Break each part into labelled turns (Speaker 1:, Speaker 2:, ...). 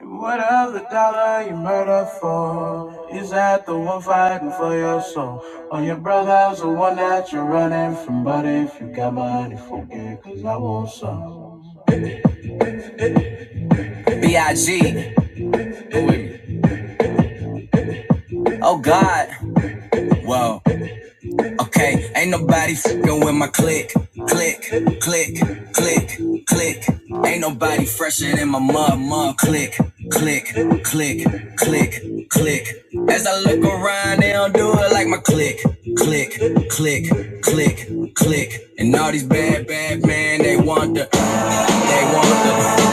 Speaker 1: What of the dollar you murder for? Is that the one fighting for your soul? Or your brother's the one that you're running from? But if you got money, forget, cause I want some. B.I.G. Oh God. Whoa. Okay, ain't nobody fucking with my click, click, click, click, click. Ain't nobody fresher than my mud, mud. Click, click, click, click, click. As I look around, they don't do it like my click, click, click, click, click. And all these bad, bad men, they want the, they want the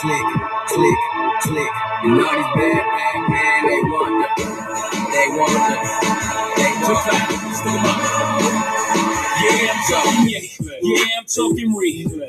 Speaker 1: click, click, click. And all these bad, bad men, they want the, they want the, they want the.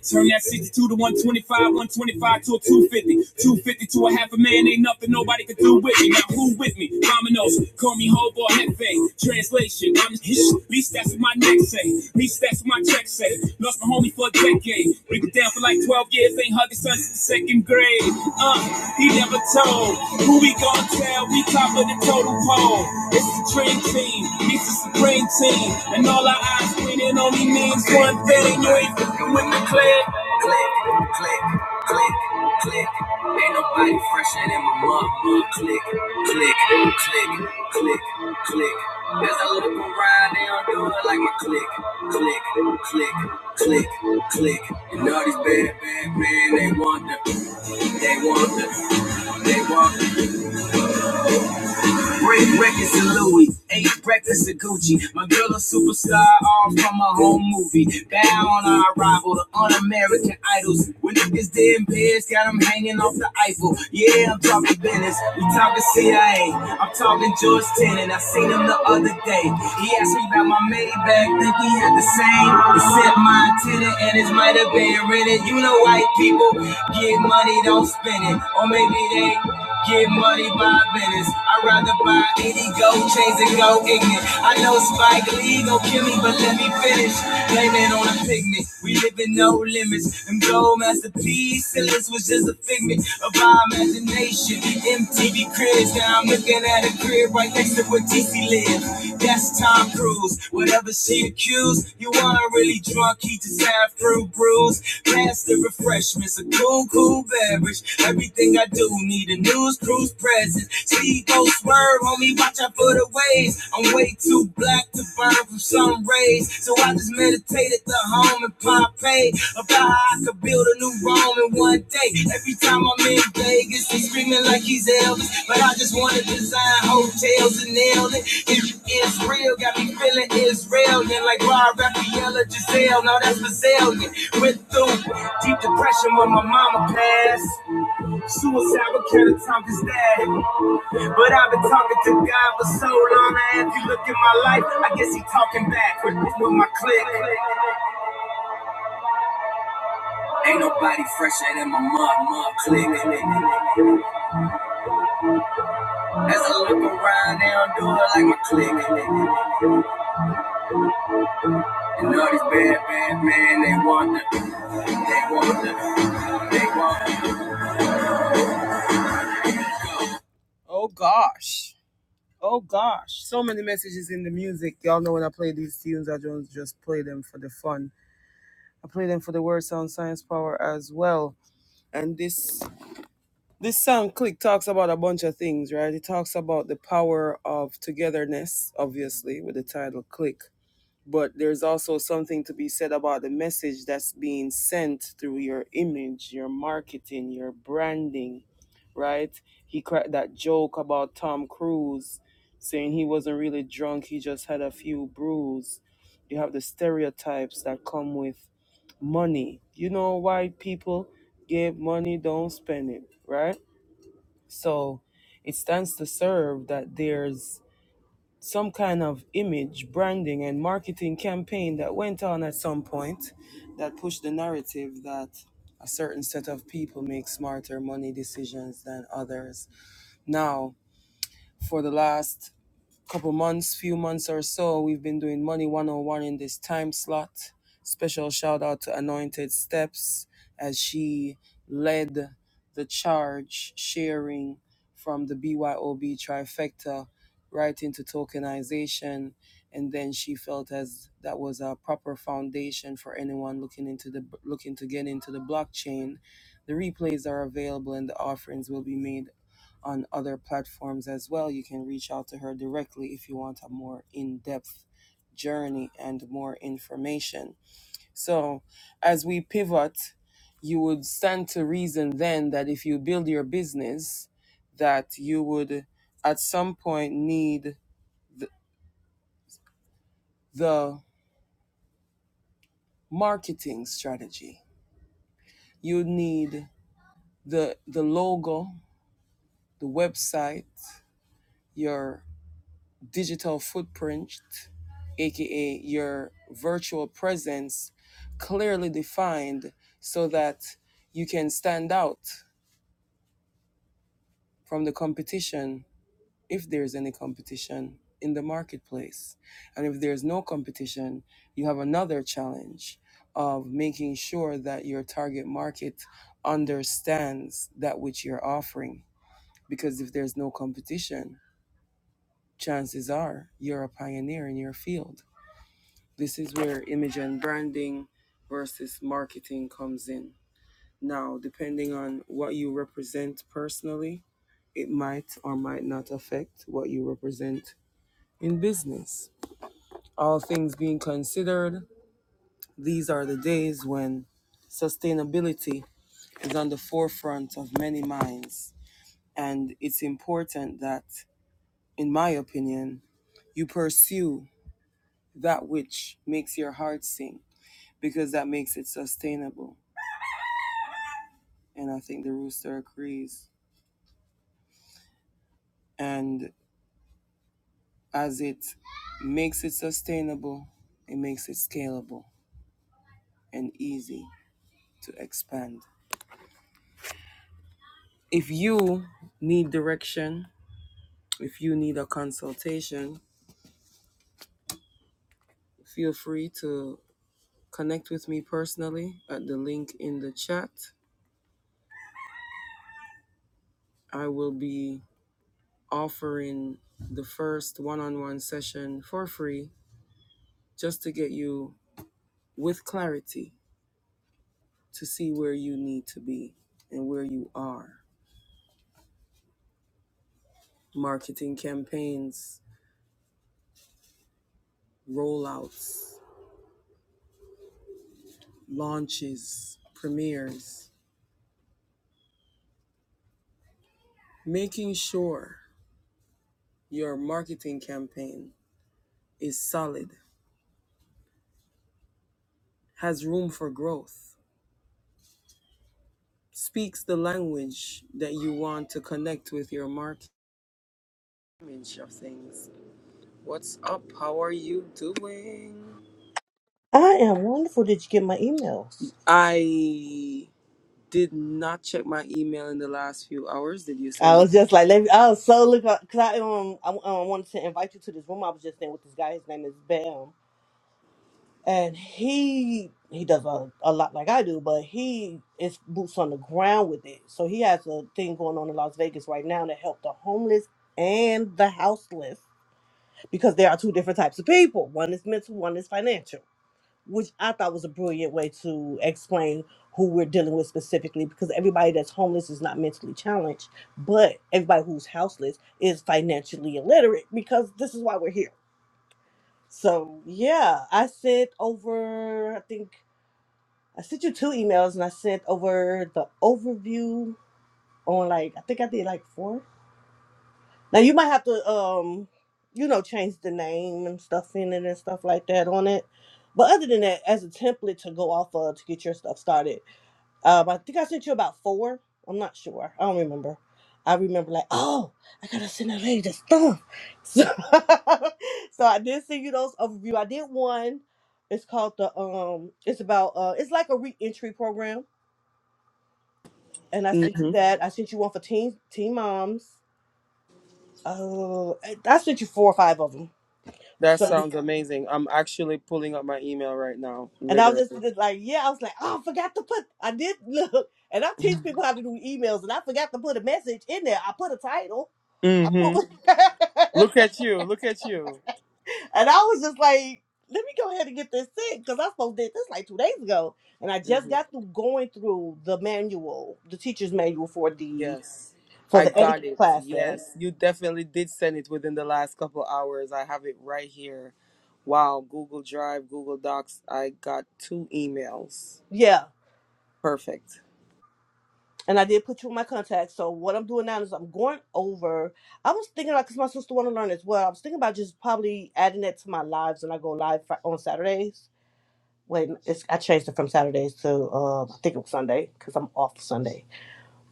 Speaker 1: turn that 62 to 125, 125 to a 250, 250 to a half a man, ain't nothing nobody can do with me. Now who with me? Dominoes, call me hobo hefe. Translation, I'm his. Least that's what my neck say. At Least that's what my check say. Lost my homie for a decade. Break it down for like 12 years, ain't hugging son since the second grade. Uh, he never told. Who we gonna tell? We top of the total pole. It's the dream team, meets the supreme team, and all our eyes clean. Click, fresh and in my mug, click, click. Ride with it like click, click, click, click. I now do it like my click.
Speaker 2: I am wonderful. Did you get my emails? I was just like, let me, I was so look because I um I um, wanted to invite you to this room. I was just in with this guy. His name is Bam, and he he does a, a lot like I do, but he is boots on the ground with it. So he has a thing going on in Las Vegas right now to help the homeless and the houseless because there are two different types of people. One is mental, one is financial. which I thought was a brilliant way to explain who we're dealing with specifically because everybody that's homeless is not mentally challenged, but everybody who's houseless is financially illiterate because this is why we're here. So, yeah, I sent over, I think I sent you two emails and I sent over the overview on like, I think I did like four. Now you might have to um you know change the name and stuff in it and stuff like that on it. But other than that, as a template to go off of to get your stuff started, um, I think I sent you about four. I'm not sure. I don't remember. I remember like, oh, I gotta send that lady the stuff. So, so I did send you those overview. I did one. It's called the um. It's about uh. It's like a reentry program, and I sent you that. I sent you one for teen teen moms. Oh, I I sent you four or five of them So, and I was just just like, yeah, I was like, oh, I forgot to put, I did look, and I teach people how to do emails, and I forgot to put a message in there. I put a title, I put, and I was just like, let me go ahead and get this in because I supposed to did this like two days ago, and I just got through going through the manual, the teacher's manual for the for the etiquette classes. Yeah, and I did put you in my contacts. So what I'm doing now is I'm going over. I was thinking about because my sister want to learn as well. I was thinking about just probably adding that to my lives when I go live fri- on Saturdays. Wait, it's, I changed it from Saturdays to uh, I think it was Sunday because I'm off Sunday.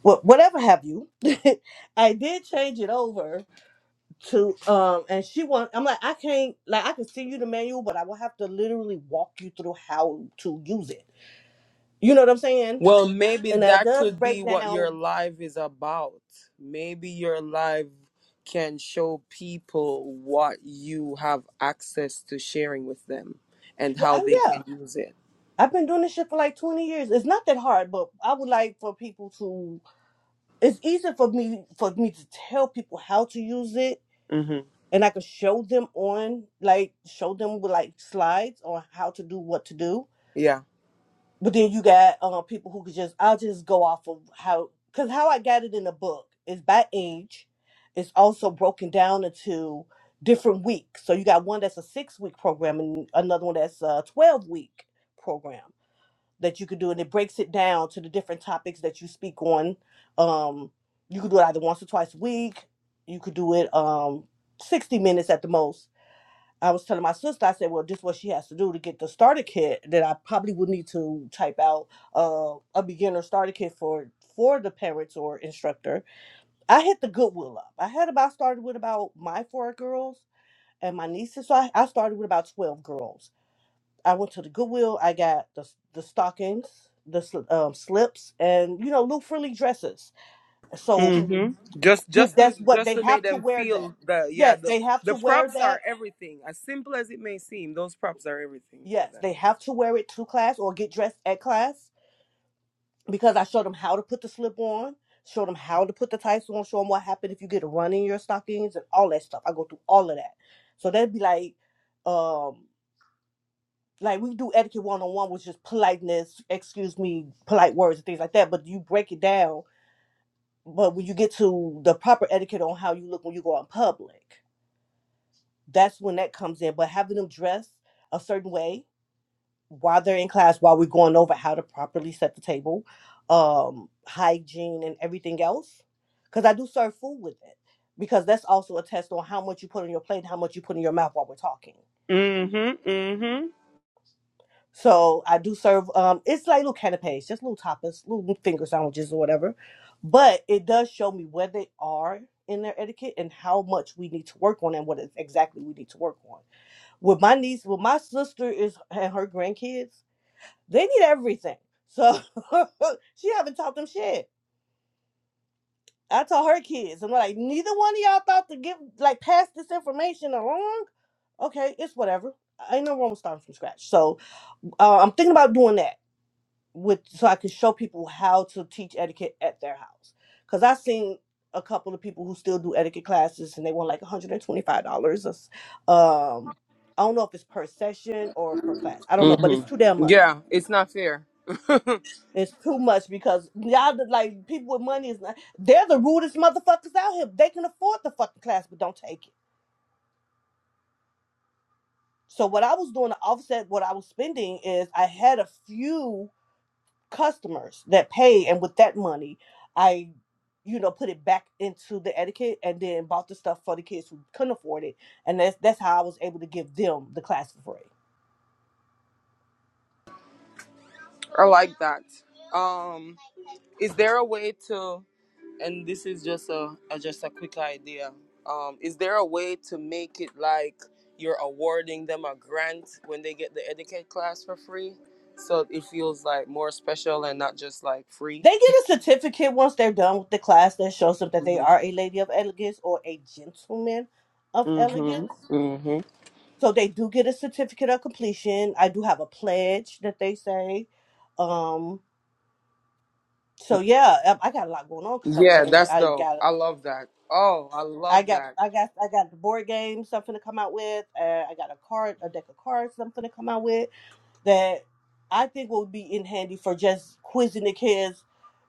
Speaker 2: Well, whatever have you. I did change it over to um, and she want. I'm like I can't like I can see you the manual, but I will have to literally walk you through how to use it. You know what I'm saying? And that does break down. Yeah, oh, yeah. I've been doing this shit for like 20 years. It's not that hard, but I would like for people to it's easier for me for me to tell people how to use it and I could show them on like show them with like slides on how to do what to do. But then you got uh, people who could just I'll just go off of how cuz how I got it in the book is by age. It's also broken down into different weeks. So you got one that's a 6 week program and another one that's a 12 week program that you could do, and it breaks it down to the different topics that you speak on. Um, you could do it either once or twice a week. You could do it um, 60 minutes at the most. I was telling my sister, I said, well, this is what she has to do to get the starter kit that I probably would need to type out uh, a beginner starter kit for for the parents or instructor. I hit the Goodwill up. I had about started with about my four girls and my nieces. So I, I started with about 12 girls I went to the Goodwill. I got the the stockings, the sl- um, slips, and you know, Luke Frilly dresses. So you, that's what they have to wear. That yes, they have to wear that. Yes, they have to wear it to class or get dressed at class because I showed them how to put the slip on, showed them how to put the tights on, show them what happened if you get a run in your stockings and all that stuff. I go through all of that. So they'd be like, um, like we do etiquette one on one, which is politeness, excuse me, polite words and things like that. But you break it down. But when you get to the proper etiquette on how you look when you go out in public, that's when that comes in. But having them dress a certain way while they're in class, while we're going over how to properly set the table, um, hygiene and everything else, because I do serve food with it, because that's also a test on how much you put on your plate, and how much you put in your mouth while we're talking. So I do serve. Um, it's like little canapes, just little tapas, little finger sandwiches or whatever. But it does show me where they are in their etiquette and how much we need to work on and what it- exactly we need to work on. With my niece, with my sister is and her grandkids, they need everything. So she haven't taught them shit. I taught her kids. I'm like, neither one of y'all about to give like pass this information along. Okay, it's whatever. ain't no wrong with starting from scratch. So uh, I'm thinking about doing that with so I could show people how to teach etiquette at their house. Cause I seen a couple of people who still do etiquette classes and they want like $125. a Um, I don't know if it's per session or per class. I don't know, but it's too damn much. It's too much because y'all the- like people with money is not. They're the rudest motherfuckers out here. They can afford the fucking class, but don't take it. So what I was doing to offset what I was spending is I had a few. customers that pay and with that money i you know put it back into the etiquette and then bought the stuff for the kids who couldn't afford it and that's that's how i was able to give them the class for free they get a certificate once they're done with the class that shows them that they are a lady of elegance or a gentleman of elegance So they do get a certificate of completion. I do have a pledge that they say. Um, so yeah, I I got a lot going on because I'm finna. I got, I got, I got, I got the board games I'm finna come out with. Uh, I got a card, a deck of cards I'm finna come out with that I think will be in handy for just quizzing the kids,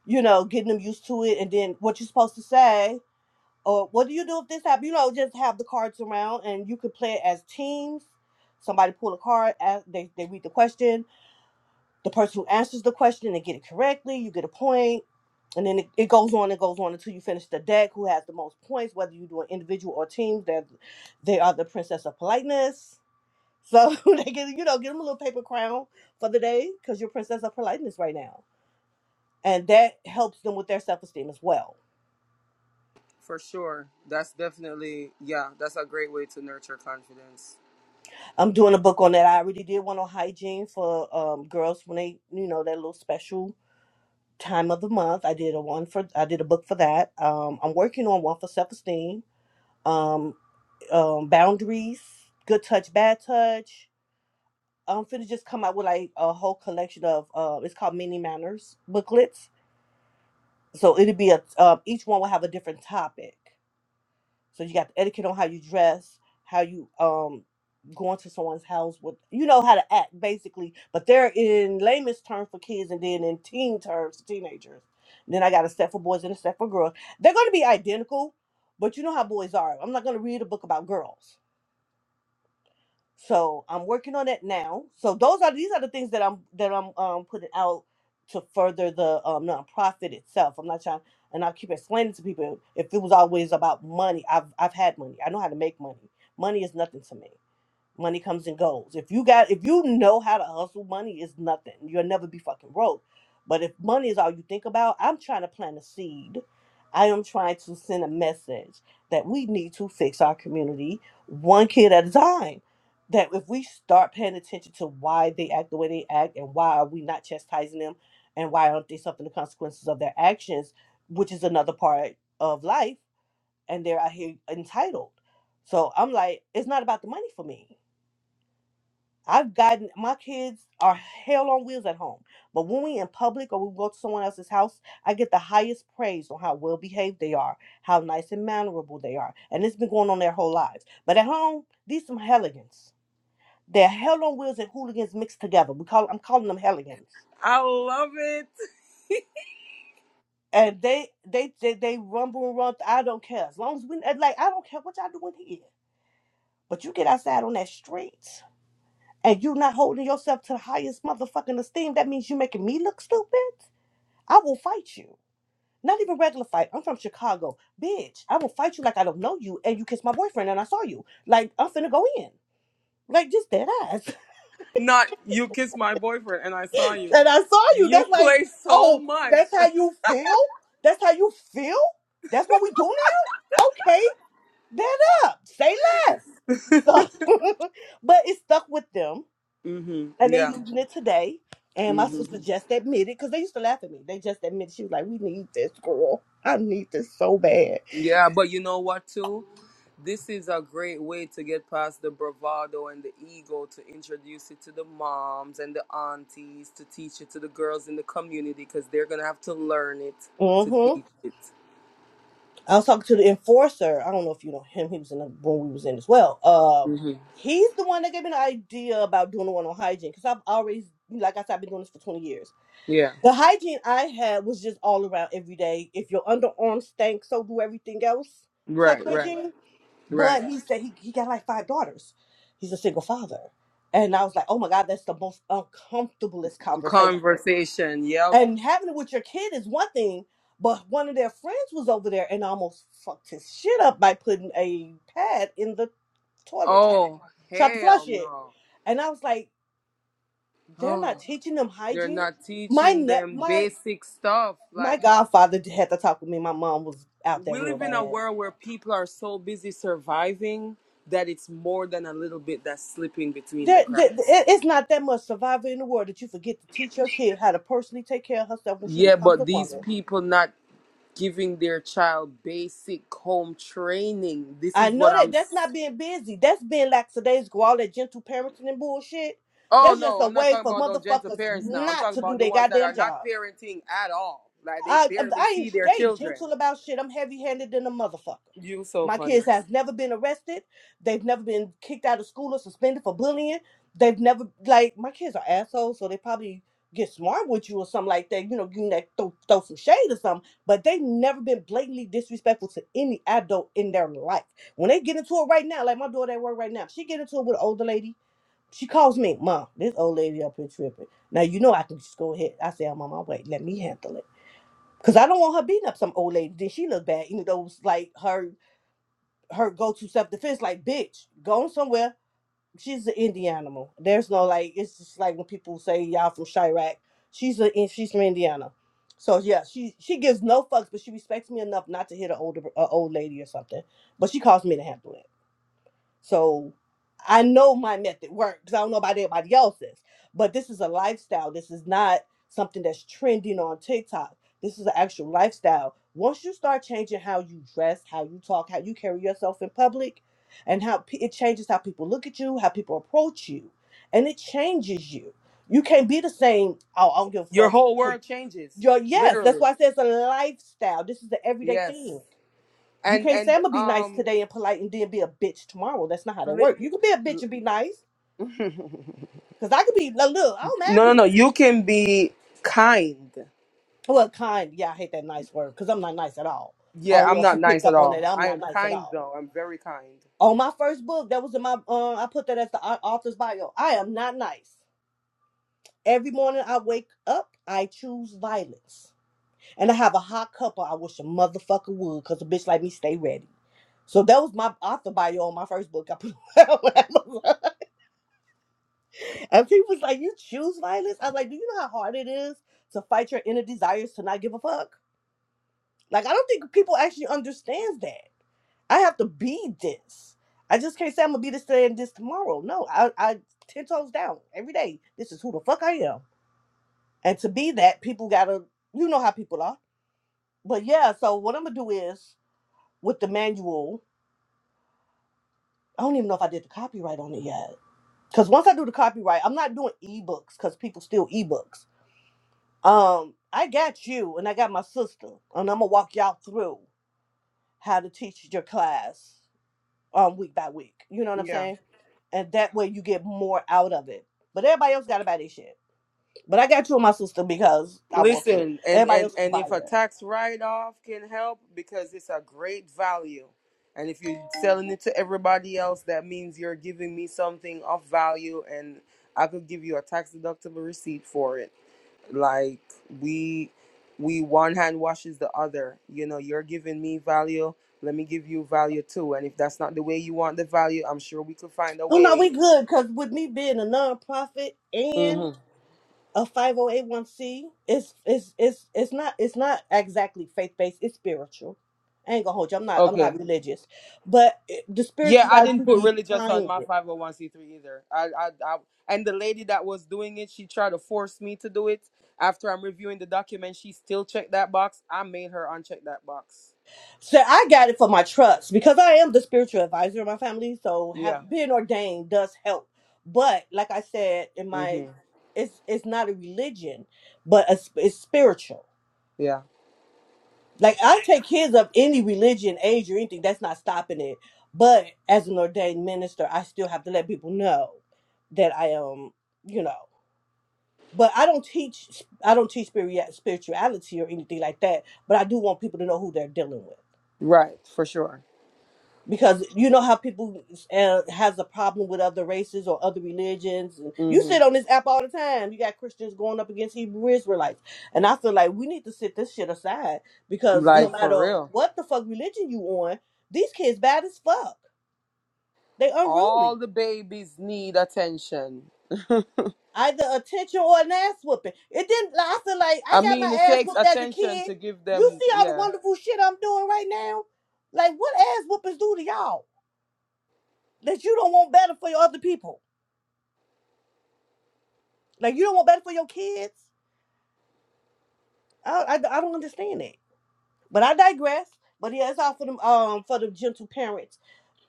Speaker 2: you know, getting them used to it, and then what you're supposed to say or what do you do if this happens? You know, just have the cards around and you could play it as teams somebody pull a card, ask, they, they read the question, the person who answers the question and get it correctly, you get a point, and then it, it goes on and goes on until you finish the deck. Who has the most points? Whether you do an individual or team, they they are the princess of politeness. So they get you know give them a little paper crown for the day because you're princess of politeness right now, and that helps them with their self esteem as well. I'm doing a book on that. I already did one on hygiene for um, girls when they you know that little special time of the month. I did a one for I did a book for that. Um, I'm working on one for self esteem um, um, boundaries, good touch, bad touch. I'm finna just come out with like a whole collection of uh, it's called mini manners booklets. So it'll be a um, each one will have a different topic. So you got the etiquette on how you dress, how you um going to someone's house with you know how to act basically, but they're in layman's terms for kids and then in teen terms for teenagers. then I got a set for boys and a set for girls. They're gonna be identical, but you know how boys are. I'm not gonna read a book about girls. So I'm working on it now. So those are these are the things that I'm that I'm um putting out to further the um nonprofit itself. I'm not trying and I keep explaining to people if it was always about money, I've I've had money. I know how to make money. Money is nothing to me money comes and goes. If you got if you know how to hustle, money is nothing. You'll never be fucking broke. But if money is all you think about, I'm trying to plant a seed. I am trying to send a message that we need to fix our community one kid at a time. That if we start paying attention to why they act the way they act and why are we not chastising them and why aren't they suffering the consequences of their actions, which is another part of life, and they're out here entitled. So I'm like, it's not about the money for me I've gotten my kids are hell on wheels at home, but when we in public or we go to someone else's house, I get the highest praise on how well behaved they are, how nice and mannerable they are, and it's been going on their whole lives. But at home, these some helligans. They're hell on wheels and hooligans mixed together. We call I'm calling them helligans, and they they they, they rumble and run. I don't care as long as we and, like. I don't care what y'all doing here, but you get outside on that street and you not holding yourself to the highest motherfucking esteem. That means you making me look stupid. I will fight you. Not even regular fight. I'm from Chicago. Bitch, I will fight you like I don't know you and you kissed my boyfriend and I saw you. Like, I'm finna go in. Like, just dead ass. and I saw you. That's like, oh, that's how you feel? That's how you feel? That's what we doing it? Okay, dead up. Say less. So, but it stuck with them and they using it today. And my sister just admitted, because they used to laugh at me. They just admitted, she was like, we need this, girl. I need this so bad. Mm-hmm. I was talking to the enforcer. I don't know if you know him. He was in the room we was in as well. Um, he's the one that gave me the idea about doing the one on hygiene because I've always, like I said, I've been doing this for twenty years. The hygiene I had was just all around every day. If your underarm stank, so do everything else type of hygiene. But he said he, he got like five daughters. He's a single father, and I was like, oh my god, that's the most uncomfortablest conversation. And having it with your kid is one thing, but one of their friends was over there and almost fucked his shit up by putting a pad in the toilet, tried, tried to flush it. And I was like, they're not teaching them hygiene. My net, my my godfather had to talk with me. My mom was out there real bad. There, there, it- it's not that much survival in the world that you forget to teach your kid how to personally take care of herself when she becomes a woman. I know that that's not being busy. That's being lackadaisical, all that gentle parenting and bullshit. That's just a way for motherfuckers not to do their goddamn job. I, I ain't they gentle about shit. I'm heavy handed than a motherfucker. My kids has never been arrested. They've never been kicked out of school or suspended for bullying. They've never like my kids are assholes, so they probably get smart with you or something like that. You know, you know, throw, throw some shade or something. But they've never been blatantly disrespectful to any adult in their life. When they get into it right now, like my daughter at work right now, she get into it with an older lady. She calls me, Mom, this old lady up here tripping. Now you know I can just go ahead. I say I'm on my way. Let me handle it. Cause I don't want her beating up some old lady. Then she look bad. Even though it's like her her go to self defense, like bitch, going somewhere. She's an Indian animal. There's no like. It's just like when people say y'all from Chirac. She's a and she's from Indiana. So yeah, she she gives no fucks, but she respects me enough not to hit an older a old lady or something. But she calls me to handle it. So I know my method works. I don't know about everybody else's, but this is a lifestyle. This is not something that's trending on TikTok. This is an actual lifestyle. Once you start changing how you dress, how you talk, how you carry yourself in public, and how pe- it changes how people look at you, how people approach you, and it changes you. You can't be the same. Oh, I don't give a fuck. Your, yes, that's why I say it's a lifestyle. This is the everyday thing. You can't say I'm gonna be nice today and polite and then be a bitch tomorrow. That's not how that works. You can be a bitch and be nice. Cause I could be like, look, I don't mind being well kind. Yeah, I hate that nice word because I'm not nice at all. I don't know if you picked up on that. I'm not nice at all. On my first book, that was in my uh, I put that as the au- author's bio. I am not nice. Every morning I wake up, I choose violence. And I have a hot couple. I wish a motherfucker would, cause a bitch like me stay ready. So that was my author bio on my first book. I put out. And people was like, "You choose violence." I was like, "Do you know how hard it is to fight your inner desires to not give a fuck?" Like, I don't think people actually understands that. I have to be this. I just can't say I'm gonna be this today and this tomorrow. No, I, I ten toes down every day. This is who the fuck I am. And to be that, people gotta, you know how people are. But yeah, so what I'm gonna do is with the manual. I don't even know if I did the copyright on it yet. Cause once I do the copyright, I'm not doing ebooks because people steal ebooks. Um, I got you, and I got my sister, and I'm gonna walk y'all through how to teach your class um week by week. You know what I'm saying? And that way you get more out of it. But everybody else got to buy their shit. But I got you and my sister because I want to. Everybody else can buy it. Oh no, we good because with me being a nonprofit and a 501c is is is it's not it's not exactly faith based it's spiritual i ain't gonna hold you i'm not i'm not religious but it- the spirituality behind it so i got it for my trust because i am the spiritual advisor of my family so have being ordained does help but like i said in my it's it's not a religion but a, it's spiritual Like I take kids of any religion, age, or anything. That's not stopping it. But as an ordained minister, I still have to let people know that I am, you know. But I don't teach. I don't teach spiri- spirituality or anything like that. But I do want people to know who they're dealing with because you know how people uh, has a problem with other races or other religions and you sit on this app all the time you got christians going up against hebrew israelites and i feel like we need to sit this shit aside because no matter what the fuck religion you on these kids bad as fuck they unruly either attention or an ass whooping it didn't like, i feel like i got my ass whooped as a kid you see all the wonderful shit i'm doing right now like what ass whoopings do to y'all that you don't want better for your other people Like you don't want better for your kids. I I, I don't understand that. But I digress. But yeah, it's all for them um for the gentle parents.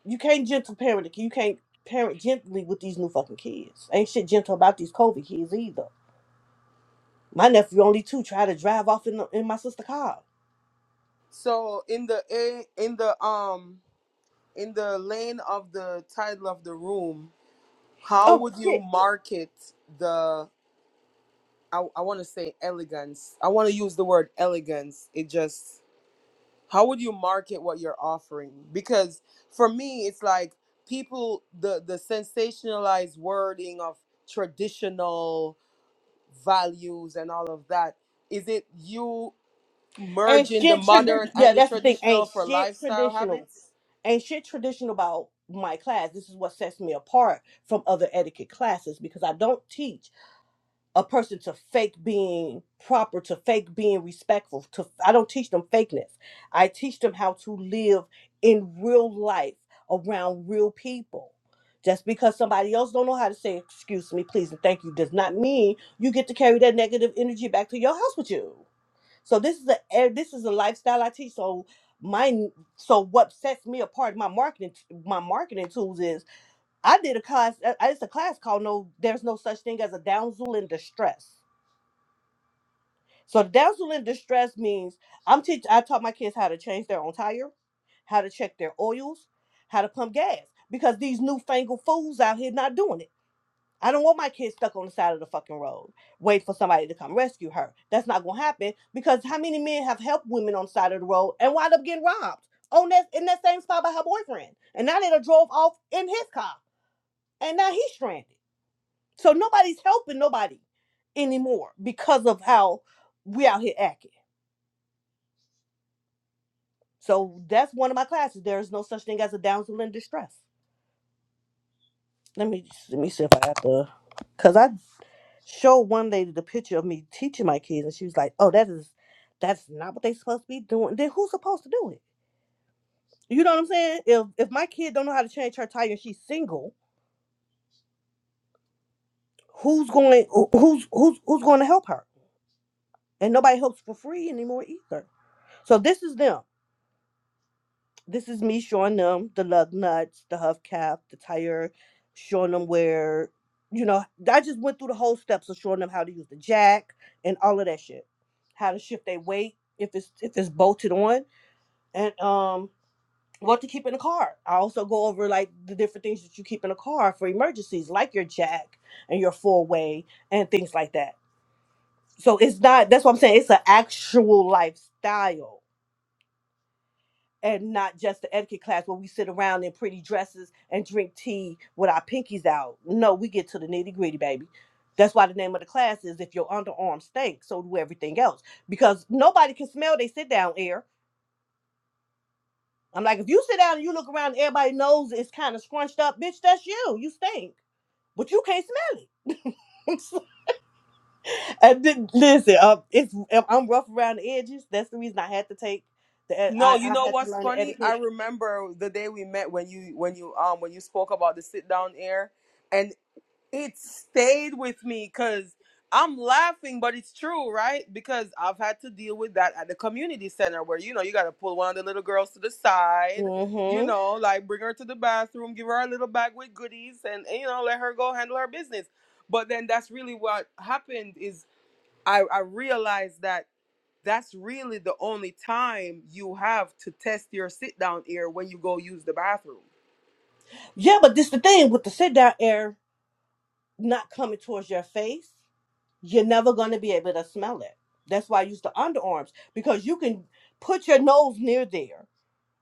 Speaker 2: You can't gentle parent. You can't parent gently with these new fucking kids. Ain't shit gentle about these COVID kids either. My nephew only two tried to drive off in the, in my sister car. Oh shit. Ain't shit tradition. Yeah, that's the thing. Ain't shit traditional. Ain't shit traditional about my class. This is what sets me apart from other etiquette classes because I don't teach. a person to fake being proper, to fake being respectful. To I don't teach them fakeness. I teach them how to live in real life around real people. Just because somebody else don't know how to say excuse me, please, and thank you does not mean you get to carry that negative energy back to your house with you. So this is a eh, this is a lifestyle I teach. So my so what sets me apart in my marketing my marketing tools is I did a class eh, I it's a class called No There's No Such Thing as a Damsel in Distress. So damsel in distress means I'm teach I taught my kids how to change their own tire, how to check their oils, how to pump gas. Because these newfangled fools out here not doing it. I don't want my kids stuck on the side of the fucking road, wait for somebody to come rescue her. That's not gonna happen because how many men have helped women on the side of the road and wind up getting robbed on that in that same spot by her boyfriend? And now they done drove off in his car and now he's stranded. So nobody's helping nobody anymore because of how we out here acting. So that's one of my classes. There is no such thing as a Down syndrome in distress. Let me let me see if I have to, cause I showed one lady the picture of me teaching my kids, and she was like, "Oh, that is that's not what they supposed to be doing." Then who's supposed to do it? You know what I'm saying? If if my kid don't know how to change her tire and she's single, who's going who's who's who's going to help her? And nobody helps for free anymore either. So this is them. this is me showing them the lug nuts, the hubcap, the tire, showing them where, you know, I just went through the whole steps of showing them how to use the jack and all of that shit, how to shift their weight if it's if it's bolted on, and um what to keep in the car. I also go over like the different things that you keep in a car for emergencies, like your jack and your four way and things like that. So it's not that's what I'm saying. It's an actual lifestyle and not just the etiquette class where we sit around in pretty dresses and drink tea with our pinkies out. No, we get to the nitty gritty, baby. That's why the name of the class is If Your Underarm Stink, so do everything else. Because nobody can smell they sit down air. I'm like, if you sit down and you look around, and everybody knows it's kind of scrunched up, bitch, that's you. You stink. But you can't smell it. I didn't listen. Uh, it's if I'm rough around the edges. That's the reason I had to take the. ed- I I had to learn the etiquette. Mm-hmm. Yeah, but this the thing with the sit down air not coming towards your face. You're never gonna be able to smell it. That's why I use the underarms because you can put your nose near there.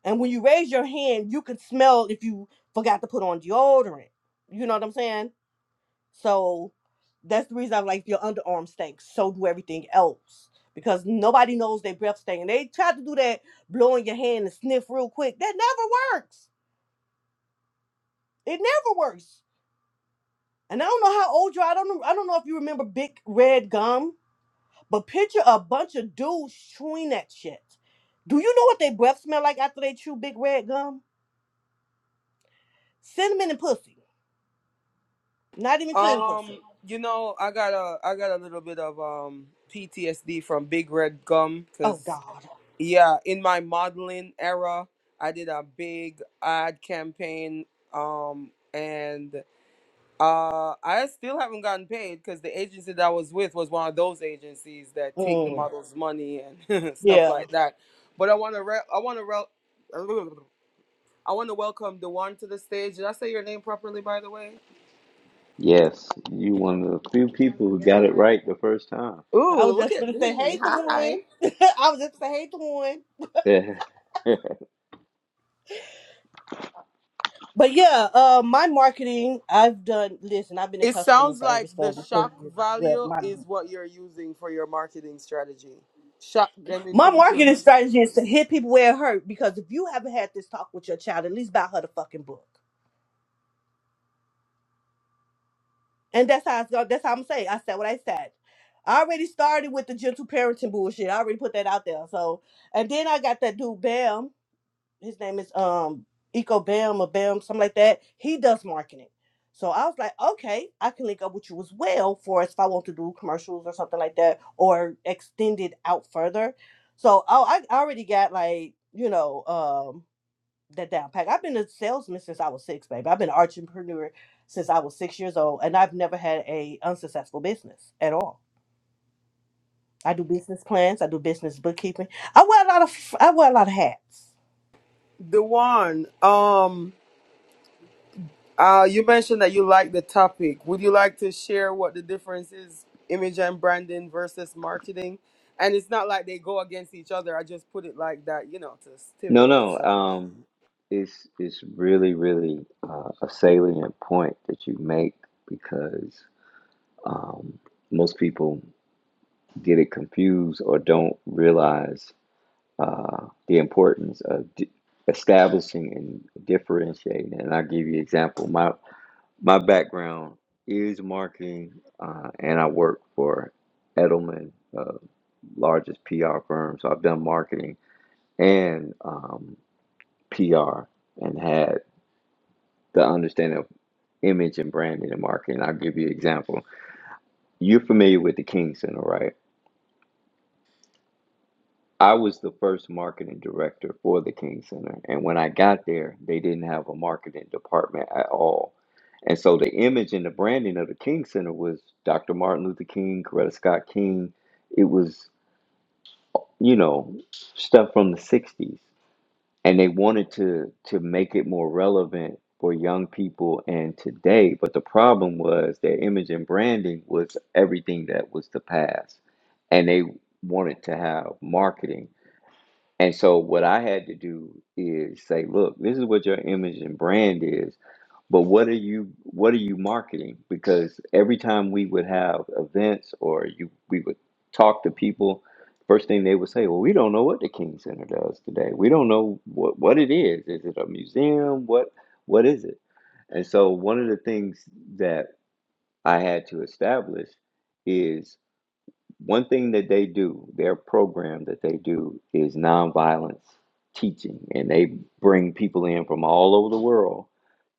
Speaker 2: And when you raise your hand, you can smell if you forgot to put on deodorant. You know what I'm saying? So that's the reason I'm like, your underarm stinks. So do everything else. Because nobody knows their breath stink. And they tried to do that blowing your hand and sniff real quick. That never works. It never works. And I don't know how old you are. I don't know. I don't know if you remember big red gum, but picture a bunch of dudes chewing that shit. Do you know what their breath smell like after they chew big red gum? Cinnamon and pussy. Not even clean pussy. Oh God. Mm. Yeah.
Speaker 3: Yes, you one of the few people who got it right the first time.
Speaker 2: I was just gonna say, hey the one. I was just gonna say, hey the one. But yeah, uh, my marketing, I've done. Listen, I've been in customer service for over twenty years. as Well, my my marketing strategy is to hit people where it hurt because if you haven't had this talk with your child, at least buy her the fucking book. And that's how it's going. That's how I'm saying. I said what I said. I already started with the gentle parenting bullshit. I already put that out there. So, and then I got that dude Bam. his name is um Eco Bam or Bam, something like that. He does marketing. So I was like, okay, I can link up with you as well for if I want to do commercials or something like that or extend it out further. So oh, I I already got like, you know, um that down pack. I've been a salesman since I was six, baby. I've been an entrepreneur since I was six years old and I've never had a unsuccessful business at all. I do business plans, I do business bookkeeping. I wear a lot of I wear a lot of hats.
Speaker 3: No, no. Um, it's it's really, really uh, a salient point that you make because um, most people get it confused or don't realize uh, the importance of di establishing and differentiating. And I'll give you an example. My my background is marketing, uh, and I work for Edelman uh, largest PR firm. So I've done marketing and um, PR and had the understanding of image and branding and marketing. I'll give you an example. You're familiar with the King Center, right? I was the first marketing director for the King Center. And when I got there, they didn't have a marketing department at all. And so the image and the branding of the King Center was Dr. Martin Luther King, Coretta Scott King. It was, you know, stuff from the 60s. and they wanted to to make it more relevant for young people and today but the problem was their image and branding was everything that was the past and they wanted to have marketing and so what i had to do is say look this is what your image and brand is but what are you what are you marketing? Because every time we would have events or you we would talk to people, first thing they would say, "Well, we don't know what the King Center does today. We don't know what what it is. Is it a museum? What what is it?" And so one of the things that I had to establish is one thing that they do, their program that they do is nonviolence teaching, and they bring people in from all over the world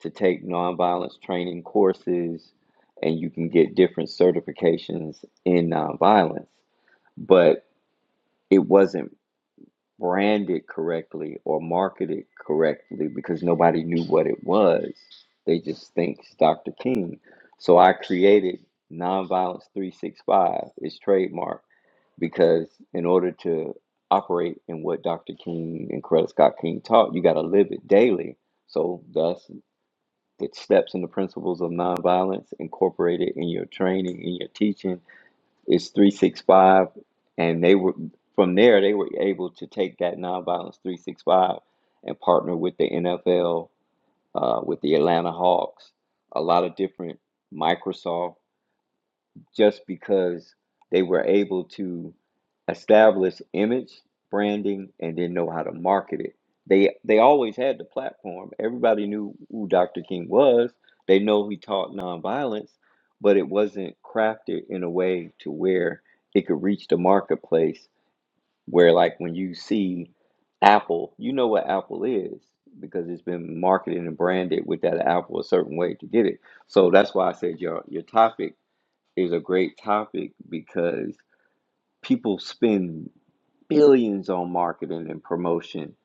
Speaker 3: to take nonviolence training courses, and you can get different certifications in nonviolence. But it wasn't branded correctly or marketed correctly because nobody knew what it was. They just think it's Dr. King. So I created Nonviolence 365, it's trademarked because in order to operate in what Dr. King and Coretta Scott King taught, you got to live it daily. So, thus, the steps and the principles of nonviolence incorporated in your training, in your teaching, is 365. And they were from there, they were able to take that nonviolence 365 and partner with the NFL, uh, with the Atlanta Hawks, a lot of different Microsoft just because they were able to establish image branding and then know how to market it. They they always had the platform. Everybody knew who Dr. King was. They know he taught nonviolence, but it wasn't crafted in a way to where it could reach the marketplace where like when you see Apple, you know what Apple is because it's been marketed and branded with that apple a certain way to get it. So that's why I said your your topic is a great topic because people spend billions on marketing and promotion,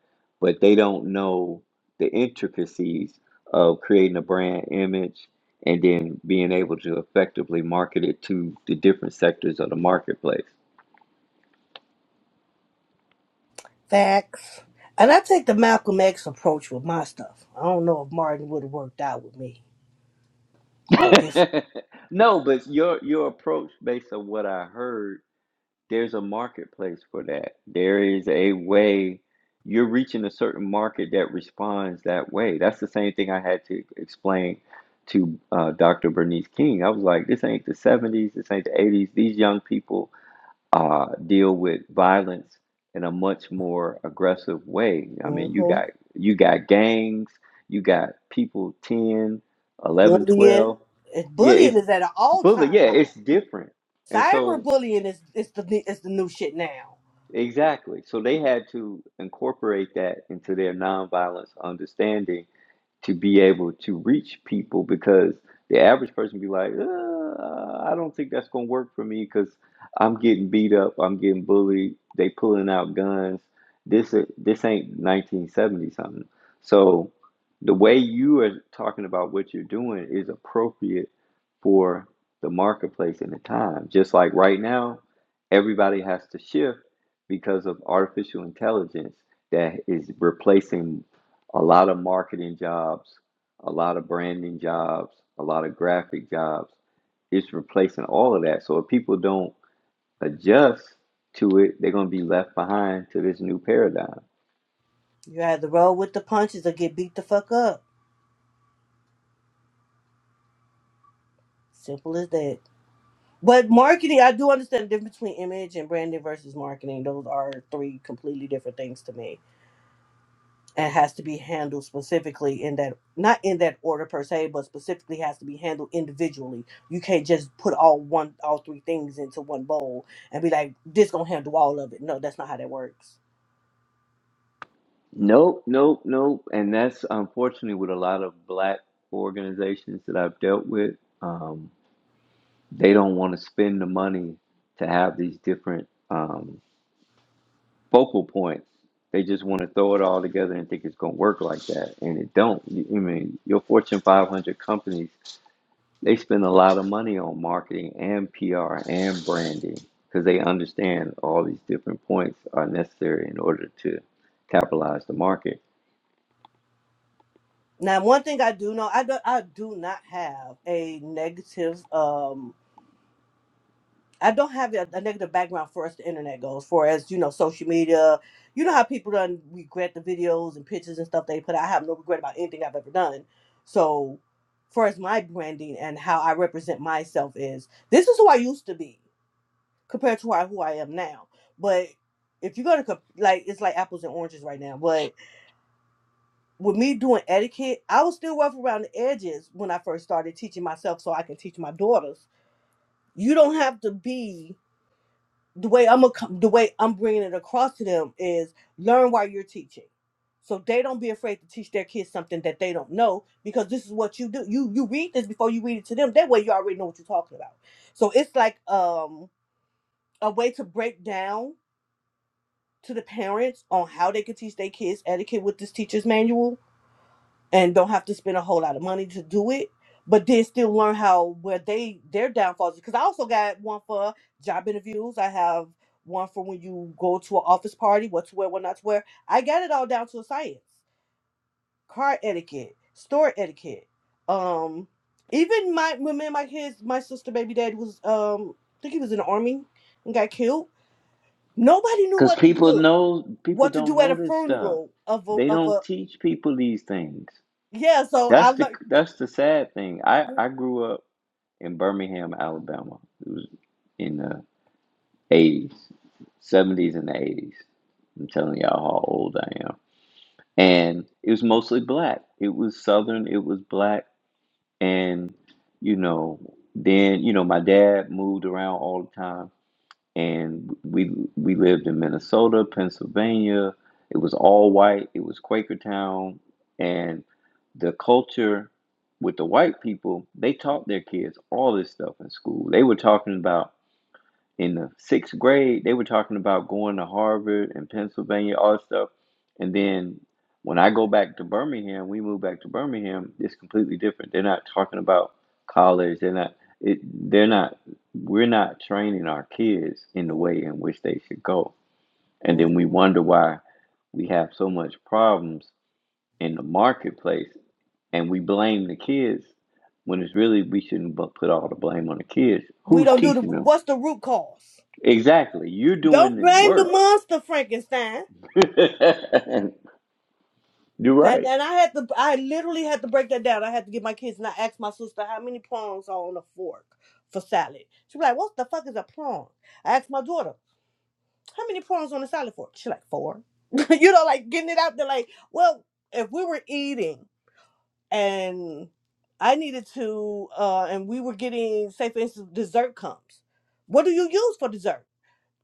Speaker 3: but they don't know the intricacies of creating a brand image and then being able to effectively market it to the different sectors of the marketplace.
Speaker 2: Facts. And I take the Malcolm X approach with my stuff. I don't know if Martin would have worked out with me. Different.
Speaker 3: no, but your your approach based on what I heard there's a marketplace for that. There is a way you're reaching a certain market that responds that way. That's the same thing I had to explain to uh, Dr. Bernice King. I was like, this ain't the 70s, this ain't the 80s. These young people uh, deal with violence in a much more aggressive way. I mean, you
Speaker 2: hmm
Speaker 3: got you got gangs, you got people 10, 11,
Speaker 2: Bullying.
Speaker 3: 12.
Speaker 2: It,
Speaker 3: Yeah,
Speaker 2: bullying
Speaker 3: it's
Speaker 2: is at an all
Speaker 3: bullet.
Speaker 2: time
Speaker 3: Yeah,
Speaker 2: high.
Speaker 3: it's different. And so
Speaker 2: Cyberbullying is, is the is the new shit now.
Speaker 3: Exactly. So they had to incorporate that into their nonviolence understanding to be able to reach people because the average person be like, uh, I don't think that's gonna work for me because I'm getting beat up, I'm getting bullied, they pulling out guns. This this ain't 1970 something. So the way you are talking about what you're doing is appropriate for the marketplace and the time. Just like right now, everybody has to shift because of artificial intelligence that is replacing a lot of marketing jobs, a lot of branding jobs, a lot of graphic jobs. It's replacing all of that. So if people don't adjust to it, they're going to be left behind to this new paradigm.
Speaker 2: You either roll with the punches or get beat the fuck up. Simple as that. But marketing, I do understand the difference between image and branding versus marketing. Those are three completely different things to me. and has to be handled specifically in that not in that order per se but specifically has to be handled individually you can't just put all one all three things into one bowl and be like this gonna handle all of it no that's not how that works
Speaker 3: Nope, nope, nope. And that's unfortunately with a lot of black organizations that I've dealt with. Um, they don't want to spend the money to have these different um, focal points. They just want to throw it all together and think it's going to work like that, and it don't. You- I mean, your Fortune 500 companies they spend a lot of money on marketing and PR and branding because they understand all these different points are necessary in order to capitalize the market.
Speaker 2: now one thing i do know i do, i do not have a negative um I don't have a, a negative background for as the internet goes, for as you know, social media. You know how people done regret the videos and pictures and stuff they put. out. I have no regret about anything I've ever done. So, far as my branding and how I represent myself is, this is who I used to be compared to who I, who I am now. But if you're gonna comp- like, it's like apples and oranges right now. But with me doing etiquette, I was still rough around the edges when I first started teaching myself, so I can teach my daughters. You don't have to be the way I'm a, the way I'm bringing it across to them is learn while you're teaching, so they don't be afraid to teach their kids something that they don't know because this is what you do. You you read this before you read it to them. That way you already know what you're talking about. So it's like um a way to break down to the parents on how they could teach their kids etiquette with this teacher's manual and don't have to spend a whole lot of money to do it, but then still learn how where they their downfalls. Because I also got one for job interviews. I have one for when you go to an office party, what to wear, what not to wear. I got it all down to a science. Car etiquette, store etiquette. Um, even my when me and my kids, my sister, baby dad was um, I think he was in the army and got killed. Nobody knew
Speaker 3: Because
Speaker 2: what to
Speaker 3: people
Speaker 2: do,
Speaker 3: know people
Speaker 2: what to
Speaker 3: don't
Speaker 2: do at
Speaker 3: know
Speaker 2: a
Speaker 3: this stuff.
Speaker 2: funeral of a
Speaker 3: They
Speaker 2: of
Speaker 3: don't
Speaker 2: a
Speaker 3: teach people these things.
Speaker 2: yeah. So I
Speaker 3: That's the
Speaker 2: learned.
Speaker 3: that's the sad thing. I I grew up in Birmingham, Alabama. It was in the 80s, 70s and the 80s. I'm telling y'all how old I am. And it was mostly black. It was southern, it was black. And, you know, then, you know, my dad moved around all the time. And we we lived in Minnesota, Pennsylvania. It was all white. It was Quakertown. And the culture with the white people, they taught their kids all this stuff in school. They were talking about in the sixth grade, they were talking about going to Harvard and Pennsylvania, all that stuff. And then when I go back to Birmingham, we move back to Birmingham, it's completely different. They're not talking about college. They're not. It, they're not. We're not training our kids in the
Speaker 2: mm-hmm.
Speaker 3: way in which they should go. And then we
Speaker 2: Mhm.
Speaker 3: wonder why we have so much problems in the marketplace, and we blame the kids when it's really we shouldn't put all the blame on the kids.
Speaker 2: We
Speaker 3: Who's
Speaker 2: don't do the
Speaker 3: teaching them?
Speaker 2: what's the root cause.
Speaker 3: Exactly. You're doing
Speaker 2: Don't
Speaker 3: the
Speaker 2: blame the
Speaker 3: work.
Speaker 2: monster, Frankenstein.
Speaker 3: You're
Speaker 2: And
Speaker 3: right.
Speaker 2: and I had to, I literally had to break that down. I had to get my kids and I asked my sister how many prongs are on a fork for salad. She was like, "What the fuck is a prong?" I asked my daughter, "How many prongs on a salad fork?" She like four. you know, like getting it out there. Like, well, if we were eating and I needed to, uh, and we were getting, say for instance, dessert comes. What do you use for dessert?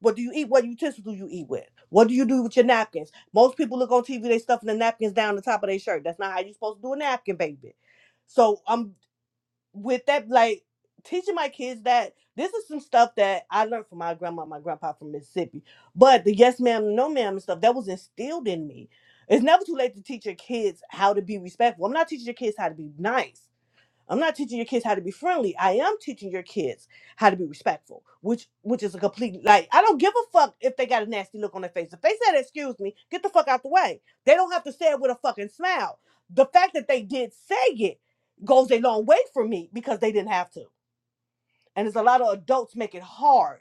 Speaker 2: What do you eat? What utensils do you eat with? What do you do with your napkins? Most people look on TV, they stuffing the napkins down the top of their shirt. That's not how you're supposed to do a napkin, baby. So I'm with that, like teaching my kids that this is some stuff that I learned from my grandma, and my grandpa from Mississippi. But the yes ma'am, no ma'am and stuff, that was instilled in me. It's never too late to teach your kids how to be respectful. I'm not teaching your kids how to be nice. I'm not teaching your kids how to be friendly. I am teaching your kids how to be respectful, which which is a complete like I don't give a fuck if they got a nasty look on their face. If they said excuse me, get the fuck out the way. They don't have to say it with a fucking smile. The fact that they did say it goes a long way for me because they didn't have to. And there's a lot of adults make it hard.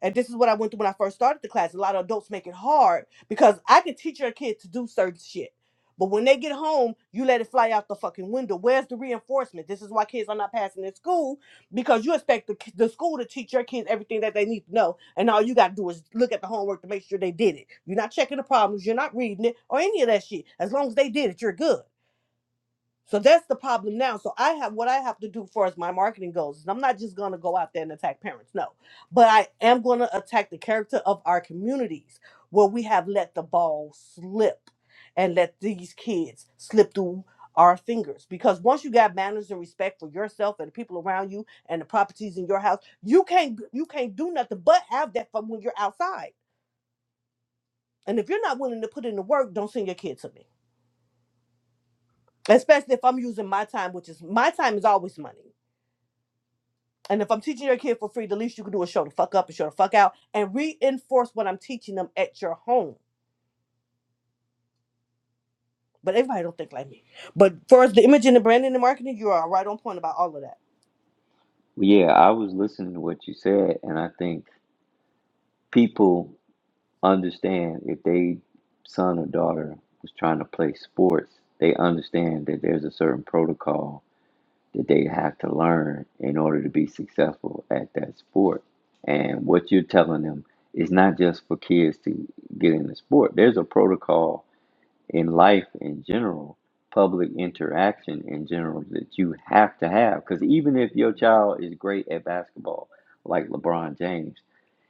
Speaker 2: And this is what I went through when I first started the class. A lot of adults make it hard because I can teach your kid to do certain shit. But when they get home, you let it fly out the fucking window. Where's the reinforcement? This is why kids are not passing in school because you expect the, the school to teach your kids everything that they need to know. And all you got to do is look at the homework to make sure they did it. You're not checking the problems, you're not reading it, or any of that shit. As long as they did it, you're good. So that's the problem now. So I have what I have to do as far as my marketing goes. is I'm not just gonna go out there and attack parents, no, but I am gonna attack the character of our communities where we have let the ball slip and let these kids slip through our fingers. Because once you got manners and respect for yourself and the people around you and the properties in your house, you can't you can't do nothing but have that from when you're outside. And if you're not willing to put in the work, don't send your kid to me. Especially if I'm using my time, which is my time is always money. And if I'm teaching your kid for free, the least you can do is show the fuck up and show the fuck out and reinforce what I'm teaching them at your home. But everybody don't think like me. But for the imaging and branding and marketing, you are right on point about all of that.
Speaker 3: Yeah, I was listening to what you said, and I think people understand if they son or daughter was trying to play sports, they understand that there's a certain protocol that they have to learn in order to be successful at that sport. And what you're telling them is not just for kids to get into sport. There's a protocol in life in general, public interaction in general that you have to have. Because even if your child is great at basketball, like LeBron James,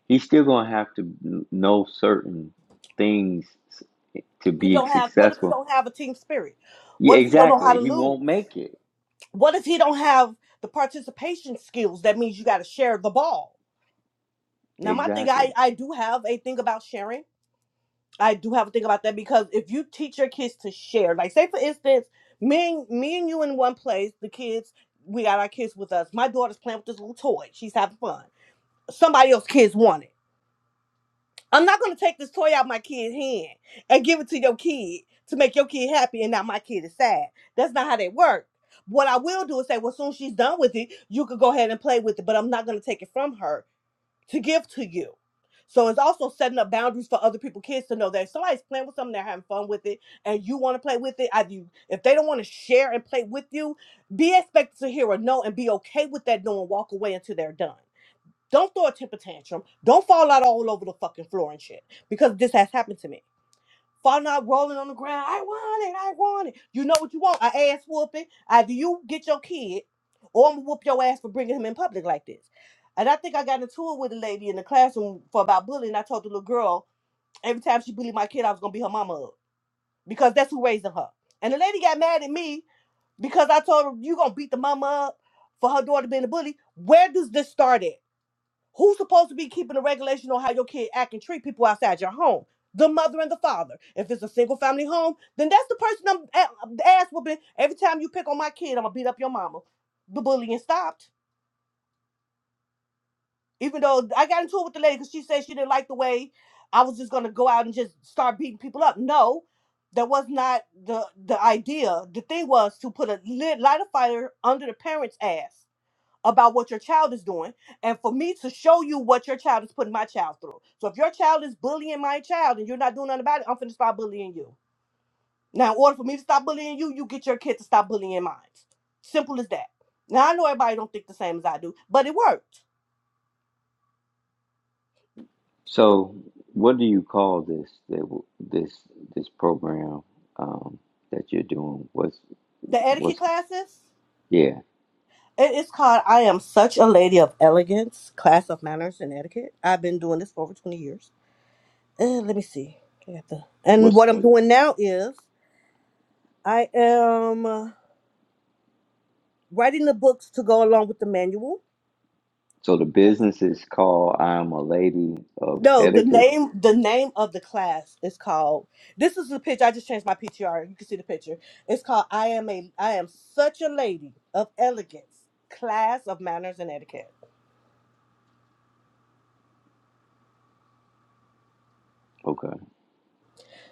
Speaker 3: he's still going to have to know certain things to
Speaker 2: He
Speaker 3: be
Speaker 2: don't have what if he
Speaker 3: successful.
Speaker 2: don't have a team spirit?
Speaker 3: Yeah,
Speaker 2: What if he don't know how to
Speaker 3: exactly. He
Speaker 2: lose?
Speaker 3: won't make it.
Speaker 2: What if he don't have the participation skills? That means you gotta share the ball. Now my thing, I,
Speaker 3: Exactly.
Speaker 2: I do have a thing about sharing I do have to think about that because if you teach your kids to share, like say for instance, me and me and you in one place, the kids, we got our kids with us. My daughter's playing with this little toy. She's having fun. Somebody else's kids want it. I'm not gonna take this toy out of my kid's hand and give it to your kid to make your kid happy and now my kid is sad. That's not how they work. What I will do is say, well, soon as she's done with it, you could go ahead and play with it, but I'm not gonna take it from her to give to you. So it's also setting up boundaries for other people, kids to know that if somebody's playing with something, they're having fun with it, and you want to play with it. I do. If they don't want to share and play with you, be expected to hear a no and be okay with that no and walk away until they're done. Don't throw a temper tantrum. Don't fall out all over the fucking floor and shit because this has happened to me. Falling out, rolling on the ground. I want it. I want it. You know what you want? A ass whooping. Either you get your kid, or I'm gonna whoop your ass for bringing him in public like this. And I think I got into it with a lady in the classroom for about bullying. I told the little girl every time she bullied my kid, I was gonna be her mama up because that's who raising her. And the lady got mad at me because I told her you gonna beat the mama up for her daughter being a bully. Where does this start at? Who's supposed to be keeping the regulation on how your kid act and treat people outside your home? The mother and the father. If it's a single family home, then that's the person I'm a- ass whooping. Every time you pick on my kid, I'm gonna beat up your mama. The bullying stopped. Even though I got into it with the lady because she said she didn't like the way I was just gonna go out and just start beating people up. No, that was not the the idea. The thing was to put a lit, light a fire under the parents' ass about what your child is doing and for me to show you what your child is putting my child through. So if your child is bullying my child and you're not doing nothing about it, I'm finna stop bullying you. Now, in order for me to stop bullying you, you get your kid to stop bullying mine. Simple as that. Now I know everybody don't think the same as I do, but it worked.
Speaker 3: So, what do you call this this this program um, that you're doing? What's
Speaker 2: The etiquette
Speaker 3: what's
Speaker 2: classes.
Speaker 3: yeah?
Speaker 2: It is called I Am Such a Lady of Elegance, Class of Manners and Etiquette. I've been doing this for over 20 years. Uh, let me see. I got the, and
Speaker 3: What's
Speaker 2: what I'm doing now is I am. writing the books to go along with the manual.
Speaker 3: So the business is called I'm a Lady of
Speaker 2: No, the
Speaker 3: Etiquette.
Speaker 2: name the name of the class is called. This is the picture. I just changed my PTR. You can see the picture. It's called "I am a I am such a lady of elegance, class of manners and etiquette."
Speaker 3: Okay.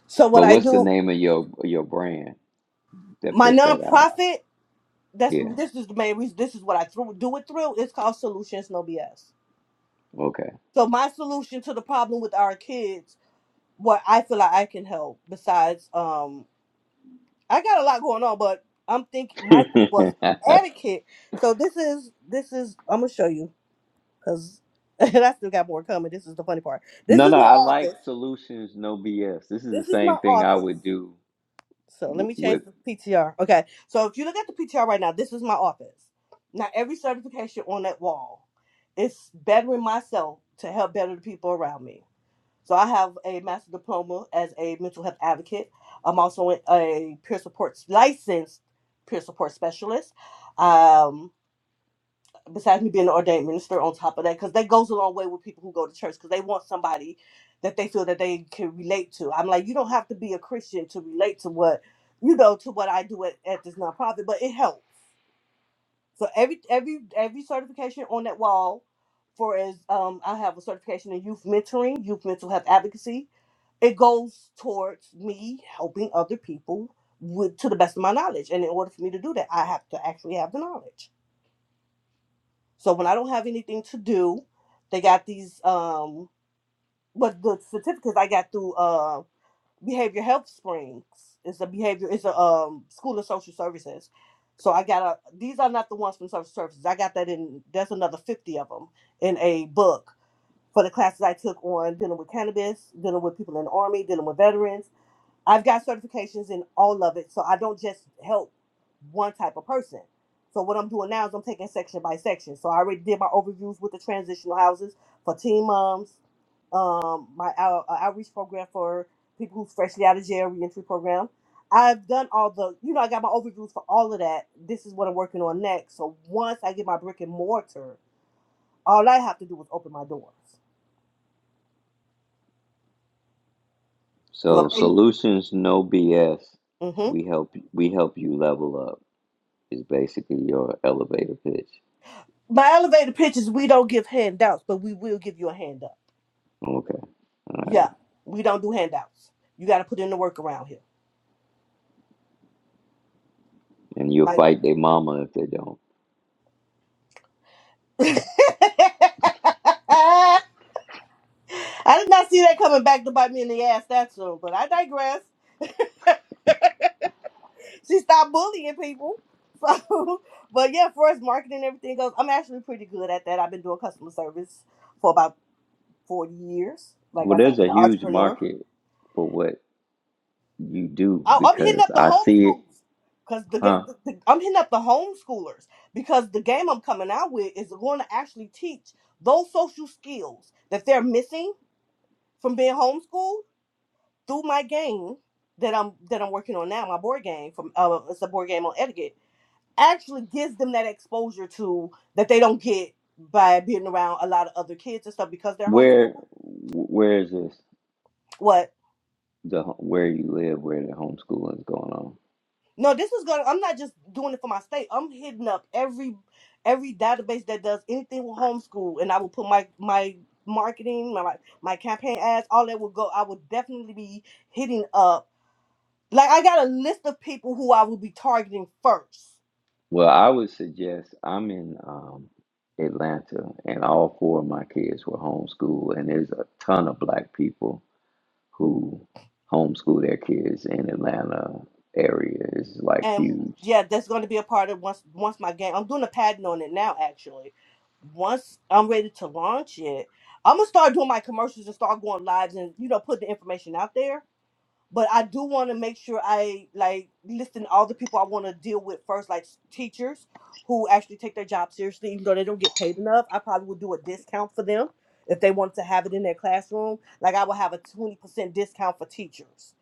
Speaker 2: So what
Speaker 3: But
Speaker 2: I
Speaker 3: what's the
Speaker 2: do,
Speaker 3: name of your your brand that
Speaker 2: my
Speaker 3: puts that out?
Speaker 2: nonprofit. That's
Speaker 3: Yeah.
Speaker 2: this is the main reason. This is what I through, do it through. It's called Solutions No BS.
Speaker 3: Okay.
Speaker 2: So my solution to the problem with our kids, what I feel like I can help, besides um I got a lot going on, but I'm thinking my thing
Speaker 3: no,
Speaker 2: was etiquette. So this is this is I'm gonna show you because and I still got more coming. This is the funny part. This is
Speaker 3: no,
Speaker 2: my
Speaker 3: I like
Speaker 2: office.
Speaker 3: solutions, no BS. This is
Speaker 2: This
Speaker 3: the
Speaker 2: is my
Speaker 3: same thing I
Speaker 2: office.
Speaker 3: would do
Speaker 2: So let
Speaker 3: w-
Speaker 2: me change
Speaker 3: with
Speaker 2: the PTR. Okay. So if you look at the PTR right now, this is my office. Now every certification on that wall is bettering myself to help better the people around me. So I have a master's diploma as a mental health advocate. I'm also a a peer support licensed peer support specialist. Um, besides me being an ordained minister, on top of that, because that goes a long way with people who go to church because they want somebody that they feel that they can relate to. I'm like, you don't have to be a Christian to relate to what you know to what I do at, at this nonprofit, but it helps. So every every every certification on that wall, for as um, I have a certification in youth mentoring, youth mental health advocacy it goes towards me helping other people with to the best of my knowledge and in order for me to do that i have to actually have the knowledge so when i don't have anything to do they got these um but the certificates i got through uh behavior health springs it's a behavior it's a um school of social services so i got a these are not the ones from social services i got that in there's another 50 of them in a book for the classes i took on dealing with cannabis dealing with people in the army dealing with veterans I've got certifications in all of it, so I don't just help one type of person. So what I'm doing now is I'm taking section by section. So I already did my overviews with the transitional houses for teen moms, um, my out, uh, outreach program for people who's freshly out of jail, reentry program. I've done all the, you know, I got my overviews for all of that. This is what I'm working on next. So once I get my brick and mortar, all I have to do is open my doors. So
Speaker 3: so
Speaker 2: if they,
Speaker 3: solutions, no BS.
Speaker 2: hmm
Speaker 3: We help we help you level up is basically your elevator pitch.
Speaker 2: my elevator pitches, we don't give handouts, but we will give you a handout.
Speaker 3: Okay. All right.
Speaker 2: Yeah, we don't do handouts. You got to put in the work around here.
Speaker 3: And you'll
Speaker 2: Like,
Speaker 3: fight their mama if they don't.
Speaker 2: I did not see that coming back to bite me in the ass that soon, but I digress. She stopped bullying people. So, but yeah, for as marketing and everything goes, I'm actually pretty good at that. I've been doing customer service for about 40 years. Like I
Speaker 3: Well,
Speaker 2: said, I've
Speaker 3: there's
Speaker 2: been
Speaker 3: a
Speaker 2: an
Speaker 3: huge
Speaker 2: entrepreneur.
Speaker 3: market for what You do
Speaker 2: I, I'm hitting
Speaker 3: because
Speaker 2: up the
Speaker 3: I see it,
Speaker 2: homeschoolers because the, ga-
Speaker 3: huh?
Speaker 2: the, the I'm hitting up the homeschoolers because the game I'm coming out with is going to actually teach those social skills that they're missing from being homeschooled through my game that I'm that I'm working on now. My board game from uh, it's a board game on etiquette actually gives them that exposure to that they don't get by being around a lot of other kids and stuff because they're homeschooled.
Speaker 3: Where where is this
Speaker 2: What?
Speaker 3: the where you live where the homeschooling is going on?
Speaker 2: No, this is gonna. I'm not just doing it for my state. I'm hitting up every every database that does anything with homeschool, and I will put my my marketing, my my campaign ads, all that will go. I will definitely be hitting up. Like I got a list of people who I will be targeting first,
Speaker 3: Well, I would suggest I'm in um, Atlanta, and all four of my kids were homeschooled, and there's a ton of black people who homeschool their kids in Atlanta area. It's like
Speaker 2: and
Speaker 3: huge.
Speaker 2: yeah, that's going to be a part of once once my game. I'm doing a patent on it now, actually. Once I'm ready to launch it, I'm gonna start doing my commercials and start going lives and you know put the information out there but I do want to make sure I like listen to all the people I want to deal with first, like s- teachers who actually take their job seriously, even though they don't get paid enough. I probably would do a discount for them if they wanted to have it in their classroom. Like I would have a twenty percent discount for teachers,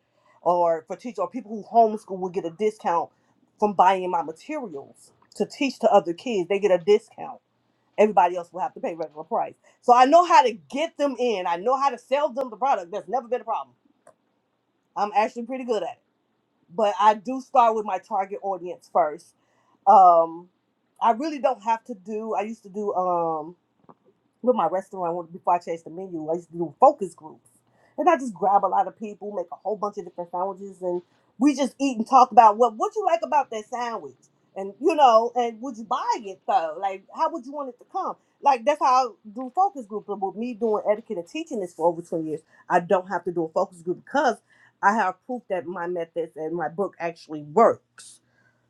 Speaker 2: or for teachers or people who homeschool would get a discount from buying my materials to teach to other kids. They get a discount. Everybody else will have to pay regular price. So I know how to get them in. I know how to sell them the product. That's never been a problem. I'm actually pretty good at it but I do start with my target audience first. Um, I really don't have to do. I used to do. Um, with my restaurant when- before I changed the menu. I used to do focus groups. And I just grab a lot of people, make a whole bunch of different sandwiches, and we just eat and talk about what what you like about that sandwich. And you know, and would you buy it though? Like how would you want it to come? Like that's how I do focus group. But with me doing etiquette and teaching this for over 20 years, I don't have to do a focus group because I have proof that my methods and my book actually works.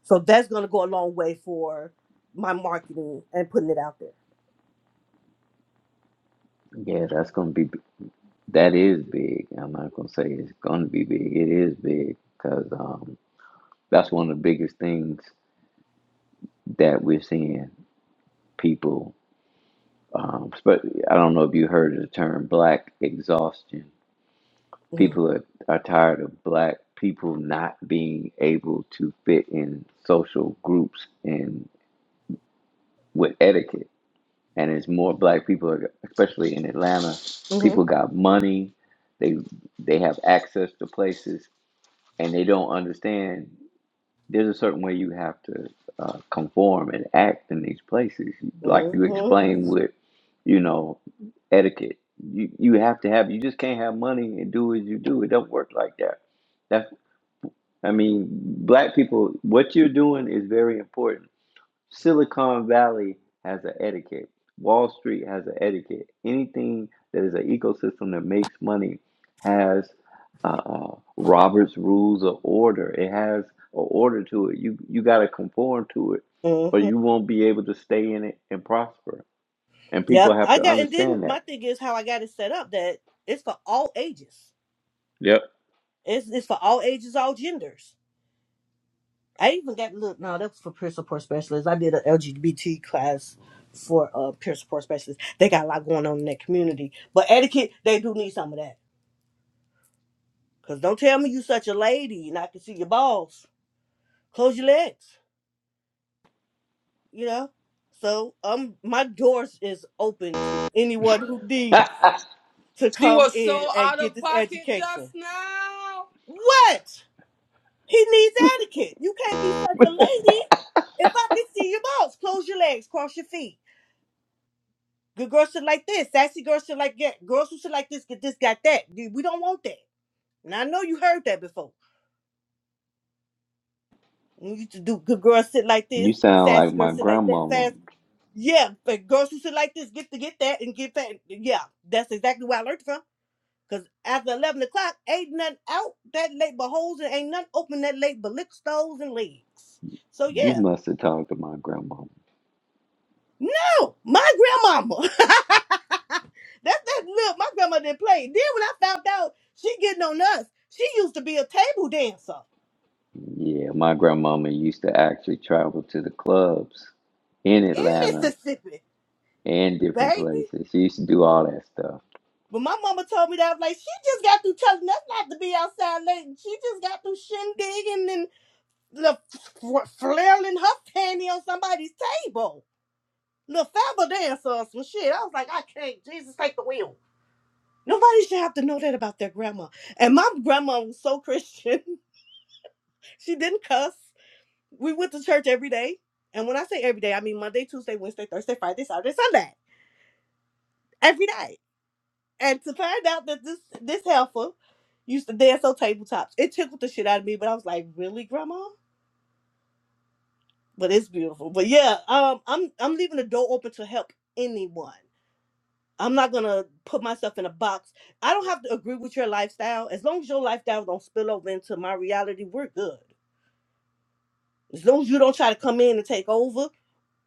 Speaker 2: So that's gonna go a long way for my marketing and putting it out there.
Speaker 3: Yeah, that's gonna be that is big. I'm not gonna say it's gonna be big. It is big because um, that's one of the biggest things that we're seeing people, um, spe- I don't know if you heard of the term black exhaustion.
Speaker 2: Mm-hmm.
Speaker 3: People are, are tired of black people not being able to fit in social groups and with etiquette. And it's more black people, are- especially in Atlanta, people
Speaker 2: Mm-hmm.
Speaker 3: got money, they they have access to places, and they don't understand. there's a certain way you have to uh, conform and act in these places. Like you explained with, you know, etiquette. You you have to have. You just can't have money and do as you do. It don't work like that. That's. I mean, black people. What you're doing is very important Silicon Valley has an etiquette. Wall Street has an etiquette. Anything that is an ecosystem that makes money has uh, uh, Robert's rules of order. It has an order to it. You you got to conform to it, or you
Speaker 2: Mm-hmm.
Speaker 3: won't be able to stay in it and prosper. And people
Speaker 2: Yep.
Speaker 3: have
Speaker 2: I
Speaker 3: to
Speaker 2: got and then
Speaker 3: understand
Speaker 2: my
Speaker 3: that.
Speaker 2: thing is how I got it set up that it's for all ages.
Speaker 3: Yep.
Speaker 2: It's it's for all ages, all genders. I even got look, no, that was for peer support specialists. I did an LGBT class for uh peer support specialists. They got a lot going on in that community. But etiquette, they do need some of that. Cause don't tell me you such a lady and I can see your balls. Close your legs. you know. So um, my doors is open to anyone who needs to come in and get this education. What? He needs etiquette. You can't be such a lady. If I can see your balls, close your legs, cross your feet. Good girls should like this. Sassy girls should like that. Girls who should like this, get this, got that. Dude, We don't want that. And I know you heard that before. We used to do good girls sit like this,
Speaker 3: You sound
Speaker 2: sassy
Speaker 3: like my
Speaker 2: girls sit like that,
Speaker 3: grandmama.
Speaker 2: fast yeah, but girls who sit like this get to get that and get that. Yeah, that's exactly where I learned from. Cause after eleven o'clock, ain't nothing out that late but holes and ain't nothing open that late but lick stoves and legs. So
Speaker 3: You
Speaker 2: yeah,
Speaker 3: must have talked to my grandmama.
Speaker 2: no, my grandmama. that that look, my grandma didn't play. Then when I found out she getting on us, she used to be a table dancer
Speaker 3: Yeah, my grandmama used to actually travel to the clubs in
Speaker 2: in
Speaker 3: Atlanta
Speaker 2: Mississippi,
Speaker 3: and different
Speaker 2: baby.
Speaker 3: places. She used to do all that stuff.
Speaker 2: When my mama told me that, I was like, she just got through telling us not to be outside late. She just got through shindigging and the f- f- flailing her panty on somebody's table. little fable dancer or some shit. I was like, I can't. Jesus, take the wheel. Nobody should have to know that about their grandma. And my grandma was so Christian. she didn't cuss. We went to church every day. And when I say every day, I mean Monday, Tuesday, Wednesday, Thursday, Friday, Saturday, Sunday. Every day. And to find out that this this helper used to dance on tabletops, it tickled the shit out of me. But I was like, really, grandma? But it's beautiful. But yeah, um, I'm I'm leaving the door open to help anyone. I'm not gonna put myself in a box. I don't have to agree with your lifestyle. As long as your lifestyle don't spill over into my reality, we're good. As long as you don't try to come in and take over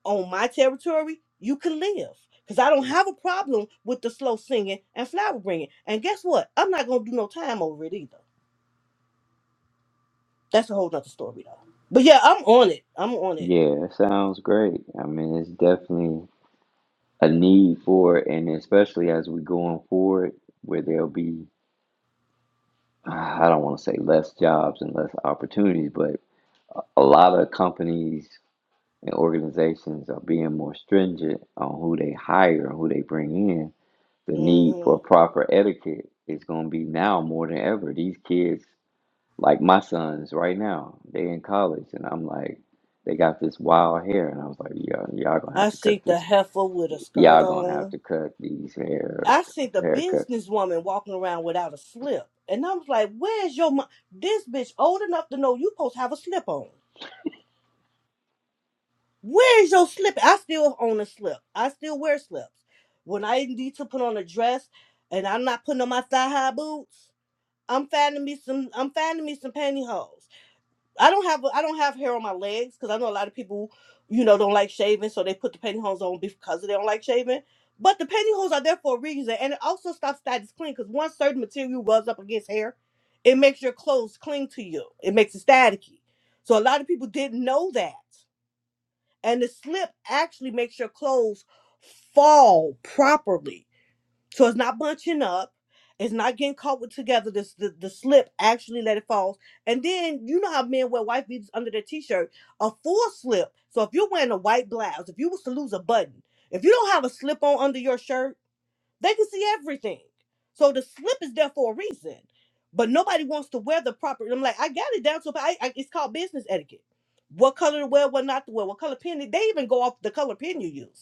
Speaker 2: on my territory, you can live. Cause I don't have a problem with the slow singing and flower bringing. And guess what? I'm not gonna do no time over it either. That's a whole nother story though. But yeah, I'm on it. I'm on it.
Speaker 3: Yeah, it sounds great. I mean, it's definitely a need for it, and especially as we going forward, where there'll be, ah, I don't want to say less jobs and less opportunities, but a lot of companies and organizations are being more stringent on who they hire and who they bring in. The need
Speaker 2: hmm
Speaker 3: for proper etiquette is going to be now more than ever. These kids Like my sons right now, they in college, and I'm like, they got this wild hair, and I was like, y'all, y'all gonna
Speaker 2: I
Speaker 3: have to cut
Speaker 2: see the
Speaker 3: this.
Speaker 2: heifer with a skirt
Speaker 3: Y'all gonna have
Speaker 2: on.
Speaker 3: to cut these hairs,
Speaker 2: I see the
Speaker 3: haircut.
Speaker 2: businesswoman walking around without a slip. And I was like, where's your mom? This bitch old enough to know you supposed to have a slip on. Where's your slip? I still own a slip. I still wear slips. When I need to put on a dress and I'm not putting on my thigh high boots, I'm finding me some I'm finding me some pantyhose. I don't have I don't have hair on my legs because I know a lot of people, you know, don't like shaving, so they put the pantyhose on because they don't like shaving. But the pantyhose are there for a reason, and it also stops status cling because once certain material rubs up against hair, it makes your clothes cling to you. It makes it staticky. So a lot of people didn't know that, and the slip actually makes your clothes fall properly so it's not bunching up. It's not getting caught with together. This the, the slip actually let it fall. And then you know how men wear white beaters under their t-shirt, a full slip. So if you're wearing a white blouse, if you was to lose a button, if you don't have a slip on under your shirt, they can see everything. So the slip is there for a reason. But nobody wants to wear the proper. I'm like, I got it down to. a- I, I, it's called business etiquette. What color to wear, what not to wear, what color pen. They even go off the color pen you use.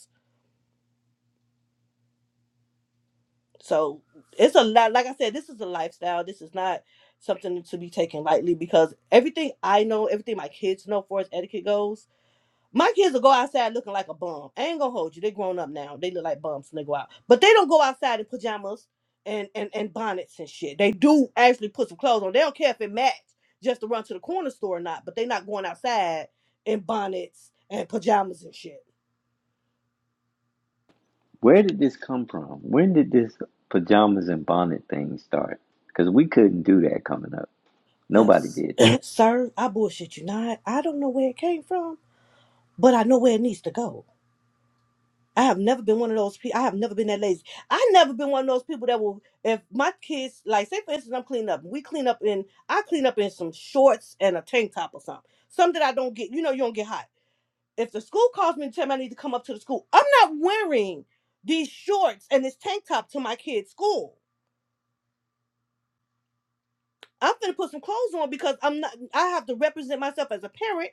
Speaker 2: So it's a lot. Like I said, this is a lifestyle. This is not something to be taken lightly because everything I know, everything my kids know, for as etiquette goes, my kids will go outside looking like a bum. I ain't gonna hold you. They grown up now. They look like bums when they go out, but they don't go outside in pajamas and and and bonnets and shit. They do actually put some clothes on. They don't care if it match just to run to the corner store or not. But they not going outside in bonnets and pajamas and shit.
Speaker 3: Where did this come from? When did this pajamas and bonnet thing start? Because we couldn't do that coming up.
Speaker 2: Well,
Speaker 3: Nobody did that.
Speaker 2: sir, I bullshit you not. I don't know where it came from but I know where it needs to go. I have never been one of those people. I have never been that lazy. I never been one of those people that will. If my kids, like, say for instance, I'm cleaning up. We clean up in. I clean up in some shorts and a tank top or something. Something that I don't get. You know, you don't get hot. If the school calls me and tell me I need to come up to the school, I'm not wearing these shorts and this tank top to my kids' school. I'm gonna put some clothes on because I'm not. I have to represent myself as a parent,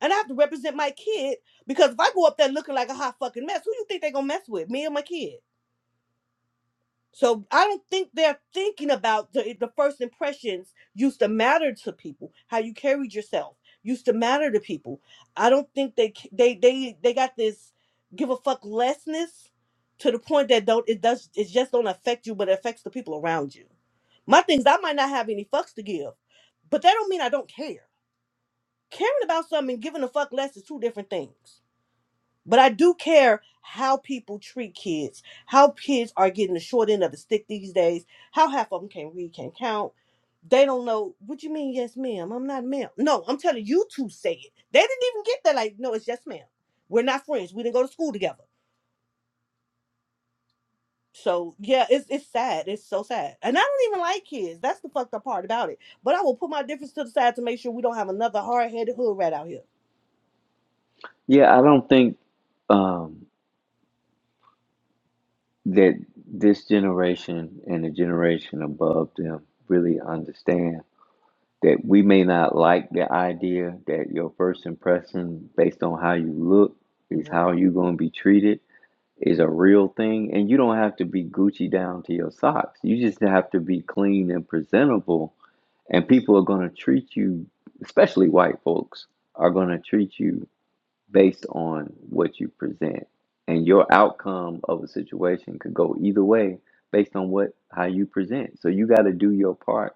Speaker 2: and I have to represent my kid because if I go up there looking like a hot fucking mess, who you think they gonna mess with? Me or my kid? So I don't think they're thinking about the, the first impressions used to matter to people. How you carried yourself used to matter to people. I don't think they c- they they they got this give a fuck lessness to the point that don't it does it just don't affect you, but it affects the people around you. My things I might not have any fucks to give, but that don't mean I don't care. Caring about something and giving a fuck less is two different things. But I do care how people treat kids, how kids are getting the short end of the stick these days, how half of them can't read, can't count. They don't know what you mean, yes, ma'am. I'm not a ma'am. No, I'm telling you two say it. They didn't even get that. Like, no, it's yes, ma'am. We're not friends. We didn't go to school together. So yeah, it's it's sad. It's so sad. And I don't even like kids. That's the fucked up part about it. But I will put my difference to the side to make sure we don't have another hard headed hood rat out here.
Speaker 3: Yeah, I don't think um, that this generation and the generation above them really understand that we may not like the idea that your first impression based on how you look is
Speaker 2: Mm-hmm.
Speaker 3: how you're going to be treated is a real thing and you don't have to be gucci down to your socks you just have to be clean and presentable and people are going to treat you especially white folks are going to treat you based on what you present and your outcome of a situation could go either way based on what how you present so you got to do your part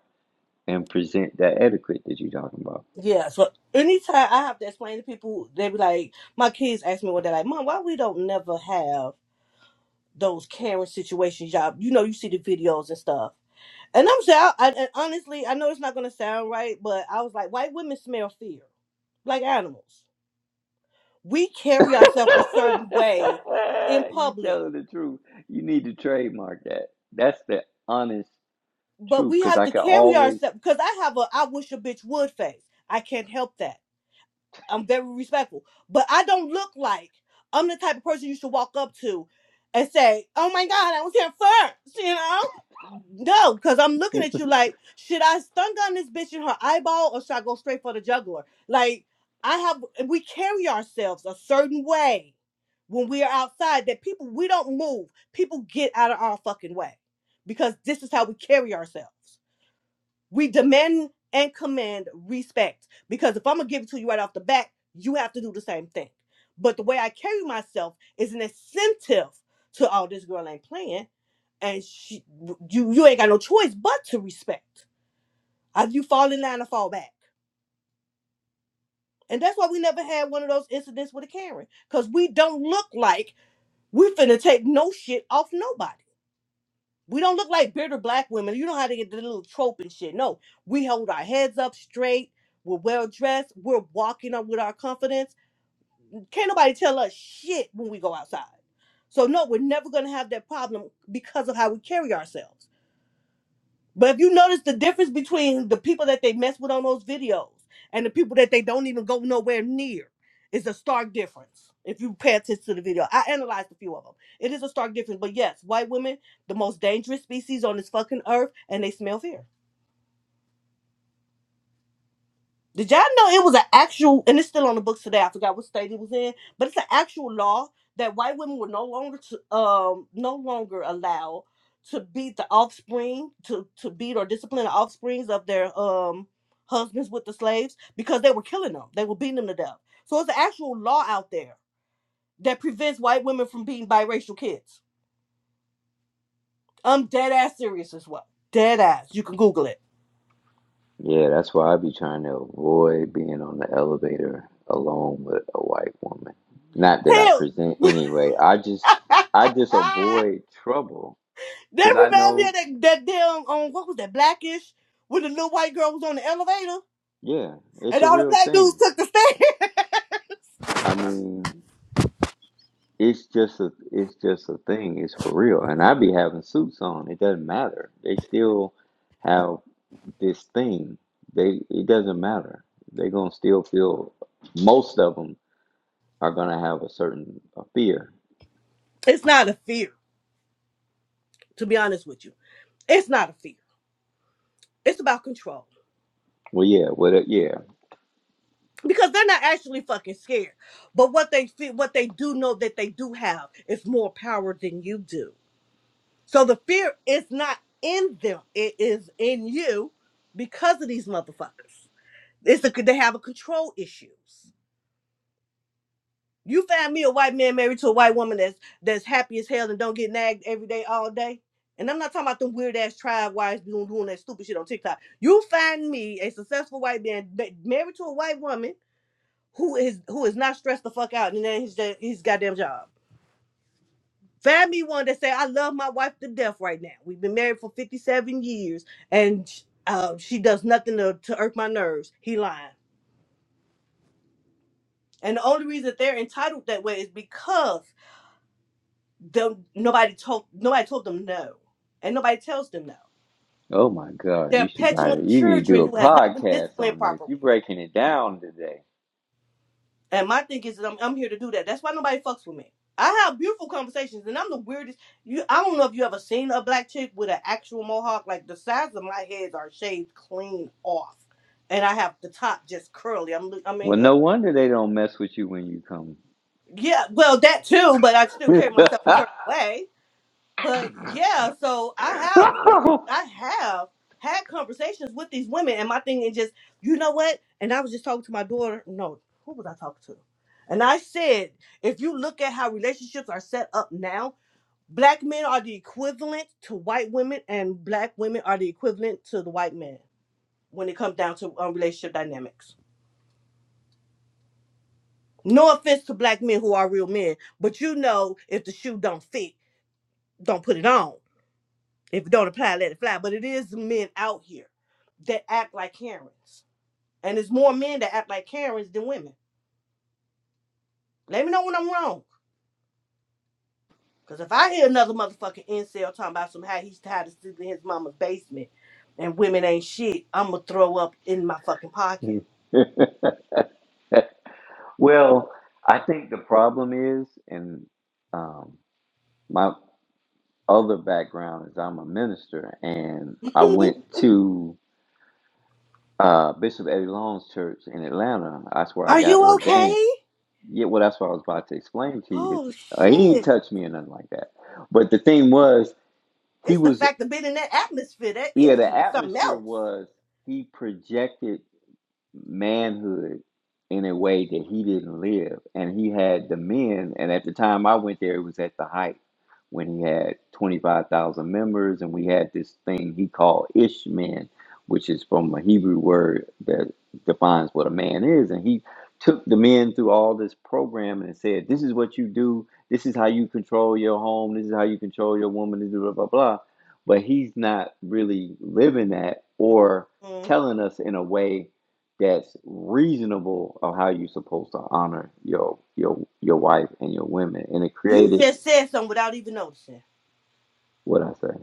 Speaker 3: and present that etiquette that you're talking about
Speaker 2: Yeah, so anytime I have to explain to people, they be like, my kids ask me one day, like, Mom, why we don't never have those Karen situations, y'all? You know, you see the videos and stuff. And I'm saying, I, and honestly, I know it's not gonna sound right, but I was like, white women smell fear, like animals. We carry ourselves a certain way in
Speaker 3: you
Speaker 2: public,
Speaker 3: telling the truth. You need to trademark that. That's the honest
Speaker 2: but
Speaker 3: truth.
Speaker 2: we
Speaker 3: Cause
Speaker 2: have
Speaker 3: I
Speaker 2: to
Speaker 3: could
Speaker 2: carry
Speaker 3: always
Speaker 2: ourselves because I have a I wish a bitch would face. I can't help that. I'm very respectful. But I don't look like I'm the type of person you should walk up to and say, "Oh my God, I was here first," you know. No, because I'm looking at you like, should I stun gun this bitch in her eyeball or should I go straight for the jugular? Like, I have, we carry ourselves a certain way when we are outside that people, we don't move. People get out of our fucking way because this is how we carry ourselves. We demand and command respect because if I'm gonna give it to you right off the bat, you have to do the same thing. But the way I carry myself is an incentive to oh this girl ain't playing, and she, you you ain't got no choice but to respect. Either you fall in line or fall back, and that's why we never had one of those incidents with a Karen because we don't look like we finna take no shit off nobody. We don't look like bitter black women. You know how to get the little trope and shit. No, we hold our heads up straight. We're well dressed. We're walking up with our confidence. Can't nobody tell us shit when we go outside. So no, we're never gonna have that problem because of how we carry ourselves. But if you notice the difference between the people that they mess with on those videos and the people that they don't even go nowhere near is a stark difference. If you pay attention to the video, I analyzed a few of them. It is a stark difference. But yes, white women, the most dangerous species on this fucking earth, and they smell fear. Did y'all know it was an actual, and it's still on the books today. I forgot what state it was in, but it's an actual law that white women were no longer to, um, no longer allowed to beat the offspring, to to beat or discipline the offsprings of their um husbands with the slaves because they were killing them. They were beating them to death. So it's an actual law out there that prevents white women from beating biracial kids. I'm dead ass serious as well. Dead ass. You can Google it.
Speaker 3: Yeah, that's why I be trying to avoid being on the elevator alone with a white woman. Not that I present anyway. I just I just
Speaker 2: Hell.
Speaker 3: avoid trouble
Speaker 2: That
Speaker 3: because I
Speaker 2: remind me of
Speaker 3: know,
Speaker 2: that, that damn um what was that blackish when the little white girl was on the elevator
Speaker 3: yeah, it's
Speaker 2: and
Speaker 3: a
Speaker 2: all the
Speaker 3: real
Speaker 2: black dudes
Speaker 3: thing.
Speaker 2: took the stand.
Speaker 3: I mean, It's just a it's just a thing. It's for real. And I be having suits on. It doesn't matter. They still have this thing. They it doesn't matter. They're gonna still feel most of them are gonna have a certain a fear.
Speaker 2: it's not a fear, to be honest with you. It's not a fear. It's about control.
Speaker 3: Well yeah, well uh, yeah.
Speaker 2: Because they're not actually fucking scared. But what they feel what they do know that they do have is more power than you do. So the fear is not in them. It is in you because of these motherfuckers. It's a, they have a control issues. You find me a white man married to a white woman that's that's happy as hell and don't get nagged every day all day. And I'm not talking about them weird ass tribe wives doing doing that stupid shit on TikTok. You find me a successful white man ma- married to a white woman who is who is not stressed the fuck out and then his da- his goddamn job. Find me one that say I love my wife to death right now. We've been married for 57 years and sh- uh, she does nothing to, to irk my nerves. He lying. And the only reason that they're entitled that way is because Them, nobody told nobody told them no, and nobody tells them no.
Speaker 3: Oh my god, you
Speaker 2: They're
Speaker 3: should buy it.
Speaker 2: petulant
Speaker 3: You need to do
Speaker 2: children
Speaker 3: a
Speaker 2: who has not been
Speaker 3: podcast
Speaker 2: disciplined
Speaker 3: on this. You
Speaker 2: properly.
Speaker 3: breaking it down today.
Speaker 2: And my thing is that I'm, I'm here to do that. That's why nobody fucks with me. I have beautiful conversations, and I'm the weirdest. You, I don't know if you ever seen a black chick with an actual mohawk. Like the sides of my heads are shaved clean off, and I have the top just curly. I'm, I
Speaker 3: Well
Speaker 2: mean, uh,
Speaker 3: no wonder they don't mess with you when you come.
Speaker 2: yeah, well that too, but I still carry myself a certain way but yeah, so I have I have had conversations with these women, and my thing is just you know what? And I was just talking to my daughter. No, who was I talking to? And I said, if you look at how relationships are set up now, black men are the equivalent to white women, and black women are the equivalent to the white men when it comes down to um, relationship dynamics. No offense to black men who are real men, but you know if the shoe don't fit, don't put it on If it don't apply, let it fly. But it is men out here that act like Karens. And it's more men that act like Karens than women. Let me know when I'm wrong. Cause if I hear another motherfucking incel talking about some how he's tired of sleeping in his mama's basement and women ain't shit, I'ma throw up in my fucking pocket.
Speaker 3: Well, I think the problem is, and um, my other background is I'm a minister, and I went to uh, Bishop Eddie Long's church in Atlanta. That's where I
Speaker 2: Are
Speaker 3: got
Speaker 2: you
Speaker 3: ordained.
Speaker 2: okay?
Speaker 3: Yeah, well, that's what I was about to explain to you. That
Speaker 2: Oh
Speaker 3: uh, he didn't
Speaker 2: shit.
Speaker 3: touch me or nothing like that. But the thing was, he
Speaker 2: It's the
Speaker 3: was,
Speaker 2: fact of being in that atmosphere, that
Speaker 3: yeah, the
Speaker 2: energy is something
Speaker 3: atmosphere
Speaker 2: else.
Speaker 3: was he projected manhood in a way that he didn't live. And he had the men, and at the time I went there, it was at the height when he had 25,000 members, and we had this thing he called Ishman, which is from a Hebrew word that defines what a man is. And he took the men through all this program and said, This is what you do, this is how you control your home, this is how you control your woman, this is blah, blah, blah. But he's not really living that or
Speaker 2: Mm.
Speaker 3: telling us in a way that's reasonable of how you're supposed to honor your your your wife and your women and it
Speaker 2: You
Speaker 3: created
Speaker 2: just said something without even noticing.
Speaker 3: what i say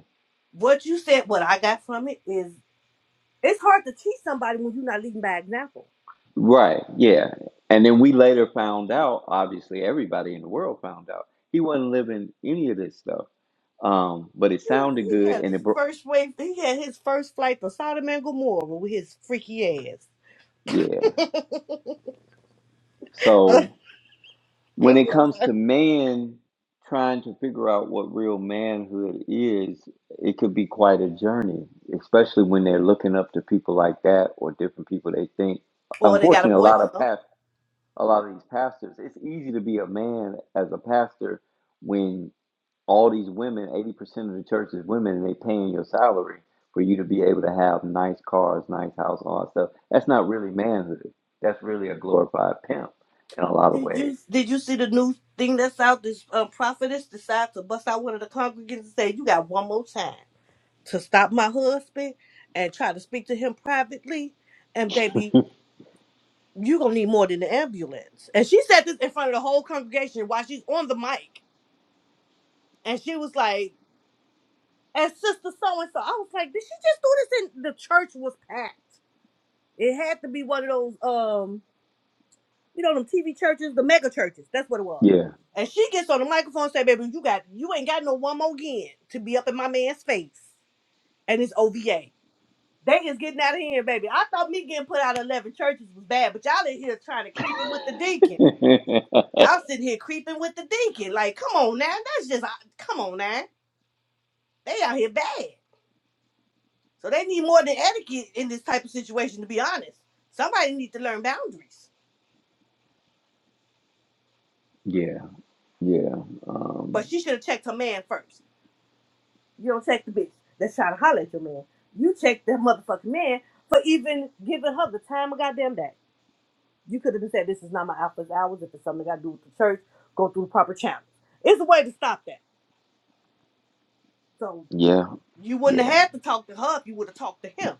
Speaker 2: What you said, what I got from it is It's hard to teach somebody when you're not leading by example.
Speaker 3: right yeah and then we later found out obviously everybody in the world found out he wasn't living any of this stuff um but it
Speaker 2: He,
Speaker 3: sounded
Speaker 2: he
Speaker 3: good
Speaker 2: had
Speaker 3: and
Speaker 2: his
Speaker 3: it bro-
Speaker 2: first wave. He had his first flight to Sodom and Gomorrah with his freaky ass.
Speaker 3: yeah so
Speaker 2: Go
Speaker 3: When
Speaker 2: ahead,
Speaker 3: it comes
Speaker 2: Mom.
Speaker 3: to man trying to figure out what real manhood is, it could be quite a journey, especially when they're looking up to people like that or different people they think.
Speaker 2: Or they got a
Speaker 3: Unfortunately, a
Speaker 2: boy,
Speaker 3: lot of
Speaker 2: mom.
Speaker 3: past, a lot of these pastors, it's easy to be a man as a pastor when all these women, 80% of the church is women, and they paying your salary for you to be able to have nice cars, nice house, all that stuff. That's not really manhood. That's really a glorified pimp in a lot of
Speaker 2: Did
Speaker 3: ways.
Speaker 2: you did you see the new thing that's out? This um, prophetess decides to bust out one of the congregants and say, "You got one more time to stop my husband and try to speak to him privately." And baby, you gonna need more than the ambulance. And she said this in front of the whole congregation while she's on the mic, and she was like. and sister so and so. I was like, did she just do this? And the church was packed. It had to be one of those, um, you know, them TV churches, the mega churches. That's what it was.
Speaker 3: Yeah.
Speaker 2: And she gets on the microphone and say, "Baby, you got you ain't got no one more again to be up in my man's face." And it's OVA. They is getting out of here, baby. I thought me getting put out of eleven churches was bad, but y'all in here trying to creeping with the deacon. Y'all sitting here creeping with the deacon. Like, come on now, that's just come on now. They out here bad. So they need more than etiquette in this type of situation, to be honest. Somebody needs to learn boundaries.
Speaker 3: yeah, yeah, um,
Speaker 2: But she should have checked her man first. You don't check the bitch that's trying to holler at your man. You check that motherfucking man for even giving her the time of goddamn day. You could have been said, this is not my alpha's hours. If it's something I got to do with the church, go through the proper channels. It's a way to stop that. So
Speaker 3: yeah,
Speaker 2: you wouldn't have
Speaker 3: yeah,
Speaker 2: had to talk to her if you would have talked to him.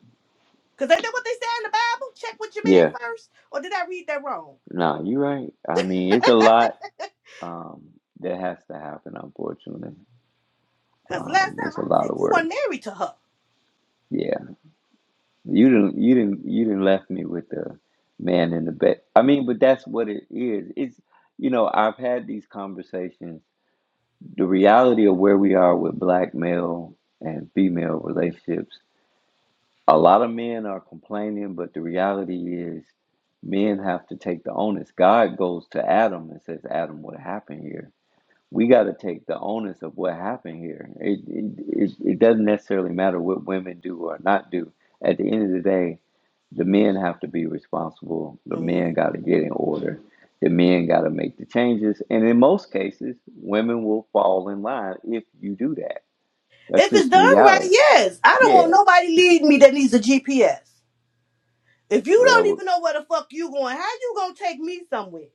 Speaker 2: Because ain't that what they say in the Bible? Check with your
Speaker 3: yeah.
Speaker 2: man first? Or did I read that wrong?
Speaker 3: Nah, you're right. I mean, it's a lot um, that has to happen, unfortunately.
Speaker 2: Because last
Speaker 3: Um,
Speaker 2: time
Speaker 3: it's a
Speaker 2: I
Speaker 3: lot of
Speaker 2: checked, you
Speaker 3: work.
Speaker 2: weren't married to her.
Speaker 3: Yeah, you didn't, you didn't, you didn't left me with the man in the bed. I mean, but that's what it is. It's you know, I've had these conversations. The reality of where we are with black male and female relationships a lot of men are complaining, but the reality is men have to take the onus. God goes to Adam and says, Adam, what happened here? We got to take the onus of what happened here. It, it, it, it doesn't necessarily matter what women do or not do. At the end of the day, the men have to be responsible. The
Speaker 2: Mm.
Speaker 3: men got to get in order. The men got to make the changes. And in most cases, women will fall in line if you do that. That's
Speaker 2: If it's
Speaker 3: just the
Speaker 2: done right,
Speaker 3: reality.
Speaker 2: yes. I don't
Speaker 3: Yeah.
Speaker 2: want nobody leading me that needs a GPS. If you don't
Speaker 3: Well,
Speaker 2: even know where the fuck you going, how you gonna take me somewhere?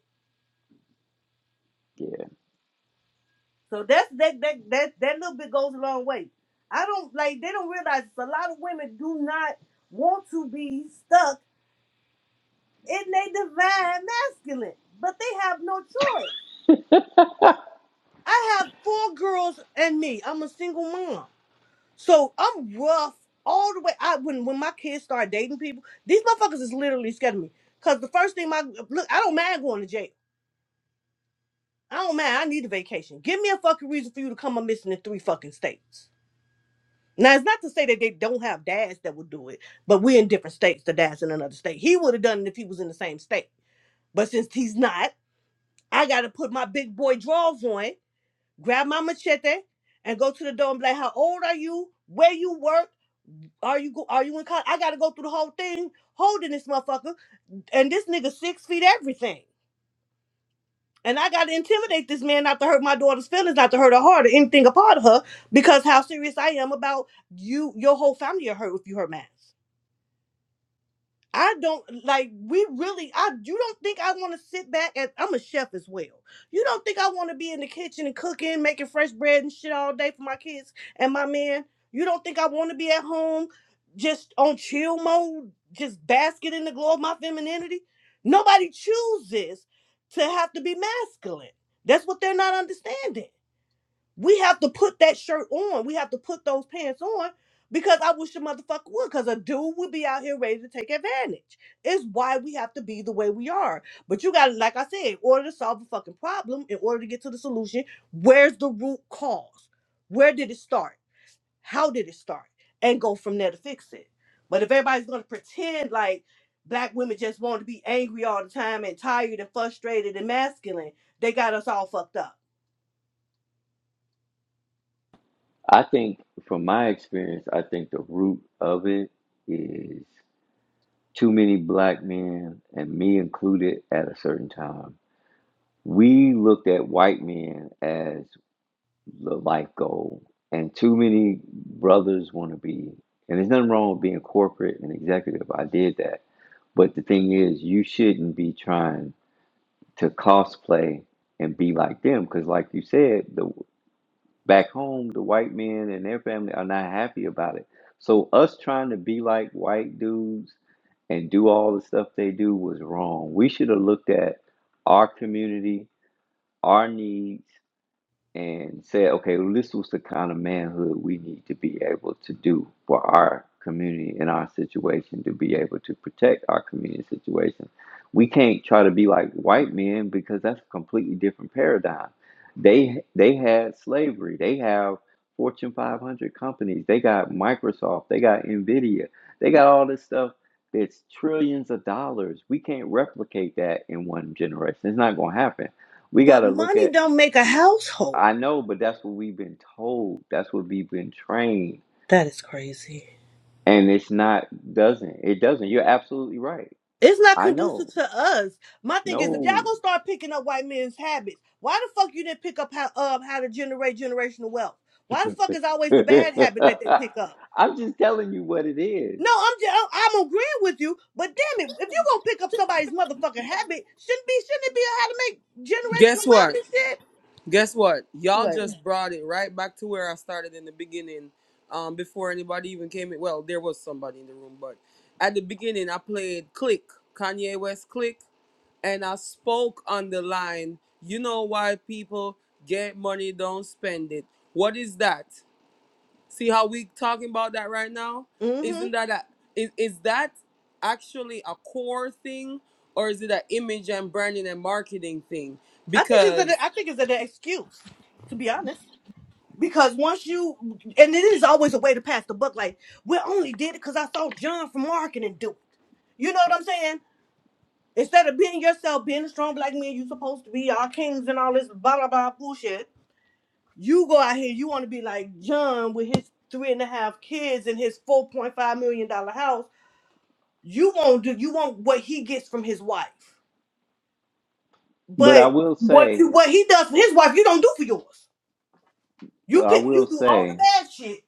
Speaker 3: yeah.
Speaker 2: So that's that that that that little bit goes a long way. I don't like they don't realize a lot of women do not want to be stuck in their divine masculine, but they have no choice. I have four girls and me. I'm a single mom. So I'm rough all the way. I when when my kids start dating people, these motherfuckers is literally scared of me. Cause the first thing my look, I don't mind going to jail. I don't mind. I need a vacation. Give me a fucking reason for you to come a missing in three fucking states. Now it's not to say that they don't have dads that would do it, but we're in different states. The dad's in another state. He would have done it if he was in the same state. But since he's not, I gotta put my big boy drawers on grab my machete and go to the door and be like, "How old are you? Where you work? Are you go- are you in college? I gotta go through the whole thing holding this motherfucker and this nigga six feet everything." And I gotta intimidate this man not to hurt my daughter's feelings, not to hurt her heart or anything apart of her, because how serious I am about you, your whole family are hurt if you hurt math. I don't like we really I you don't think I want to sit back and I'm a chef as well. You don't think I want to be in the kitchen and cooking, making fresh bread and shit all day for my kids and my man? You don't think I want to be at home just on chill mode, just basket in the glow of my femininity? Nobody chooses to have to be masculine. That's what they're not understanding. We have to put that shirt on. We have to put those pants on because I wish a motherfucker would. Because a dude would be out here ready to take advantage. It's why we have to be the way we are. But you got to, like I said, in order to solve a fucking problem, in order to get to the solution, where's the root cause? Where did it start? how did it start and go from there to fix it but if everybody's going to pretend like black women just want to be angry all the time and tired and frustrated and masculine they got us all fucked up
Speaker 3: I think, from my experience, I think the root of it is too many black men, and me included, at a certain time. We looked at white men as the life goal, and too many brothers want to be. And there's nothing wrong with being corporate and executive. I did that. But the thing is, you shouldn't be trying to cosplay and be like them because, like you said, the Back home, the white men and their family are not happy about it. So us trying to be like white dudes and do all the stuff they do was wrong. We should have looked at our community, our needs, and said, okay, well, this was the kind of manhood we need to be able to do for our community and our situation to be able to protect our community situation. We can't try to be like white men because that's a completely different paradigm. They they had slavery. They have Fortune 500 companies. They got Microsoft. They got Nvidia. They got all this stuff that's trillions of dollars. We can't replicate that in one generation. It's not going to happen we got
Speaker 2: but
Speaker 3: to look
Speaker 2: money
Speaker 3: at
Speaker 2: don't make a household
Speaker 3: I know, but that's what we've been told. That's what we've been trained.
Speaker 2: that is crazy
Speaker 3: And it's not doesn't. It doesn't. You're absolutely right.
Speaker 2: It's not
Speaker 3: I
Speaker 2: conducive
Speaker 3: know.
Speaker 2: to us. My thing is, if y'all
Speaker 3: No.
Speaker 2: gonna start picking up white men's habits, why the fuck you didn't pick up how um how to generate generational wealth? Why the fuck is always the bad habit that they pick up?
Speaker 3: I'm just telling you what it is.
Speaker 2: No, I'm just, I'm agreeing with you, but damn it, if you gonna pick up somebody's motherfucking habit, shouldn't be shouldn't it be how to make generational wealth and shit? What? Mm-hmm. I think it's an I think it's an excuse, to be honest. Because once you, and it is always a way to pass the buck. Like, we only did it because I saw John from marketing do it. You know what I'm saying? Instead of being yourself, being a strong black man, you supposed to be our kings and all this blah, blah, blah bullshit. You go out here, you want to be like John with his three and a half kids and his $4.5 million dollar house. You won't do, you want what he gets from his wife.
Speaker 3: But I
Speaker 2: But
Speaker 3: will
Speaker 2: what
Speaker 3: say,
Speaker 2: you, what he does for his wife, you don't do for yours. You
Speaker 3: well, I
Speaker 2: pick,
Speaker 3: will
Speaker 2: you do all the
Speaker 3: say,
Speaker 2: bad shit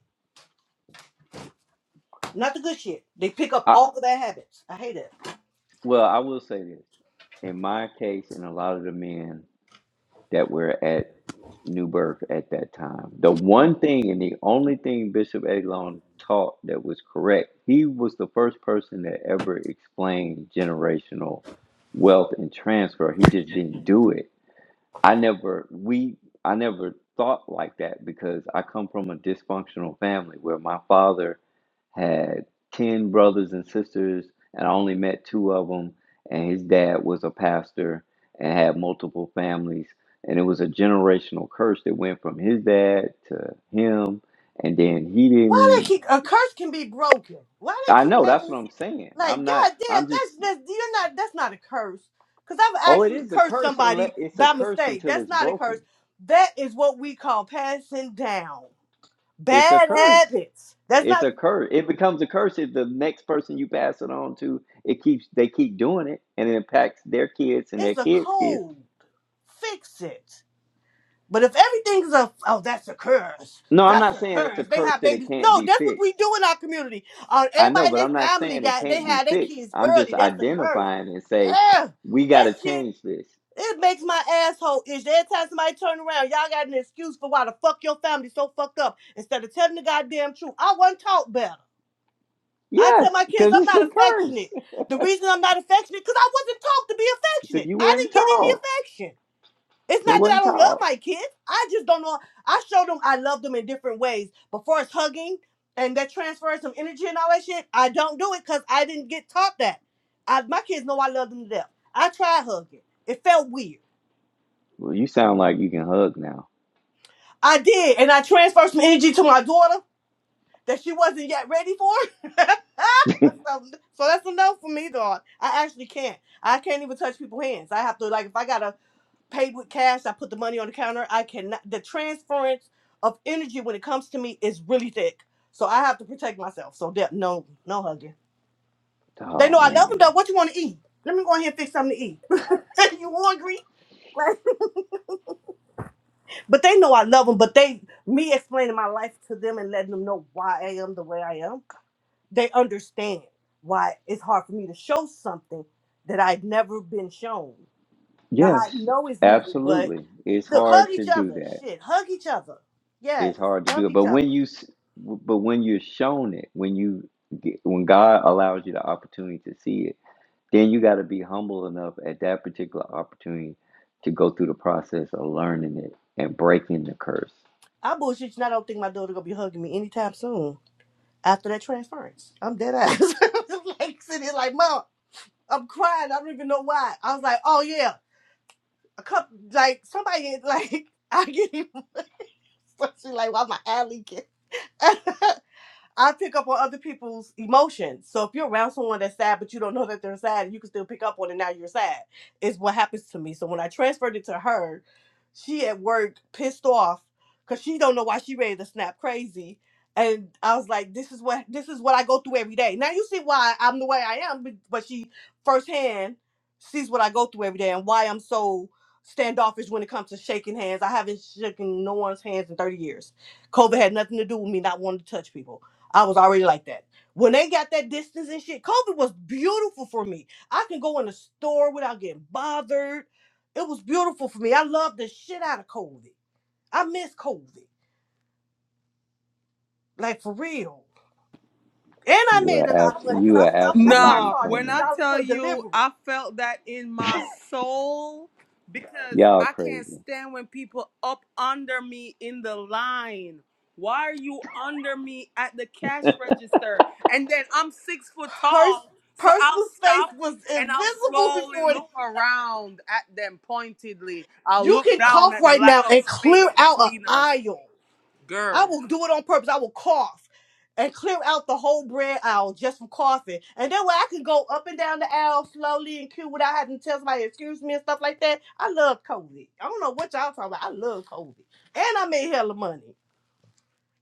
Speaker 2: Not the good shit. They pick up
Speaker 3: I
Speaker 2: all of their habits. I hate it.
Speaker 3: well, I will say this. In my case, and a lot of the men that were at New Birth at that time. The one thing and the only thing Bishop Eglon taught that was correct, he was the first person that ever explained generational wealth and transfer. He just didn't do it I never we I never thought like that because I come from a dysfunctional family where my father had 10 brothers and sisters and I only met two of them and his dad was a pastor and had multiple families and it was a generational curse that went from his dad to him and then he
Speaker 2: Why they
Speaker 3: didn't
Speaker 2: keep a curse can be broken? Why they
Speaker 3: I
Speaker 2: keep
Speaker 3: know that's
Speaker 2: making
Speaker 3: what
Speaker 2: this?
Speaker 3: I'm saying. I'm
Speaker 2: Like
Speaker 3: not I'm
Speaker 2: goddamn,
Speaker 3: just
Speaker 2: that's that's you're not that's not a curse. Cause I've
Speaker 3: oh it
Speaker 2: actually
Speaker 3: is a
Speaker 2: cursed
Speaker 3: curse and
Speaker 2: somebody
Speaker 3: it's a
Speaker 2: by
Speaker 3: curse
Speaker 2: mistake.
Speaker 3: until
Speaker 2: That's
Speaker 3: it's
Speaker 2: not a curse.
Speaker 3: broken.
Speaker 2: That is what we call passing down
Speaker 3: It's a
Speaker 2: bad
Speaker 3: curse.
Speaker 2: habits. That's
Speaker 3: It's
Speaker 2: not.
Speaker 3: a curse. It becomes a curse if the next person you pass it on to, it keeps they keep doing it and it impacts their kids and
Speaker 2: It's
Speaker 3: their
Speaker 2: a
Speaker 3: kids' kids.
Speaker 2: code. Fix it. But if everything's a oh, that's a curse.
Speaker 3: No, I'm
Speaker 2: That's
Speaker 3: not
Speaker 2: a
Speaker 3: saying it's a
Speaker 2: curse. They
Speaker 3: curse
Speaker 2: have
Speaker 3: that it
Speaker 2: babies.
Speaker 3: can't
Speaker 2: No,
Speaker 3: be
Speaker 2: that's what we
Speaker 3: fixed.
Speaker 2: do in our community. Uh,
Speaker 3: I
Speaker 2: everybody
Speaker 3: know,
Speaker 2: in
Speaker 3: but
Speaker 2: their
Speaker 3: I'm not
Speaker 2: family
Speaker 3: saying it
Speaker 2: got they
Speaker 3: can't be
Speaker 2: had their
Speaker 3: fixed.
Speaker 2: kids
Speaker 3: I'm
Speaker 2: early.
Speaker 3: just
Speaker 2: That's a curse.
Speaker 3: identifying and say
Speaker 2: Ugh,
Speaker 3: we got
Speaker 2: that
Speaker 3: to
Speaker 2: shit
Speaker 3: change this.
Speaker 2: it makes my asshole itch. Every time somebody turn around, y'all got an excuse for why the fuck your family so fucked up instead of telling the goddamn truth. I wasn't taught better. I tell
Speaker 3: Yes,
Speaker 2: my kids
Speaker 3: because
Speaker 2: I'm
Speaker 3: it's
Speaker 2: not
Speaker 3: a curse.
Speaker 2: affectionate. The reason I'm not affectionate because I wasn't taught to be
Speaker 3: Because
Speaker 2: affectionate.
Speaker 3: you
Speaker 2: I
Speaker 3: wasn't
Speaker 2: didn't get any
Speaker 3: taught.
Speaker 2: affection. It's
Speaker 3: They
Speaker 2: not that I
Speaker 3: wasn't
Speaker 2: don't love
Speaker 3: taught.
Speaker 2: my kids. I just don't know. I show them I love them in different ways. But far as hugging and that transfers some energy and all that shit, I don't do it because I didn't get taught that. I, my kids know I love them to death. I tried hugging. It felt weird.
Speaker 3: Well, you sound like you can hug now.
Speaker 2: I did, and I transferred some energy to my daughter that she wasn't yet ready for. so, so that's a no for me, dog. I actually can't. I can't even touch people's hands. I have to like if I gotta paid with cash. I put the money on the counter. I cannot. The transference of energy when it comes to me is really thick, so I have to protect myself. So there, no, no hugging. They know
Speaker 3: Oh
Speaker 2: I love them though.
Speaker 3: man.
Speaker 2: What you want to eat? Let me go in here and fix something to eat. you hungry? Like, but they know I love them. But they, me explaining my life to them and letting them know why I am the way I am, they understand why it's hard for me to show something that I've never been shown. Now I
Speaker 3: Yes,
Speaker 2: know it's needed, but.
Speaker 3: absolutely. It's
Speaker 2: Look, hug
Speaker 3: hard to
Speaker 2: each
Speaker 3: do
Speaker 2: other.
Speaker 3: that.
Speaker 2: Shit, hug each other. Yes,
Speaker 3: it's hard to do
Speaker 2: love
Speaker 3: it.
Speaker 2: each
Speaker 3: But when
Speaker 2: other.
Speaker 3: you, s- but when you're shown it, when you, get, when God allows you the opportunity to see it, then you got to be humble enough at that particular opportunity to go through the process of learning it and breaking the curse.
Speaker 2: I bullshit you. and I don't think my daughter gonna be hugging me anytime soon after that transference. I'm dead ass. like sitting here like, mom, I'm crying. I don't even know why. I was like, oh yeah, a couple like somebody like I get even like, why my alley kid? I pick up on other people's emotions. So if you're around someone that's sad, but you don't know that they're sad, you can still pick up on it. Now you're sad. Is what happens to me. So when I transferred it to her, she at work pissed off because she don't know why she ready to snap crazy. And I was like, this is what this is what I go through every day. Now you see why I'm the way I am, but, but she firsthand sees what I go through every day and why I'm so standoffish when it comes to shaking hands. I haven't shaken no one's hands in 30 years. COVID had nothing to do with me not wanting to touch people I was already like that. When they got that distance and shit, COVID was beautiful for me. I can go in the store without getting bothered. It was beautiful for me. I loved the shit out of COVID. I miss COVID, like for real. And I
Speaker 3: You
Speaker 2: made a
Speaker 3: are
Speaker 2: lot of
Speaker 3: abs-
Speaker 2: money because
Speaker 3: you
Speaker 2: I,
Speaker 3: are
Speaker 2: I I started
Speaker 3: absolutely
Speaker 2: charging three
Speaker 3: funny.
Speaker 2: dollars per delivery.
Speaker 3: Y'all crazy.
Speaker 2: Pers- personal space was invisible before. That. You can cough right now and clear out an aisle. I will do it on purpose. I will cough and clear out the whole bread aisle just from coughing. And that way I can go up and down the aisle slowly and cute without having to tell somebody, excuse me and stuff like that. I love COVID. I don't know what y'all talking about. I love COVID. And I made hella money.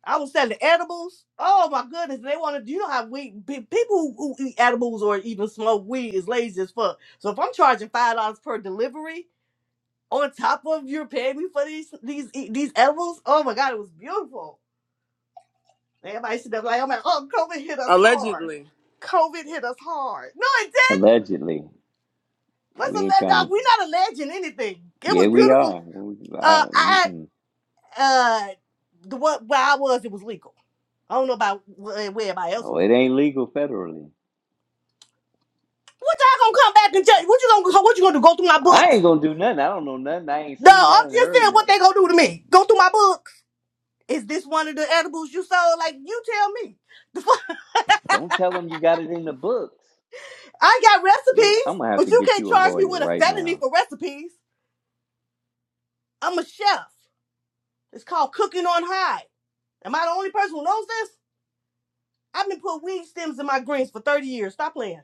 Speaker 2: I was selling edibles. Oh my goodness. They want to, you know how we, pe- people who eat edibles or even smoke weed is lazy as fuck. So if I'm charging $5 per delivery, on top of you're paying me for these these e, these edibles, oh my god, it was beautiful. Everybody stood up like, oh man, oh, COVID hit us hard. COVID hit us hard. No, it did.
Speaker 3: Allegedly,
Speaker 2: What's a
Speaker 3: we ain't
Speaker 2: let
Speaker 3: trying
Speaker 2: dog?
Speaker 3: to.
Speaker 2: We're not alleging anything. It
Speaker 3: Yeah,
Speaker 2: was
Speaker 3: we
Speaker 2: beautiful.
Speaker 3: are. We- I,
Speaker 2: Uh, I
Speaker 3: mm-mm.
Speaker 2: uh, the what where I was, it was legal. I don't know about where, where everybody else
Speaker 3: oh,
Speaker 2: was.
Speaker 3: it ain't legal federally.
Speaker 2: What y'all gonna come back and judge? What you gonna what you gonna do? Go through my
Speaker 3: I
Speaker 2: books?
Speaker 3: ain't gonna do nothing. I don't know nothing. I ain't
Speaker 2: No,
Speaker 3: seen
Speaker 2: I'm
Speaker 3: nothing,
Speaker 2: just
Speaker 3: heard
Speaker 2: saying
Speaker 3: nothing.
Speaker 2: what they gonna do to me. Go through my books. Is this one of the edibles you sold? Like you tell me. The fuck?
Speaker 3: Don't tell them you got it in the books.
Speaker 2: I got
Speaker 3: I'm gonna
Speaker 2: recipes,
Speaker 3: have
Speaker 2: but
Speaker 3: to
Speaker 2: you
Speaker 3: get
Speaker 2: can't
Speaker 3: you a
Speaker 2: charge me
Speaker 3: lawyer
Speaker 2: with a
Speaker 3: right
Speaker 2: felony
Speaker 3: now.
Speaker 2: for recipes. I'm a chef. It's called cooking on high. Am I the only person who knows this? I've been putting weed stems in my greens for 30 years. Stop playing.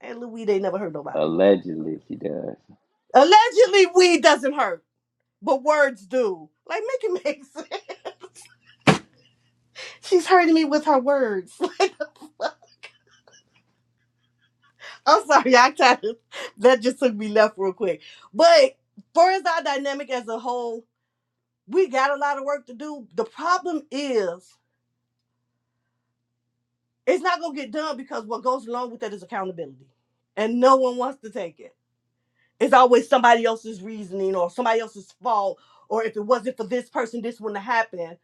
Speaker 2: And little weed ain't never hurt nobody.
Speaker 3: Allegedly, she does.
Speaker 2: Allegedly, weed doesn't hurt, but words do. Like, make it make sense. She's hurting me with her words. I'm sorry, I kind of, that just took me left real quick. But far as our dynamic as a whole, we got a lot of work to do. The problem is, it's not going to get done because what goes along with that is accountability. And no one wants to take it. It's always somebody else's reasoning or somebody else's fault, or if it wasn't for this person, this wouldn't have happened.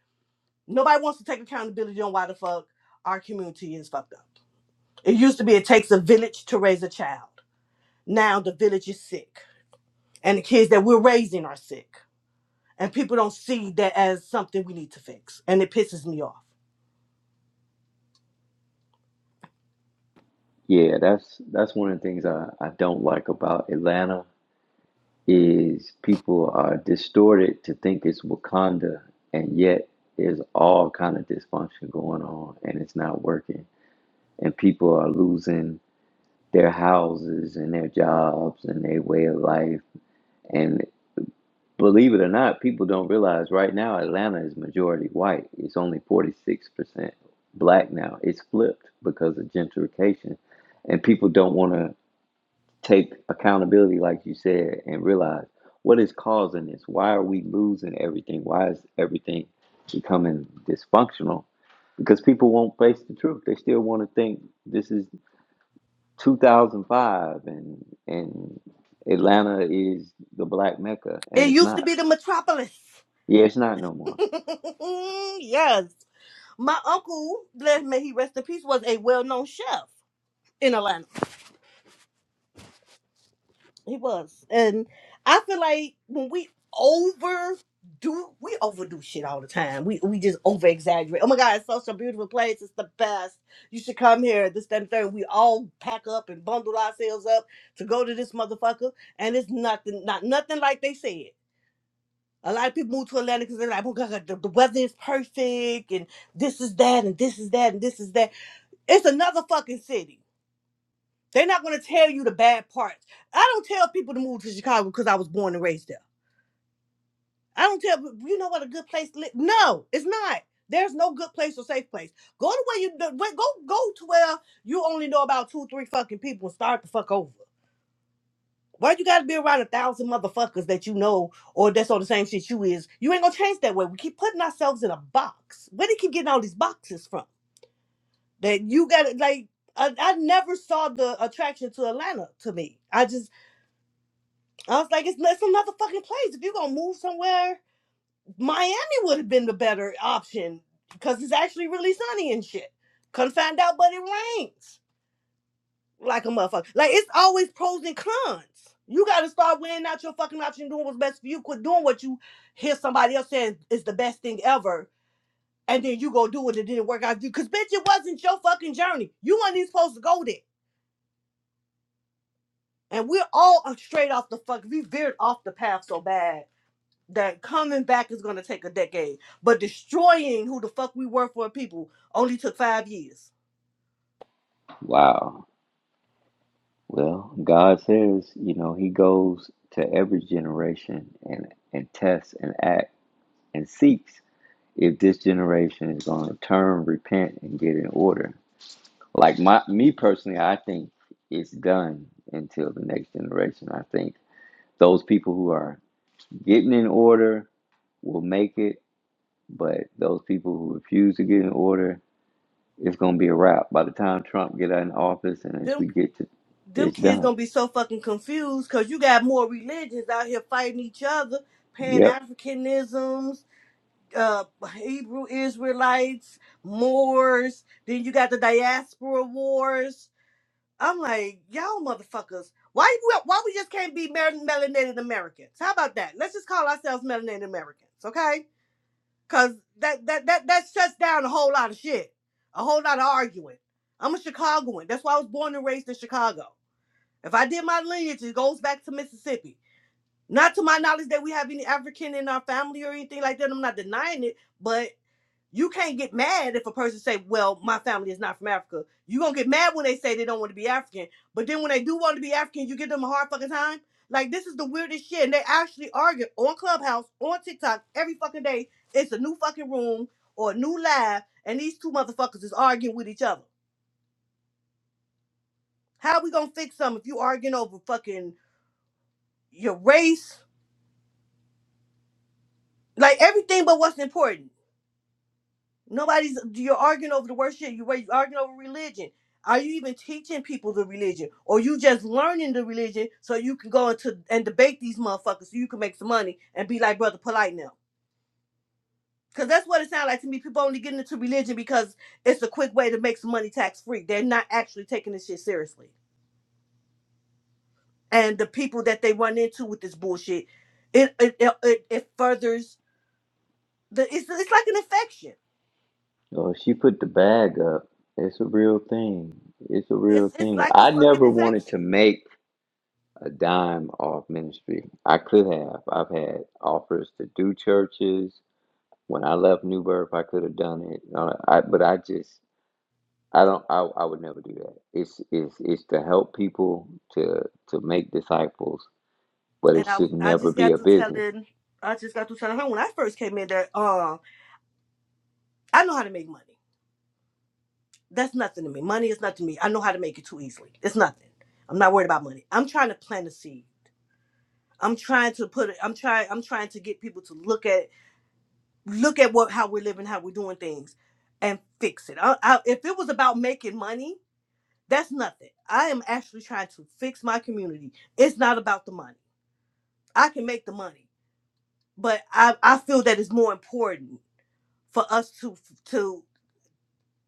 Speaker 2: Nobody wants to take accountability on why the fuck our community is fucked up. It used to be it takes a village to raise a child. Now the village is sick, and the kids that we're raising are sick, and people don't see that as something we need to fix, and it pisses me off.
Speaker 3: Yeah, that's that's one of the things I, I don't like about Atlanta is people are distorted to think it's Wakanda, and yet there's all kind of dysfunction going on, and it's not working, and people are losing their houses and their jobs and their way of life, and. Believe it or not, people don't realize right now Atlanta is majority white. It's only 46% black now. It's flipped because of gentrification. And people don't want to take accountability, like you said, and realize what is causing this? Why are we losing everything? Why is everything becoming dysfunctional? Because people won't face the truth. They still want to think this is 2005 and, and Atlanta is the black mecca, and
Speaker 2: It
Speaker 3: it's
Speaker 2: used to
Speaker 3: not.
Speaker 2: be the metropolis.
Speaker 3: Yeah, it's not no more.
Speaker 2: yes, my uncle, let may he rest in peace, was a well-known chef in Atlanta He was. And I feel like when we overdo we overdo shit all the time. We we just over exaggerate. Oh my god, it's such a beautiful place. It's the best. You should come here. This, that, and the third. We all pack up and bundle ourselves up to go to this motherfucker. And it's nothing, not nothing like they said. A lot of people move to Atlanta because they're like, oh god, the, the weather is perfect and this is that and this is that and this is that. It's another fucking city. They're not going to tell you the bad parts. I don't tell people to move to Chicago because I was born and raised there. I don't tell people, you know what a good place to live. No, it's not. There's no good place or safe place. Go to where you go. Go to where you only know about two, three fucking people and start the fuck over. Why you gotta be around a thousand motherfuckers that you know or that's on the same shit you is? You ain't gonna change that way. We keep putting ourselves in a box. Where do you keep getting all these boxes from? That you gotta like I, I never saw the attraction to Atlanta to me. I just I was like, it's, it's another fucking place. If you're gonna move somewhere, Miami would have been the better option because it's actually really sunny and shit. Couldn't find out, but it rains like a motherfucker. Like it's always pros and cons. You gotta start weighing out your fucking option, doing what's best for you. Quit doing what you hear somebody else saying is the best thing ever, and then you go do it. It didn't work out for you because bitch, it wasn't your fucking journey. You weren't even supposed to go there. And we're all straight off the fuck. We veered off the path so bad that coming back is gonna take a decade, but destroying who the fuck we were for a people only took five years.
Speaker 3: Wow. Well, God says, you know, He goes to every generation and, and tests and acts and seeks if this generation is going to turn, repent, and get in order. Like my me personally, I think it's done until the next generation. I think those people who are getting in order will make it, but those people who refuse to get in order, it's going to be a wrap. By the time Trump get out in office and as
Speaker 2: Them
Speaker 3: we get to,
Speaker 2: them
Speaker 3: it's
Speaker 2: kids
Speaker 3: done.
Speaker 2: gonna be so fucking confused because you got more religions out here fighting each other, Pan
Speaker 3: Yep.
Speaker 2: Africanisms, uh, Hebrew Israelites, Moors. Then you got the diaspora wars. I'm like, y'all motherfuckers, why we- why we just can't be mer- melanated Americans? How about that? Let's just call ourselves melanated Americans, okay? Cause that that that that shuts down a whole lot of shit, a whole lot of arguing. I'm a Chicagoan. That's why I was born and raised in Chicago. If I did my lineage, it goes back to Mississippi. Not to my knowledge that we have any African in our family or anything like that. I'm not denying it, but you can't get mad if a person say, "Well, my family is not from Africa." You gonna get mad when they say they don't want to be African, but then when they do want to be African, you give them a hard fucking time. Like this is the weirdest shit, and they actually argue on Clubhouse, on TikTok every fucking day. It's a new fucking room or a new live, and these two motherfuckers is arguing with each other. How we gonna fix something if you arguing over fucking your race? Like everything but what's important. Nobody's you're arguing over the worst shit. You were arguing over religion. Are you even teaching people the religion, or you just learning the religion so you can go into and debate these motherfuckers so you can make some money and be like brother polite now? Because that's what it sounds like to me. People only getting into religion because it's a quick way to make some money tax free. They're not actually taking this shit seriously. And the people that they run into with this bullshit, it it it, it, it furthers the it's it's like an infection.
Speaker 3: Oh, she put the bag up. It's a real thing. It's a
Speaker 2: It's
Speaker 3: real
Speaker 2: it's
Speaker 3: thing.
Speaker 2: like a
Speaker 3: I
Speaker 2: fucking
Speaker 3: never wanted to
Speaker 2: infection.
Speaker 3: make a dime off ministry. I could have. I've had offers to do churches. When I left New Birth, I could have done it. Uh, I, but I just, I don't. I, I would never do that. It's, it's, it's to help people to to make disciples, but
Speaker 2: and
Speaker 3: it
Speaker 2: I
Speaker 3: should
Speaker 2: I
Speaker 3: never
Speaker 2: just
Speaker 3: be
Speaker 2: got
Speaker 3: a
Speaker 2: through
Speaker 3: business.
Speaker 2: telling I just got through telling her when I first came in there, um, I know how to make money. That's nothing to me. Money is nothing to me. I know how to make it too easily. It's nothing. I'm not worried about money. I'm trying to plant a seed. I'm trying to put it. I'm trying. I'm trying to get people to look at look at what how we're living, how we're doing things, and fix it. I, I, if it was about making money, that's nothing. I am actually trying to fix my community. It's not about the money. I can make the money, but I I feel that it's more important for us to to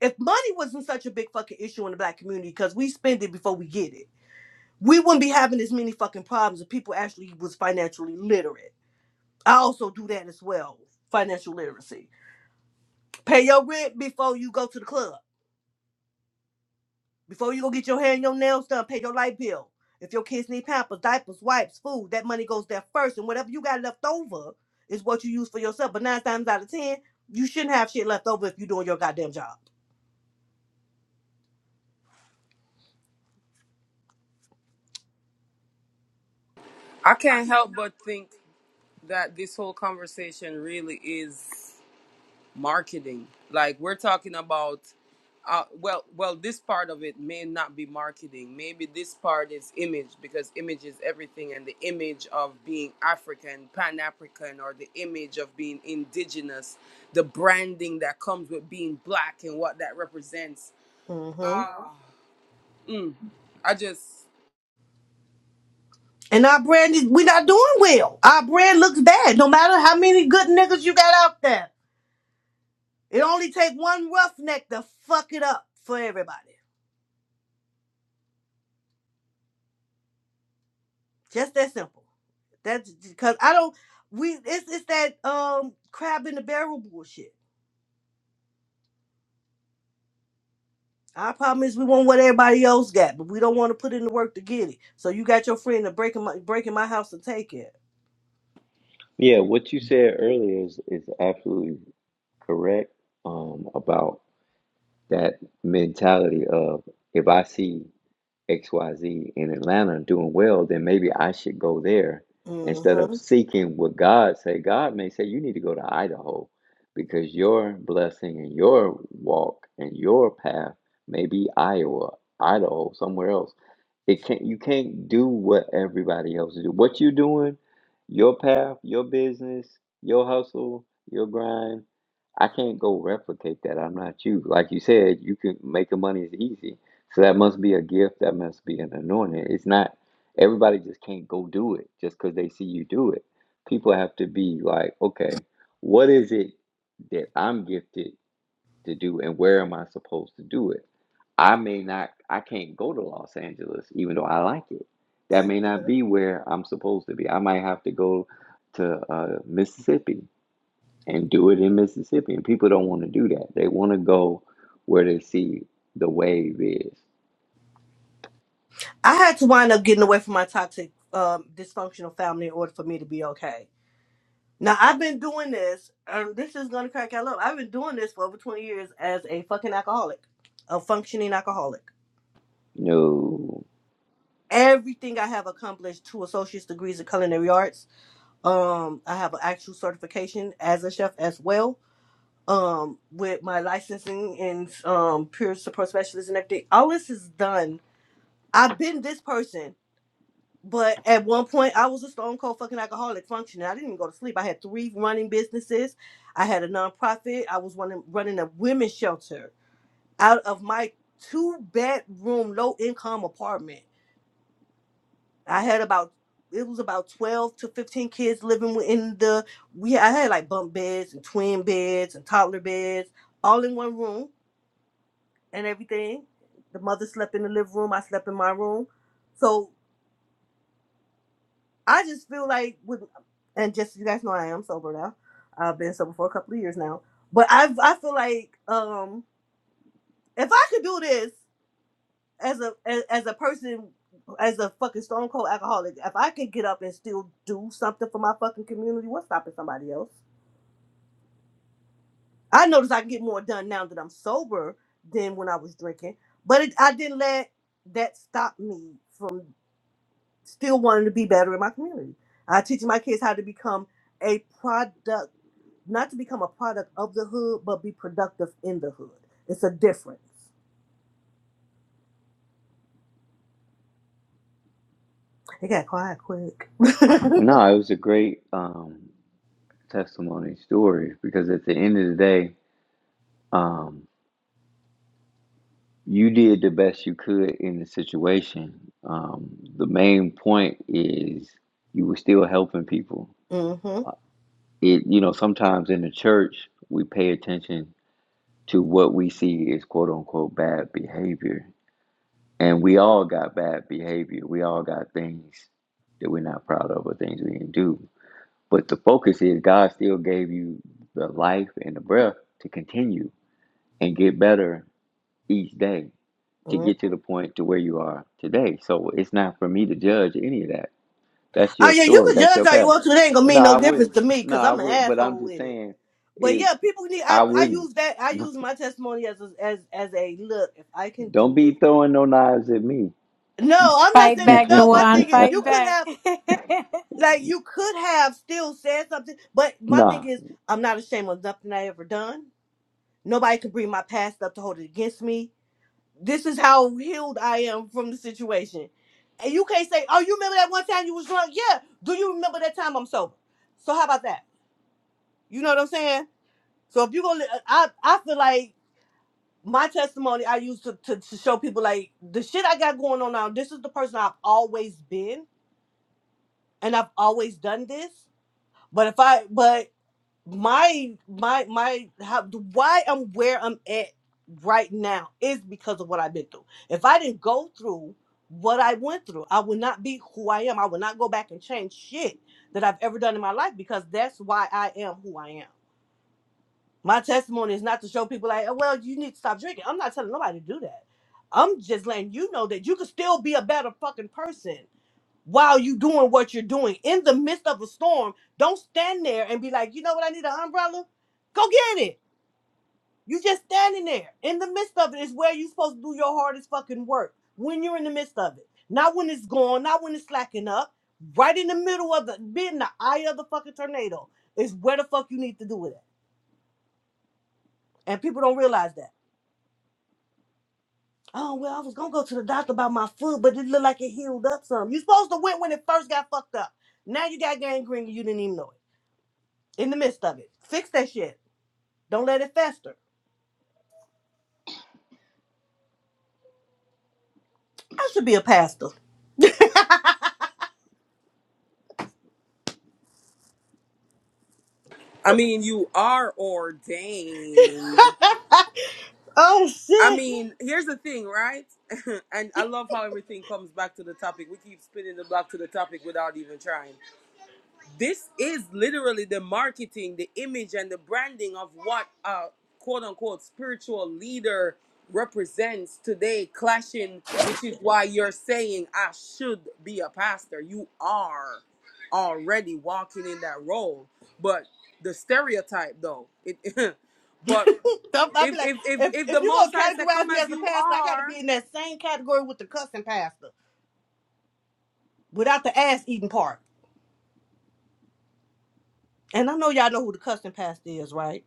Speaker 2: if money wasn't such a big fucking issue in the black community because we spend it before we get it we wouldn't be having as many fucking problems if people actually was financially literate i also do that as well financial literacy pay your rent before you go to the club before you go get your hair and your nails done pay your light bill if your kids need pampers diapers wipes food that money goes there first and whatever you got left over is what you use for yourself but nine times out of ten you shouldn't have shit left over if you're doing your goddamn job Mm-hmm. And our brand is we're not doing well. Our brand looks bad, no matter how many good niggas you got out there. It only take one roughneck to fuck it up for everybody. Just that simple. That's because I don't we it's it's that um crab in the barrel bullshit. Our problem is we want what everybody else got, but we don't want to put in the work to get it. So you got your friend to breaking my breaking my house and take it.
Speaker 3: Yeah, what you said earlier is is absolutely correct um, about that mentality of if I see XYZ in Atlanta doing well, then maybe I should go there instead of
Speaker 2: hmm
Speaker 3: seeking what God say. God may say you need to go to Idaho because your blessing and your walk and your path may be Iowa, Idaho, somewhere else it can't you can't do what everybody else do. What you doing, your path, your business, your hustle, your grind. I can't go replicate that. I'm not you. Like you said, you can making money is easy. So that must be a gift. That must be an anointing. It's not everybody just can't go do it just because they see you do it. People have to be like, okay, what is it that I'm gifted? to do and where am I supposed to do it? I may not, I can't go to Los Angeles even though I like it. That may not be where I'm supposed to be. I might have to go to uh, Mississippi and do it in Mississippi. And people don't want to do that. They want to go where they see the wave is.
Speaker 2: I had to wind up getting away from my toxic, um, dysfunctional family in order for me to be okay. Now I've been doing this, and this is gonna crack y'all up. I've been doing this for over 20 years as a fucking alcoholic, a functioning alcoholic.
Speaker 3: No.
Speaker 2: Everything I have accomplished two associate's degrees in culinary arts. Um, I have an actual certification as a chef as well. Um, with my licensing and um peer support specialist and everything. All this is done. I've been this person But at one point, I was a stone cold fucking alcoholic functioning. I didn't even go to sleep. I had three running businesses. I had a nonprofit. I was running running a women's shelter out of my two bedroom low income apartment. I had about it was about twelve to fifteen kids living in the we. I had like bunk beds and twin beds and toddler beds, all in one room and everything. The mother slept in the living room. I slept in my room. So I just feel like with and just so you guys know I am sober now. I've been sober for a couple of years now. But I I feel like um if I could do this as a as, as a person as a fucking stone cold alcoholic, if I can get up and still do something for my fucking community, what's stopping somebody else? I notice I can get more done now that I'm sober than when I was drinking. But it, I didn't let that stop me from still wanting to be better in my community. I teach my kids how to become a product not to become a product of the hood, but be productive in the hood. It's a difference. It got quiet quick.
Speaker 3: Well, no, it was a great um, testimony story because at the end of the day, um, you did the best you could in the situation. Um, the main point is you were still helping people.
Speaker 2: hmm hmm
Speaker 3: It, you know, sometimes in the church, we pay attention to what we see as quote unquote bad behavior. And we all got bad behavior. We all got things that we're not proud of or things we didn't do. But the focus is God still gave you the life and the breath to continue and get better each day to get to the point to where you are today. So it's not for me to judge any of that. That's
Speaker 2: Oh
Speaker 3: your
Speaker 2: yeah, you
Speaker 3: story.
Speaker 2: can
Speaker 3: That's
Speaker 2: judge
Speaker 3: your
Speaker 2: all you
Speaker 3: path.
Speaker 2: want to. It ain't gonna
Speaker 3: Well,
Speaker 2: mean
Speaker 3: no, I
Speaker 2: no difference
Speaker 3: wouldn't.
Speaker 2: to me
Speaker 3: No,
Speaker 2: because
Speaker 3: I
Speaker 2: I'm an
Speaker 3: would. But I'm
Speaker 2: asshole
Speaker 3: just
Speaker 2: with it.
Speaker 3: saying,
Speaker 2: But
Speaker 3: it.
Speaker 2: yeah, people need. I,
Speaker 3: I
Speaker 2: I
Speaker 3: wouldn't.
Speaker 2: use that. I use my testimony as a, as as a look. If I can
Speaker 3: Don't
Speaker 2: do
Speaker 3: be
Speaker 2: it,
Speaker 3: throwing no knives at me.
Speaker 2: no, I'm not
Speaker 4: Fight
Speaker 2: saying that.
Speaker 4: back,
Speaker 2: No, my
Speaker 4: Dewan.
Speaker 2: thing is
Speaker 3: nah.
Speaker 2: you
Speaker 4: Fight
Speaker 2: could
Speaker 4: back.
Speaker 2: have like you could have still said something. But my thing is I'm not ashamed of nothing I ever done. Nobody can bring my past up to hold it against me this is how healed I am from the situation. And you can't say, oh, you remember that one time you was drunk? Yeah. Do you remember that time I'm sober? So how about that? You know what I'm saying? So if you gonna, uh, I I feel like my testimony I use to, to to show people like the shit I got going on now. This is the person I've always been, and I've always done this. But if I but my my my how why I'm where I'm at right now is because of what I've been through. If I didn't go through what I went through, I would not be who I am. I would not go back and change shit that I've ever done in my life because that's why I am who I am. My testimony is not to show people like, oh, well, you need to stop drinking. I'm not telling nobody to do that. I'm just letting you know that you can still be a better fucking person while you doing what you're doing in the midst of a storm don't stand there and be like you know what i need an umbrella go get it you just standing there in the midst of it is where you're supposed to do your hardest fucking work when you're in the midst of it not when it's gone not when it's slacking up right in the middle of the be in the eye of the fucking tornado is where the fuck you need to do it at and people don't realize that oh well i was gonna go to the doctor about my foot but it looked like it healed up some you supposed to went when it first got fucked up now you got gangrene and you didn't even know it in the midst of it. Fix that shit. Don't let it fester. I should be a pastor. oh shit. Don't- I'll be like, if if you gonna categorize me as a pastor, I gotta be in that same category with the cussing pastor. Without the ass eating part. And I know y'all know who the cussing pastor is, right?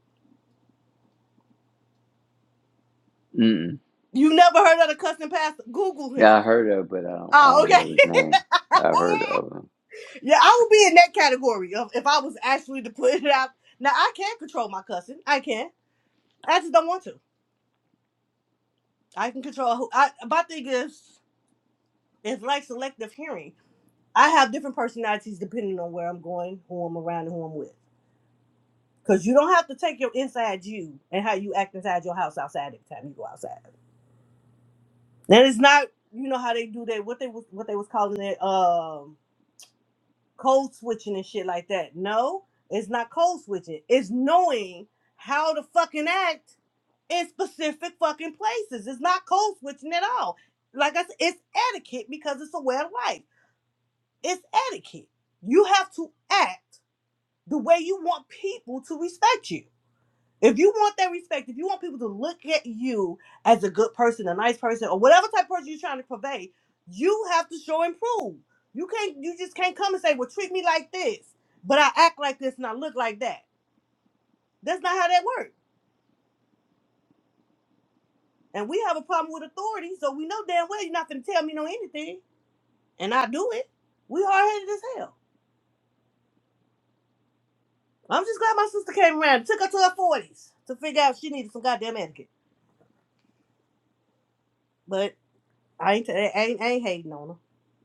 Speaker 3: Mm-mm.
Speaker 2: You never heard of the cussing pastor? Google him.
Speaker 3: Yeah, I heard of, but I don't. I
Speaker 2: Oh,
Speaker 3: don't
Speaker 2: okay.
Speaker 3: know his name. I heard of him.
Speaker 2: yeah, I would be in that category of if I was actually to put it out. Now I can control my cussing. I can. I just don't want to. I can control who I my thing is It's like selective hearing. I have different personalities depending on where I'm going, who I'm around, and who I'm with. Because you don't have to take your inside you and how you act inside your house outside every time you go outside. That is not, you know how they do that. What they was what they was calling it, um, code switching and shit like that. No, it's not code switching. It's knowing how to fucking act in specific fucking places. It's not code switching at all. Like I said, it's etiquette because it's a way of life. It's etiquette. You have to act the way you want people to respect you. If you want that respect, if you want people to look at you as a good person, a nice person, or whatever type of person you're trying to convey, you have to show and prove. You can't you just can't come and say, Well, treat me like this, but I act like this and I look like that. That's not how that works. And we have a problem with authority, so we know damn well you're not gonna tell me no anything. And I do it. We hard headed as hell. I'm just glad my sister came around. It Took her to her forties to figure out she needed some goddamn etiquette. But I ain't, I ain't, I ain't hating on her.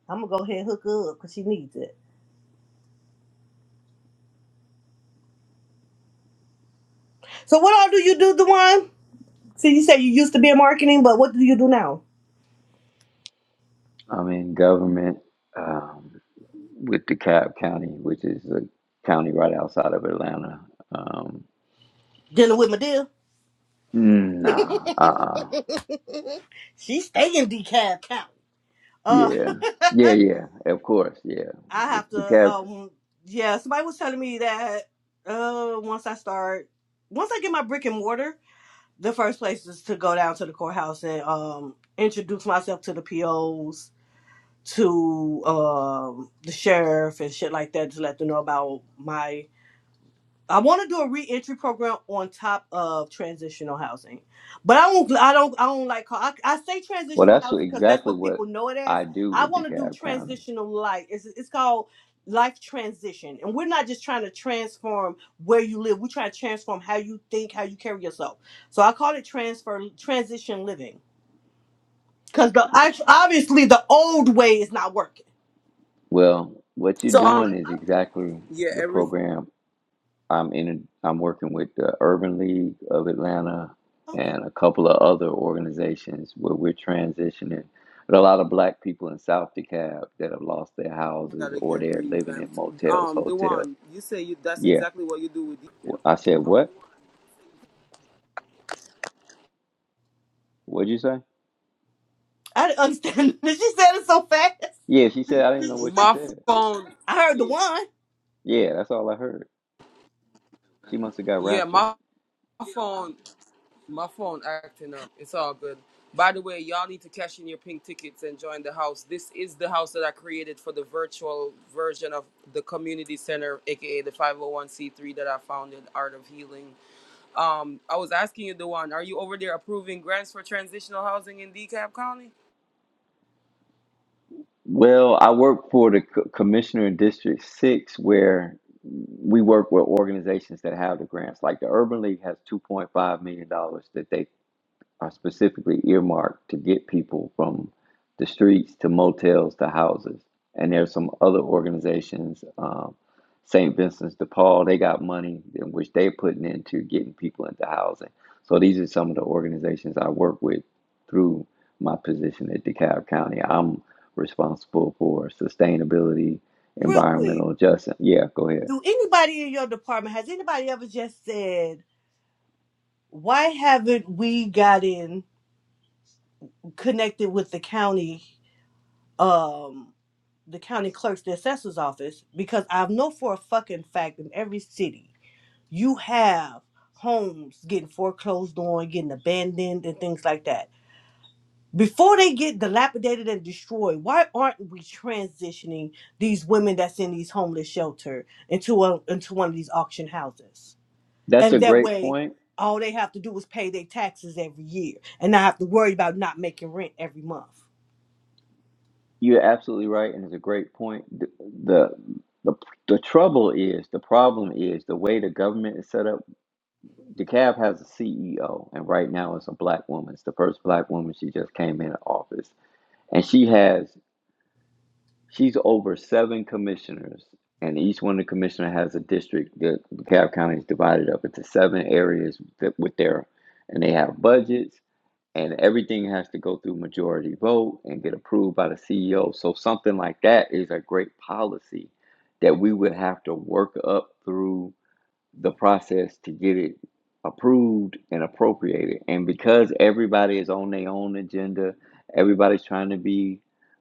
Speaker 2: I'm gonna go ahead and hook her up because she needs it. So what all do you do, Dewan? See, you said you used to be in marketing, but what do you do now?
Speaker 3: I'm in government um, with DeKalb County, which is a county right outside of Atlanta. Um,
Speaker 2: Dealing with my deal.
Speaker 3: mm, nah. Uh. uh
Speaker 2: she stay in DeKalb County. Uh,
Speaker 3: Yeah, yeah, yeah. Of course, yeah.
Speaker 2: I
Speaker 3: It's
Speaker 2: have to.
Speaker 3: DeKalb.
Speaker 2: Um, yeah. Somebody was telling me that. Uh, once I start, once I get my brick and mortar. the first place is to go down to the courthouse and um introduce myself to the POs, to um the sheriff and shit like that, to let them know about my I want to do a reentry program on top of transitional housing, but I don't. I don't. I don't like. call- I, I say
Speaker 3: Well,
Speaker 2: transitional
Speaker 3: that's
Speaker 2: housing
Speaker 3: what-
Speaker 2: because that's
Speaker 3: exactly
Speaker 2: what people
Speaker 3: what
Speaker 2: know it as.
Speaker 3: I do
Speaker 2: I
Speaker 3: with
Speaker 2: want to do
Speaker 3: DeKalb County.
Speaker 2: transitional life. It's it's called life transition, and we're not just trying to transform where you live. We're trying to transform how you think, how you carry yourself. So I call it transfer transition living because the I, obviously the old way is not working.
Speaker 3: Well, what you're doing is exactly the program I'm in. I'm working with the Urban League of Atlanta
Speaker 2: Okay.
Speaker 3: and a couple of other organizations where we're transitioning. But a lot of black people in South DeKalb that have lost their houses or they're living in motels, hotels. Yeah. Wh- I said, what? What'd you say?
Speaker 2: I didn't understand. she said it so fast.
Speaker 3: Yeah, she said, I didn't know what she said.
Speaker 2: I heard the one
Speaker 3: Yeah, that's all I heard. She must have got raptured. Well, I work for the co- commissioner in District 6, where we work with organizations that have the grants. Like the Urban League has $2.5 million dollars that they. are specifically earmarked to get people from the streets to motels to houses. And there's some other organizations, um, St. Vincent's de Paul, they got money in which they're putting into getting people into housing. So these are some of the organizations I work with through my position at DeKalb County. I'm responsible for sustainability,
Speaker 2: real quick.
Speaker 3: environmental justice. Yeah, go ahead.
Speaker 2: Do anybody in your department has anybody ever just said, "Why haven't we gotten connected with the county, um, the county clerk's, the assessor's office?" Because I know for a fucking fact in every city you have homes getting foreclosed on, getting abandoned, and things like that. Before they get dilapidated and destroyed, why aren't we transitioning these women that's in these homeless shelter into a, into one of these auction houses?
Speaker 3: That's
Speaker 2: And
Speaker 3: a
Speaker 2: that
Speaker 3: great
Speaker 2: way,
Speaker 3: point.
Speaker 2: all they have to do is pay their taxes every year and not have to worry about not making rent every month.
Speaker 3: You're absolutely right, and it's a great point. The, the the the trouble is, the problem is the way the government is set up. DeKalb has a CEO, and right now it's a black woman. It's the first black woman. She just came into office, and she has she's over seven commissioners, and each one of the commissioner has a district. The DeKalb County is divided up into seven areas that with their, and they have budgets and everything has to go through majority vote and get approved by the CEO. So something like that is a great policy that we would have to work up through the process to get it approved and appropriated. And because everybody is on their own agenda, everybody's trying to be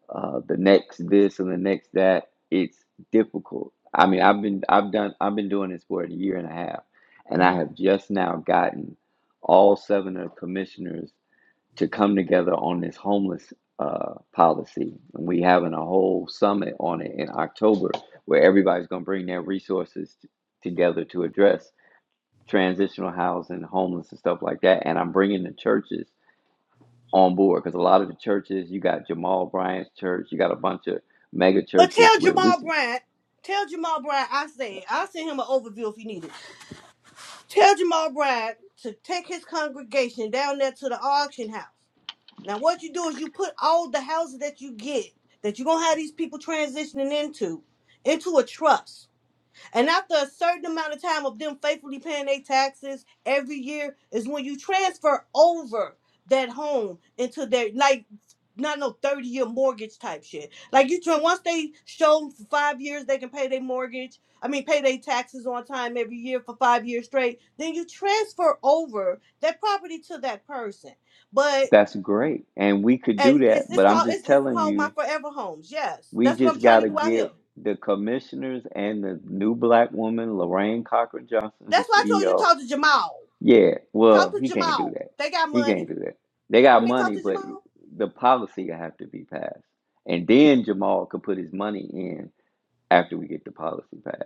Speaker 3: uh, the next this and the next that. It's difficult. I mean, I've been I've done I've been doing this for a year and a half, and I
Speaker 2: Mhm.
Speaker 3: have just now gotten all seven of the commissioners to come together on this homeless uh, policy. And we are having a whole summit on it in October where everybody's going to bring their resources t- together to address transitional housing, homeless, and stuff like that. And I'm bringing the churches on board because a lot of the churches, you got Jamal Bryant's church, you got a bunch of mega
Speaker 2: Well,
Speaker 3: churches
Speaker 2: tell
Speaker 3: with
Speaker 2: Jamal
Speaker 3: resources.
Speaker 2: Bryant, tell Jamal Bryant, I say, I'll send him an overview if you need it. Tell Jamal Bryant to take his congregation down there to the auction house. Now, what you do is you put all the houses that you get, that you're going to have these people transitioning into, into a trust. And after a certain amount of time of them faithfully paying their taxes every year is when you transfer over that home into their like not no 30 year mortgage type shit. Like you try once they show 'em for five years they can pay their mortgage, I mean pay their taxes on time every year for five years straight, then you transfer over that property to that person. But
Speaker 3: That's great. And we could do
Speaker 2: and
Speaker 3: that.
Speaker 2: it's it's
Speaker 3: But I'm
Speaker 2: called
Speaker 3: just
Speaker 2: it's it's
Speaker 3: telling
Speaker 2: called
Speaker 3: you,
Speaker 2: my forever homes. Yes.
Speaker 3: We
Speaker 2: That's what I'm
Speaker 3: just
Speaker 2: trying
Speaker 3: got
Speaker 2: to
Speaker 3: to
Speaker 2: do out here.
Speaker 3: get the commissioners and the new black woman, Lorraine Cochran Johnson,
Speaker 2: That's
Speaker 3: who's
Speaker 2: why I told you to
Speaker 3: CEO.
Speaker 2: talk to Jamal.
Speaker 3: Yeah,
Speaker 2: Talk
Speaker 3: well,
Speaker 2: to
Speaker 3: he can't do
Speaker 2: Jamal.
Speaker 3: that.
Speaker 2: They got
Speaker 3: He
Speaker 2: money.
Speaker 3: can't do that. They
Speaker 2: You
Speaker 3: got
Speaker 2: can't talk
Speaker 3: money,
Speaker 2: to
Speaker 3: but
Speaker 2: Jamal.
Speaker 3: the policy have to be passed. And then Jamal could put his money in after we get the policy passed.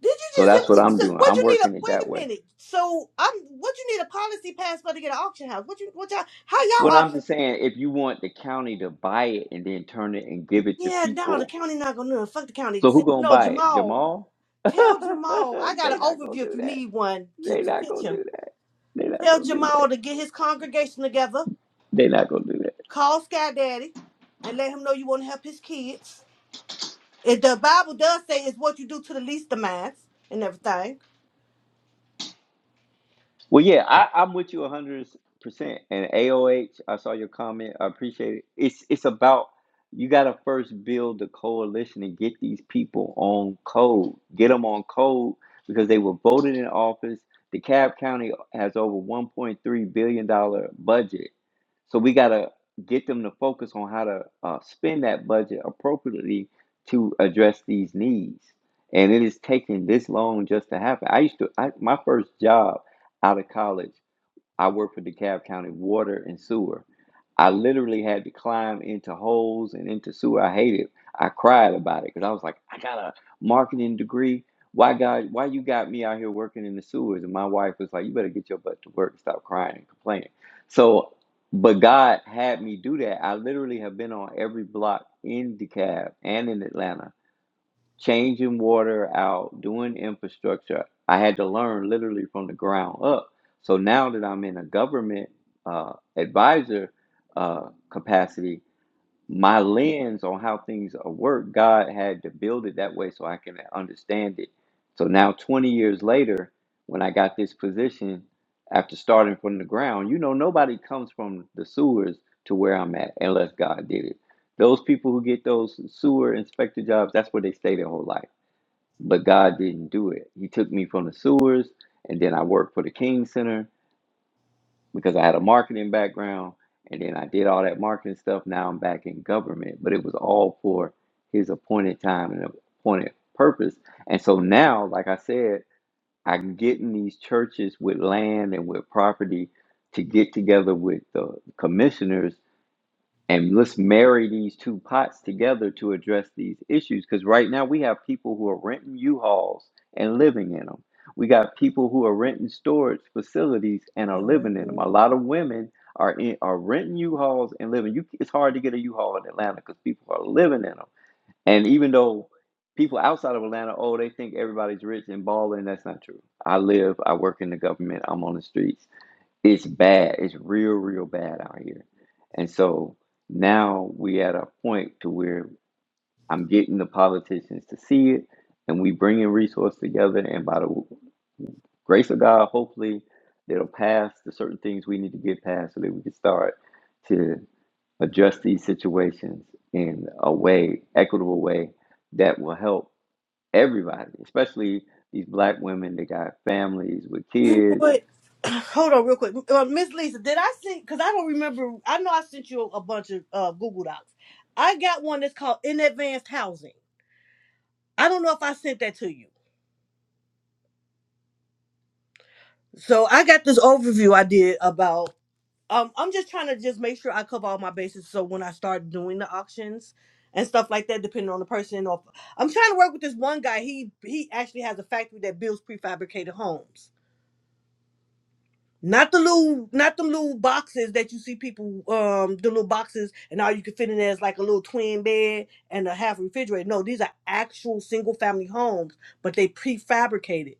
Speaker 2: Did
Speaker 3: So
Speaker 2: you
Speaker 3: that's what
Speaker 2: just
Speaker 3: I'm
Speaker 2: hit?
Speaker 3: doing.
Speaker 2: What
Speaker 3: I'm
Speaker 2: you need a?
Speaker 3: working it
Speaker 2: Wait
Speaker 3: that
Speaker 2: a
Speaker 3: way.
Speaker 2: minute. So I'm. What you need a policy pass for to get an auction house? What you? What y'all? How y'all
Speaker 3: What I'm
Speaker 2: auction?
Speaker 3: just saying, if you want the county to buy it and then turn it and give it to
Speaker 2: Yeah, no, the
Speaker 3: people,
Speaker 2: county not gonna do it. Fuck the county.
Speaker 3: so
Speaker 2: You
Speaker 3: who gonna
Speaker 2: know,
Speaker 3: buy it?
Speaker 2: Jamal.
Speaker 3: Jamal?
Speaker 2: Tell Jamal I got an
Speaker 3: they not gonna
Speaker 2: overview if
Speaker 3: do
Speaker 2: you
Speaker 3: that.
Speaker 2: need one to,
Speaker 3: They
Speaker 2: to
Speaker 3: not
Speaker 2: pitch
Speaker 3: gonna
Speaker 2: him.
Speaker 3: do that. They not
Speaker 2: Tell
Speaker 3: gonna do that.
Speaker 2: Jamal to get his congregation together.
Speaker 3: They not gonna do that.
Speaker 2: Call Sky Daddy, and let him know you want to help his kids. If the Bible does say it's what you do to the least of mine and everything.
Speaker 3: Well, yeah, I, I'm with you 100%. And AOH, I saw your comment. I appreciate it. It's it's about you got to first build the coalition and get these people on code. Get them on code because they were voted in office. DeKalb County has over 1.3 billion dollar budget, so we got to get them to focus on how to uh, spend that budget appropriately to address these needs. And it is taking this long just to happen. I used to I, my first job. Out of college, I worked for DeKalb County Water and Sewer. I literally had to climb into holes and into sewer. I hated. it. I cried about it because I was like, I got a marketing degree. Why God? Why you got me out here working in the sewers? And my wife was like, You better get your butt to work. and Stop crying and complaining. So, but God had me do that. I literally have been on every block in DeKalb and in Atlanta changing water out, doing infrastructure. I had to learn literally from the ground up. So now that I'm in a government uh, advisor uh, capacity, my lens on how things work, God had to build it that way so I can understand it. So now, 20 years later, when I got this position, after starting from the ground, you know, nobody comes from the sewers to where I'm at unless God did it. Those people who get those sewer inspector jobs, that's where they stay their whole life. But God didn't do it. He took me from the sewers, and then I worked for the King Center, because I had a marketing background and then I did all that marketing stuff. Now I'm back in government, but it was all for his appointed time and appointed purpose. And so now, like I said, I'm getting these churches with land and with property to get together with the commissioners and let's marry these two pots together to address these issues because right now we have people who are renting u-hauls and living in them we got people who are renting storage facilities and are living in them a lot of women are in, are renting u-hauls and living you it's hard to get a u-haul in atlanta because people are living in them and even though people outside of atlanta oh they think everybody's rich and balling that's not true i live i work in the government i'm on the streets it's bad. It's real, real bad out here. And so now we at a point to where I'm getting the politicians to see it, and we bringing resources together. And by the grace of God, hopefully, they will pass the certain things we need to get past so that we can start to address these situations in a way, equitable way that will help everybody, especially these black women that got families with kids
Speaker 2: But hold on real quick. Uh, Miss Lisa, did I send, because I don't remember, I know I sent you a bunch of uh, Google Docs. I got one that's called In Advanced Housing. I don't know if I sent that to you. So I got this overview I did about, um, I'm just trying to just make sure I cover all my bases so when I start doing the auctions and stuff like that, depending on the person. Or I'm trying to work with this one guy. He he actually has a factory that builds prefabricated homes. Not the little, not them little boxes that you see people, um, the little boxes, and all you can fit in there is like a little twin bed and a half refrigerator. No, these are actual single family homes, but they prefabricated.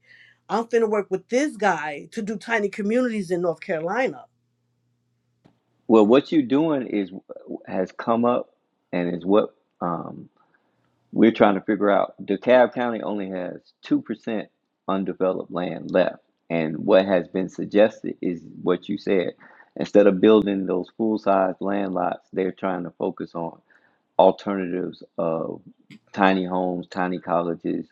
Speaker 2: I'm finna work with this guy to do tiny communities in North Carolina.
Speaker 3: Well, what you're doing is has come up and is what um, we're trying to figure out. DeKalb County only has 2% undeveloped land left. And what has been suggested is what you said. Instead of building those full size land lots, they're trying to focus on alternatives of tiny homes, tiny colleges,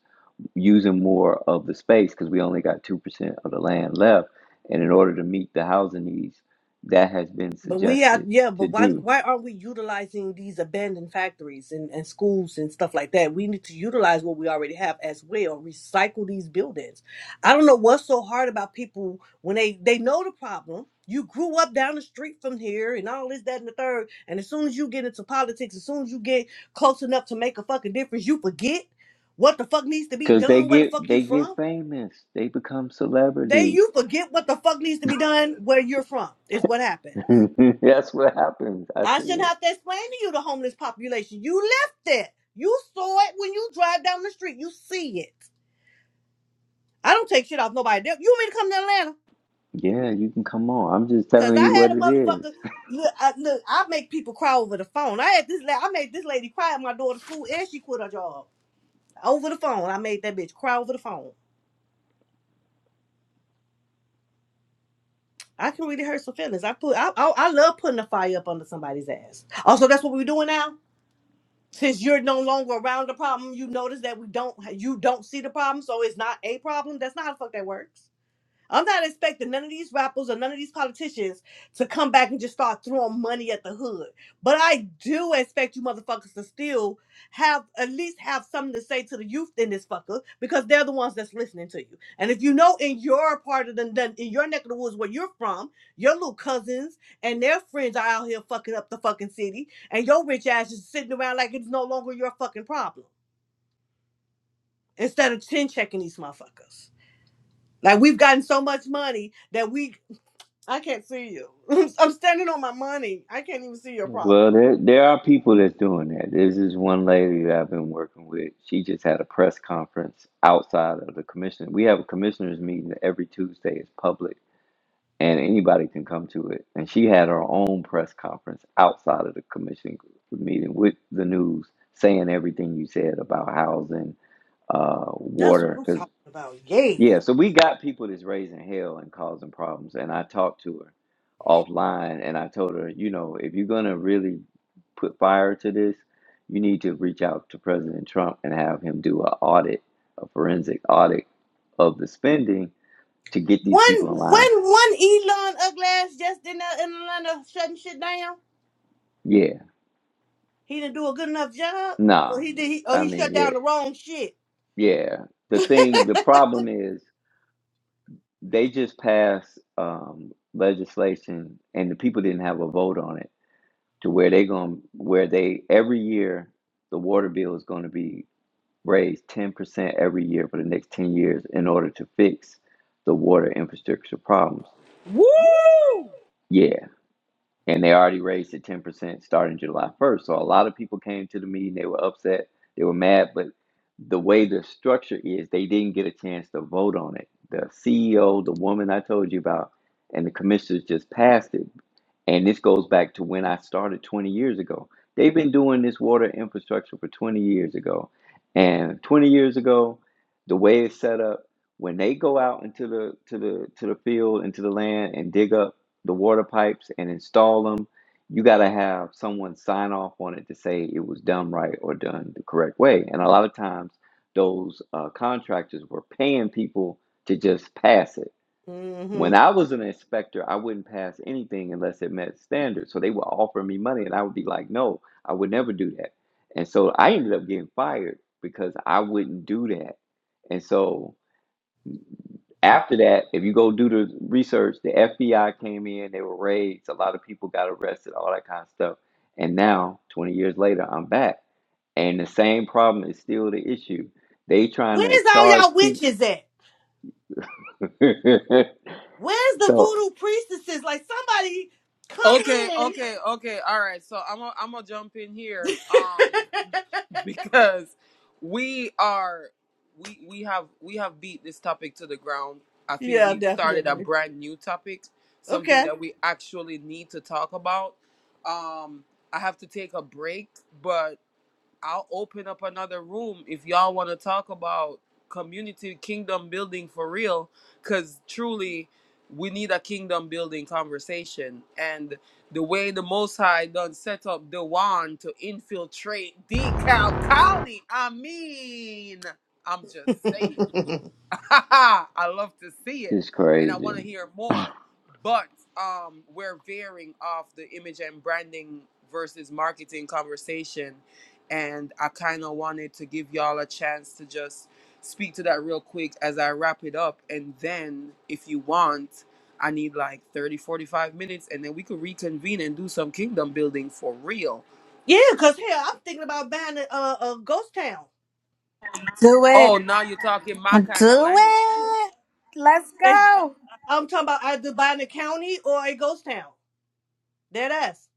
Speaker 3: using more of the space because we only got 2% of the land left. And in order to meet the housing needs, that has been
Speaker 2: But we have,
Speaker 3: suggested
Speaker 2: yeah,
Speaker 3: to
Speaker 2: but why
Speaker 3: do.
Speaker 2: why aren't we utilizing these abandoned factories and, and schools and stuff like that? We need to utilize what we already have as well, recycle these buildings. I don't know what's so hard about people when they they know the problem. You grew up down the street from here and all this, that, and the third. And as soon as you get into politics, as soon as you get close enough to make a fucking difference, you forget what the fuck needs to be
Speaker 3: Cause they
Speaker 2: done, where the
Speaker 3: get
Speaker 2: fuck you
Speaker 3: they get
Speaker 2: from.
Speaker 3: famous. They become
Speaker 2: They
Speaker 3: celebrities.
Speaker 2: you forget what the fuck needs to be done where you're from, is what happens.
Speaker 3: That's what happens. I
Speaker 2: I
Speaker 3: see
Speaker 2: shouldn't
Speaker 3: it.
Speaker 2: have to explain to you the homeless population. You lived it. You saw it when you drive down the street. You see it. I don't take shit off nobody. You want me to come to Atlanta?
Speaker 3: Yeah, you can come on. I'm just
Speaker 2: Cause
Speaker 3: telling
Speaker 2: I
Speaker 3: you
Speaker 2: had
Speaker 3: what
Speaker 2: a
Speaker 3: it is.
Speaker 2: motherfucker. Look, I, look, I make people cry over the phone. I had this. la- I made this lady cry at my daughter's school, and she quit her job over the phone. I made that bitch cry over the phone. I can really hurt some feelings. I put. I, I, I love putting a fire up under somebody's ass. Also, that's what we're doing now. Since you're no longer around the problem, you notice that we don't you don't see the problem, so it's not a problem. That's not how the fuck that works. I'm not expecting none of these rappers or none of these politicians to come back and just start throwing money at the hood. But I do expect you motherfuckers to still have at least have something to say to the youth in this fucker because they're the ones that's listening to you. And if you know in your part of the the- in your neck of the woods where you're from, your little cousins and their friends are out here fucking up the fucking city, and your rich ass is sitting around like it's no longer your fucking problem instead of chin checking these motherfuckers. Like we've gotten so much money that we I can't see you. I'm standing on my money. I can't even see your
Speaker 3: Well,
Speaker 2: problem.
Speaker 3: there there are people that's doing that. There's this one lady that I've been working with. She just had a press conference outside of the commission. We have a commissioners meeting every Tuesday. It's public and anybody can come to it. And she had her own press conference outside of the commission meeting with the news, saying everything you said about housing, uh,
Speaker 2: That's what
Speaker 3: water.
Speaker 2: I'm
Speaker 3: Because
Speaker 2: talking about. Yes.
Speaker 3: yeah, so we got people that's raising hell and causing problems. And I talked to her offline, and I told her, you know, if you're gonna really put fire to this, you need to reach out to President Trump and have him do a audit, a forensic audit of the spending to get these
Speaker 2: One, one,
Speaker 3: people in line.
Speaker 2: one Elon Uglass just in there in Atlanta shutting shit down.
Speaker 3: Yeah,
Speaker 2: He didn't do a good enough job. Or
Speaker 3: Nah,
Speaker 2: he did. He, or
Speaker 3: I
Speaker 2: he shut
Speaker 3: mean, yeah,
Speaker 2: down the wrong shit.
Speaker 3: yeah. The thing, the
Speaker 2: mm
Speaker 3: problem is they just passed um, legislation, and the people didn't have a vote on it to where they going where they every year the water bill is going to be raised ten percent every year for the next ten years in order to fix the water infrastructure problems. Yeah, and they already raised it 10% starting July 1st. So a lot of people came to the meeting, they were upset, they were mad, but the way the structure is, they didn't get a chance to vote on it. The CEO, the woman I told you about, and the commissioners just passed it. And this goes back to when I started 20 years ago. They've been doing this water infrastructure for 20 years ago. And 20 years ago, the way it's set up, when they go out into the to the to the field, into the land and dig up the water pipes and install them, you got to have someone sign off on it to say it was done right or done the correct way. And a lot of times, those uh, contractors were paying people to just pass it.
Speaker 2: hmm
Speaker 3: When I was an inspector, I wouldn't pass anything unless it met standards. So they would offer me money, and I would be like, no, I would never do that. And so I ended up getting fired because I wouldn't do that. And so after that, if you go do the research, the FBI came in, there were raids, a lot of people got arrested, all that kind of stuff. And now, 20 years later, I'm back. And the same problem is still the issue. They trying to
Speaker 2: Where's all
Speaker 3: charge
Speaker 2: y'all
Speaker 3: people.
Speaker 2: witches at? Where's the
Speaker 3: so
Speaker 2: voodoo priestesses? Like somebody come in. yeah, definitely. Okay.
Speaker 3: it's crazy.
Speaker 2: Yeah, cause hell, I'm thinking about buying a, a, a ghost town.
Speaker 4: Do it. Do it. Let's
Speaker 2: They, uh,
Speaker 4: go.
Speaker 2: I'm talking about either buying a county or a ghost town. Dead ass.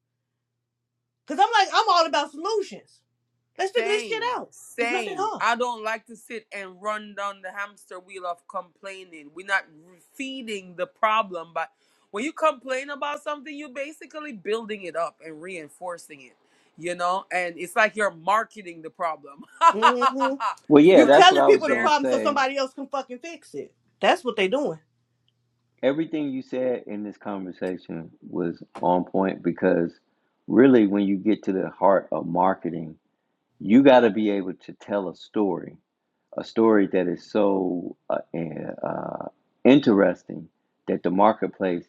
Speaker 2: Cause I'm like, I'm all about solutions. Let's figure this shit out. It's not that hard. hmm
Speaker 3: Well, yeah,
Speaker 2: You
Speaker 3: that's what
Speaker 2: telling
Speaker 3: I was
Speaker 2: people the
Speaker 3: gonna
Speaker 2: problem so
Speaker 3: say.
Speaker 2: somebody else can fucking fix it. That's what they doing.
Speaker 3: Everything you said in this conversation was on point because really when you get to the heart of marketing, you gotta be able to tell a story a story that is so uh, eh, uh, interesting that the marketplace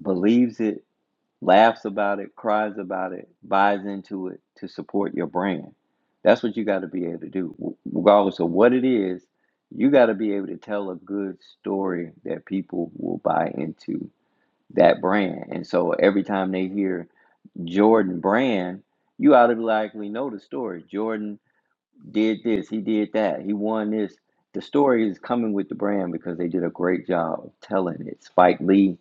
Speaker 3: believes it, laughs about it, cries about it, buys into it to support your brand. That's what you got to be able to do, regardless of what it is. You got to be able to tell a good story that people will buy into that brand. And so every time they hear Jordan Brand, you automatically know the story. Jordan did this, he did that, he won this. The story is coming with the brand because they did a great job of telling it. Spike Lee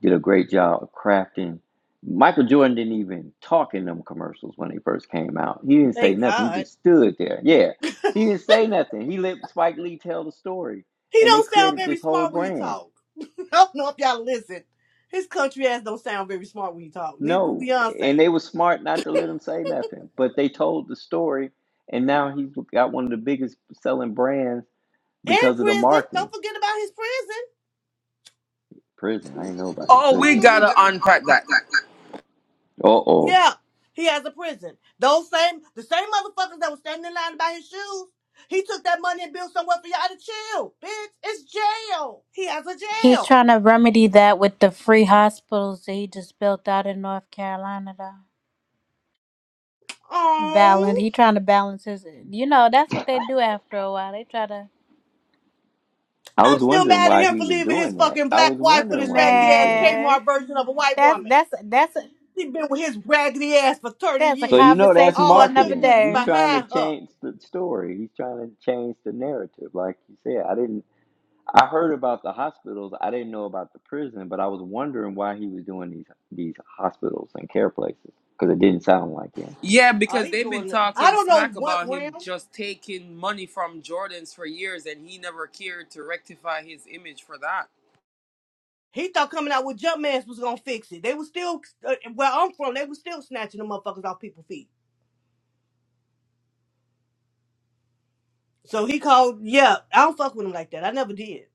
Speaker 3: did a great job of crafting. Michael Jordan didn't even talk in them commercials when they first came out. He didn't say
Speaker 2: Thank
Speaker 3: nothing. He
Speaker 2: God.
Speaker 3: just stood there. Yeah, he didn't say nothing. He let Spike Lee tell the story,
Speaker 2: He
Speaker 3: and they
Speaker 2: don't sound
Speaker 3: created
Speaker 2: very
Speaker 3: this whole
Speaker 2: smart when he
Speaker 3: brand.
Speaker 2: talk. I don't know if y'all listen. His country ass don't sound very smart when he talk. Neither do
Speaker 3: No,
Speaker 2: Beyonce.
Speaker 3: and they were smart not to let him say nothing, but they told the story, and now he's got one of the biggest selling brands
Speaker 2: And
Speaker 3: because of the
Speaker 2: prison.
Speaker 3: marketing.
Speaker 2: Don't forget about his prison.
Speaker 3: Prison. I didn't know about this prison.
Speaker 2: Mm-hmm.
Speaker 3: Uh oh.
Speaker 2: Yeah, he has a prison. Those same, the same motherfuckers that was standing in line to buy his shoes, he took that money and built somewhere for y'all to chill, bitch. It's jail. He has a
Speaker 4: He's
Speaker 2: jail.
Speaker 4: trying to remedy that with the free hospitals that he just built out in North Carolina, though. Balance.
Speaker 2: Oh,
Speaker 4: He trying to balance his. You know, that's what they do after a while. They try to.
Speaker 3: I
Speaker 2: I'm
Speaker 3: was
Speaker 2: still
Speaker 3: wondering
Speaker 2: mad at
Speaker 3: why
Speaker 2: him
Speaker 3: he
Speaker 2: for
Speaker 3: was
Speaker 2: leaving his
Speaker 3: doing that.
Speaker 2: fucking
Speaker 3: I
Speaker 2: black
Speaker 3: was
Speaker 2: wife with
Speaker 3: wondering
Speaker 2: his
Speaker 3: why he
Speaker 2: raggedy
Speaker 3: was
Speaker 2: ass
Speaker 3: doing it.
Speaker 4: Man,
Speaker 2: Kmart version of a white
Speaker 4: that's
Speaker 2: woman.
Speaker 4: that's that's
Speaker 2: He been with his raggedy ass for thirty
Speaker 4: that's a
Speaker 3: So
Speaker 2: years.
Speaker 3: you know that's
Speaker 4: conversation
Speaker 2: All
Speaker 4: for
Speaker 2: her
Speaker 4: another
Speaker 2: good
Speaker 3: marketing.
Speaker 2: years is
Speaker 3: He's
Speaker 4: day.
Speaker 3: trying to
Speaker 2: behind her.
Speaker 3: change the story. He's trying to change the narrative. Like you said, I didn't. I heard about the hospitals. I didn't know about the prison, but I was wondering why he was doing these these hospitals and care places because it didn't sound like him.
Speaker 2: Oh, he going. I don't know what realm. He thought coming out with jump masks was gonna fix it. They was still uh, where I'm from. They was still snatching the motherfuckers off people's feet. So he called. Yeah, I don't fuck with him like that. I never did.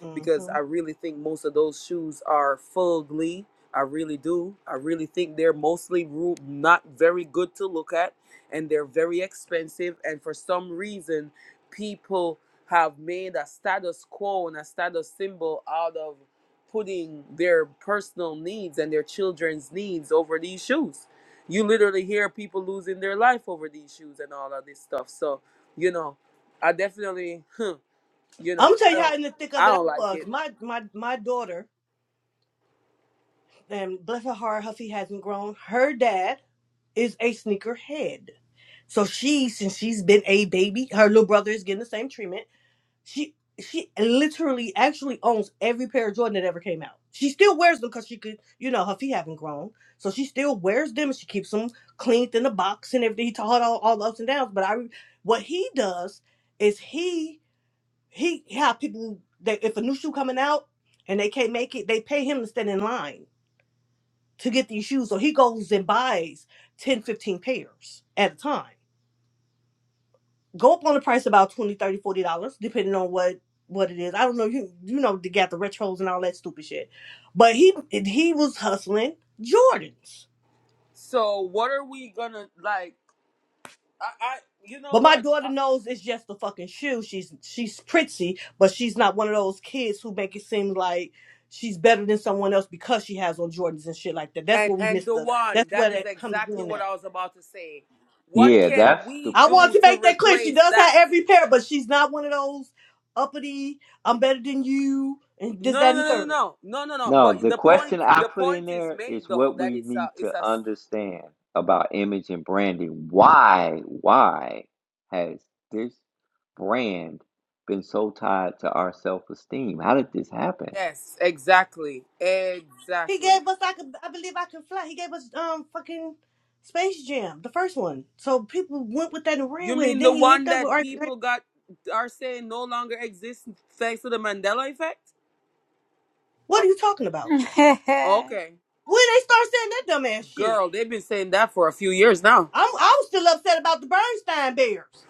Speaker 2: hmm I'm gonna tell you how in the thick of it I was. My my my daughter, and bless her heart, Huffy hasn't grown. Her dad is a sneakerhead, so she since she's been a baby, her little brother is getting the same treatment. She she literally actually owns every pair of Jordan that ever came out. She still wears them because she could, you know, her feet haven't grown, so she still wears them. and She keeps them cleaned in the box and everything. He taught her all, all the ups and downs. But I, re- what he does is he He have people that if a new shoe coming out and they can't make it, they pay him to stand in line to get these shoes. So he goes and buys 10, 15 pairs at a time. Go up on the price about 20, 30, 40 dollars, depending on what what it is. I don't know. You you know they got the retros and all that stupid shit. But he he was hustling Jordans. But my daughter knows it's just the fucking shoe. She's she's pretty, but she's not one of those kids who make it seem like she's better than someone else because she has on Jordans and shit like that. That's where we miss the. That's where that comes in at.
Speaker 3: Yeah, that's the
Speaker 2: I want to make that clear. She does have every pair, but she's not one of those uppity. I'm better than you, and this, that, and the third.
Speaker 3: No, the question I put in there is what we need to understand about image and branding. Why, why has this brand been so tied to our self esteem? How did this happen?
Speaker 2: He gave us. I could. I believe I can fly. He gave us um fucking Space Jam, the first one. So people went with that and ran with it. Then he linked up with. R. What are you talking about? When they start saying that dumbass shit, I'm I was still upset about the Bernstein Bears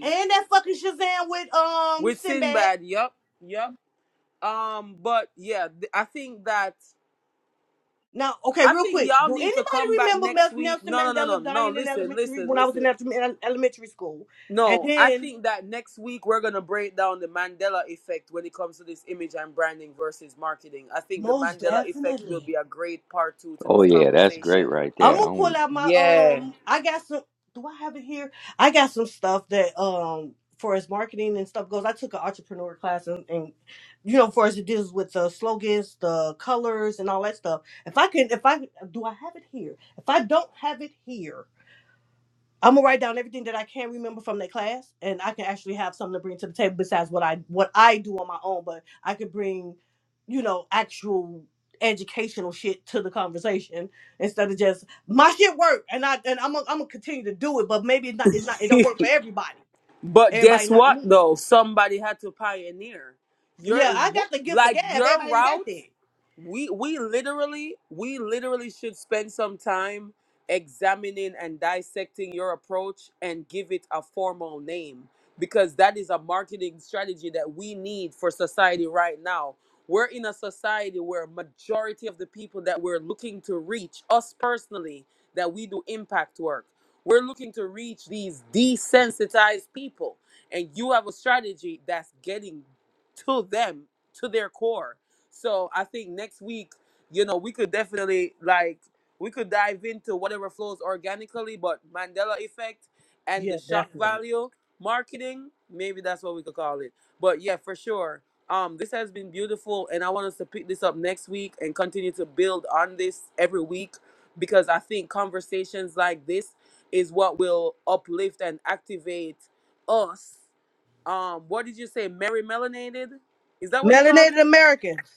Speaker 2: and that fucking Shazam with um Sinbad. Now, okay, real quick, do anybody remember Mel- Nelson Mandela dying in elementary when I was in ele- elementary school? And then most definitely.
Speaker 3: Oh yeah, that's great right
Speaker 2: I'm
Speaker 3: there.
Speaker 2: gonna pull
Speaker 3: I'm,
Speaker 2: out my um. I got some. Do I have it here? I got some stuff that um for as marketing and stuff goes. I took an entrepreneur class and, and you know, for as it deals with the slogans, the colors, and all that stuff. If I can, if I do, I have it here. If I don't have it here, I'm gonna write down everything that I can remember from that class, and I can actually have something to bring to the table besides what I what I do on my own. But I could bring, you know, actual educational shit to the conversation instead of just my shit work, and I and I'm gonna, I'm gonna continue to do it. But maybe it's not it's not it don't work for everybody. Everybody not me. Yeah, I got the gift for gab. Everybody ain't got that. Yeah, definitely. Melanated Americans.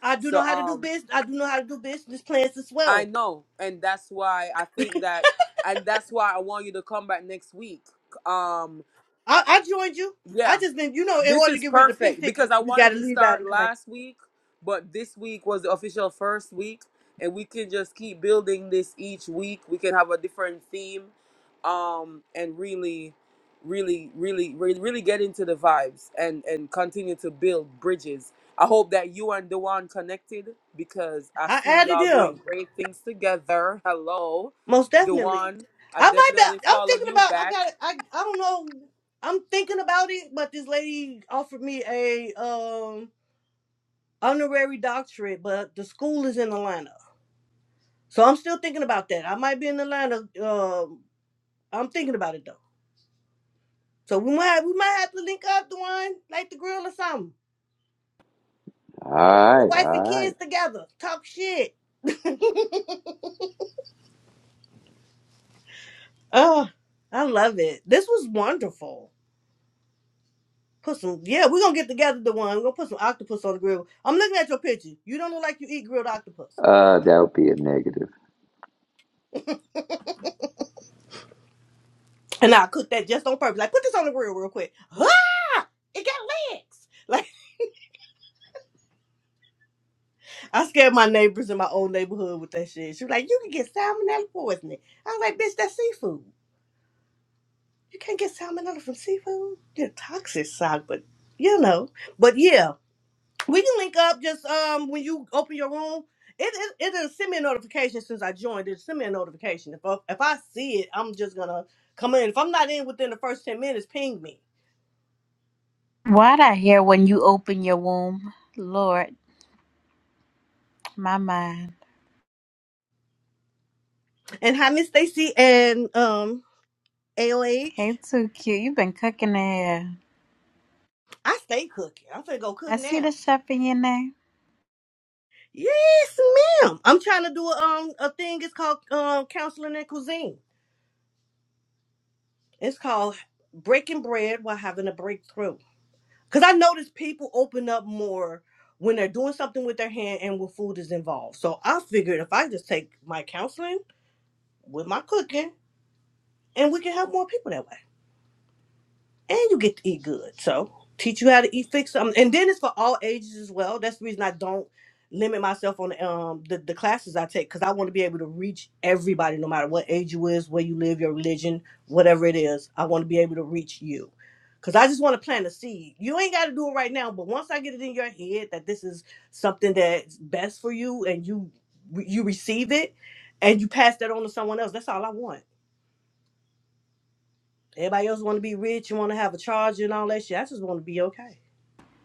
Speaker 2: I do know how to do business. I do know how to do business plans as well. I, I joined you. I just been, you know, in order to get rid of the pink ticket, you got to leave out and come back. I added him most definitely. I might be. I'm thinking about. I got. I. I don't know. I'm thinking about it, but this lady offered me a um honorary doctorate, but the school is in Atlanta, so I'm still thinking about that. I might be in Atlanta. Um, I'm thinking about it though. So we might we might have to link up, the one like the grill or something.
Speaker 3: all
Speaker 2: Get
Speaker 3: right,
Speaker 2: the wife and
Speaker 3: all right.
Speaker 2: kids together, talk shit. Oh, I love it. This was wonderful. Put some, yeah, we're gonna get together the one. We're gonna put some octopus on the grill. I'm looking at your picture. You don't look like you eat grilled octopus.
Speaker 3: Uh, that would be a negative.
Speaker 2: And I cooked that just on purpose. Like, put this on the grill real quick. Ah! It got legs. Like, I scared my neighbors in my old neighborhood with that shit. She was like, you can get salmonella poisoning. I was like, bitch, that's seafood. You can't get salmonella from seafood. You're toxic, sock, but you know. But yeah. We can link up just um when you open your room. It it it will send me a notification since I joined. It send me a notification. If I, if I see it, I'm just gonna come in. If I'm not in within the first ten minutes, ping me.
Speaker 4: Why'd I hear when you open your womb, Lord, my mind.
Speaker 2: And hi, Miss Stacy and um AOH.
Speaker 4: Hey, too cute. You've been cooking it.
Speaker 2: I stay cooking. I'm finna go cook
Speaker 4: I see the
Speaker 2: now.
Speaker 4: chef in your name.
Speaker 2: Yes, ma'am. I'm trying to do a, um a thing. It's called um counseling and cuisine. It's called breaking bread while having a breakthrough. Because I notice people open up more when they're doing something with their hand and when food is involved. So I figured if I just take my counseling with my cooking, and we can help more people that way and you get to eat good. So teach you how to eat fix um, and then it's for all ages as well. That's the reason I don't limit myself on um the, the classes I take because I want to be able to reach everybody no matter what age you is, where you live, your religion, whatever it is. I want to be able to reach you. Cause I just want to plant a seed. You ain't got to do it right now, but once I get it in your head that this is something that's best for you, and you you receive it, and you pass that on to someone else, that's all I want. Everybody else want to be rich. You want to have a charger and all that shit. I just want to be okay.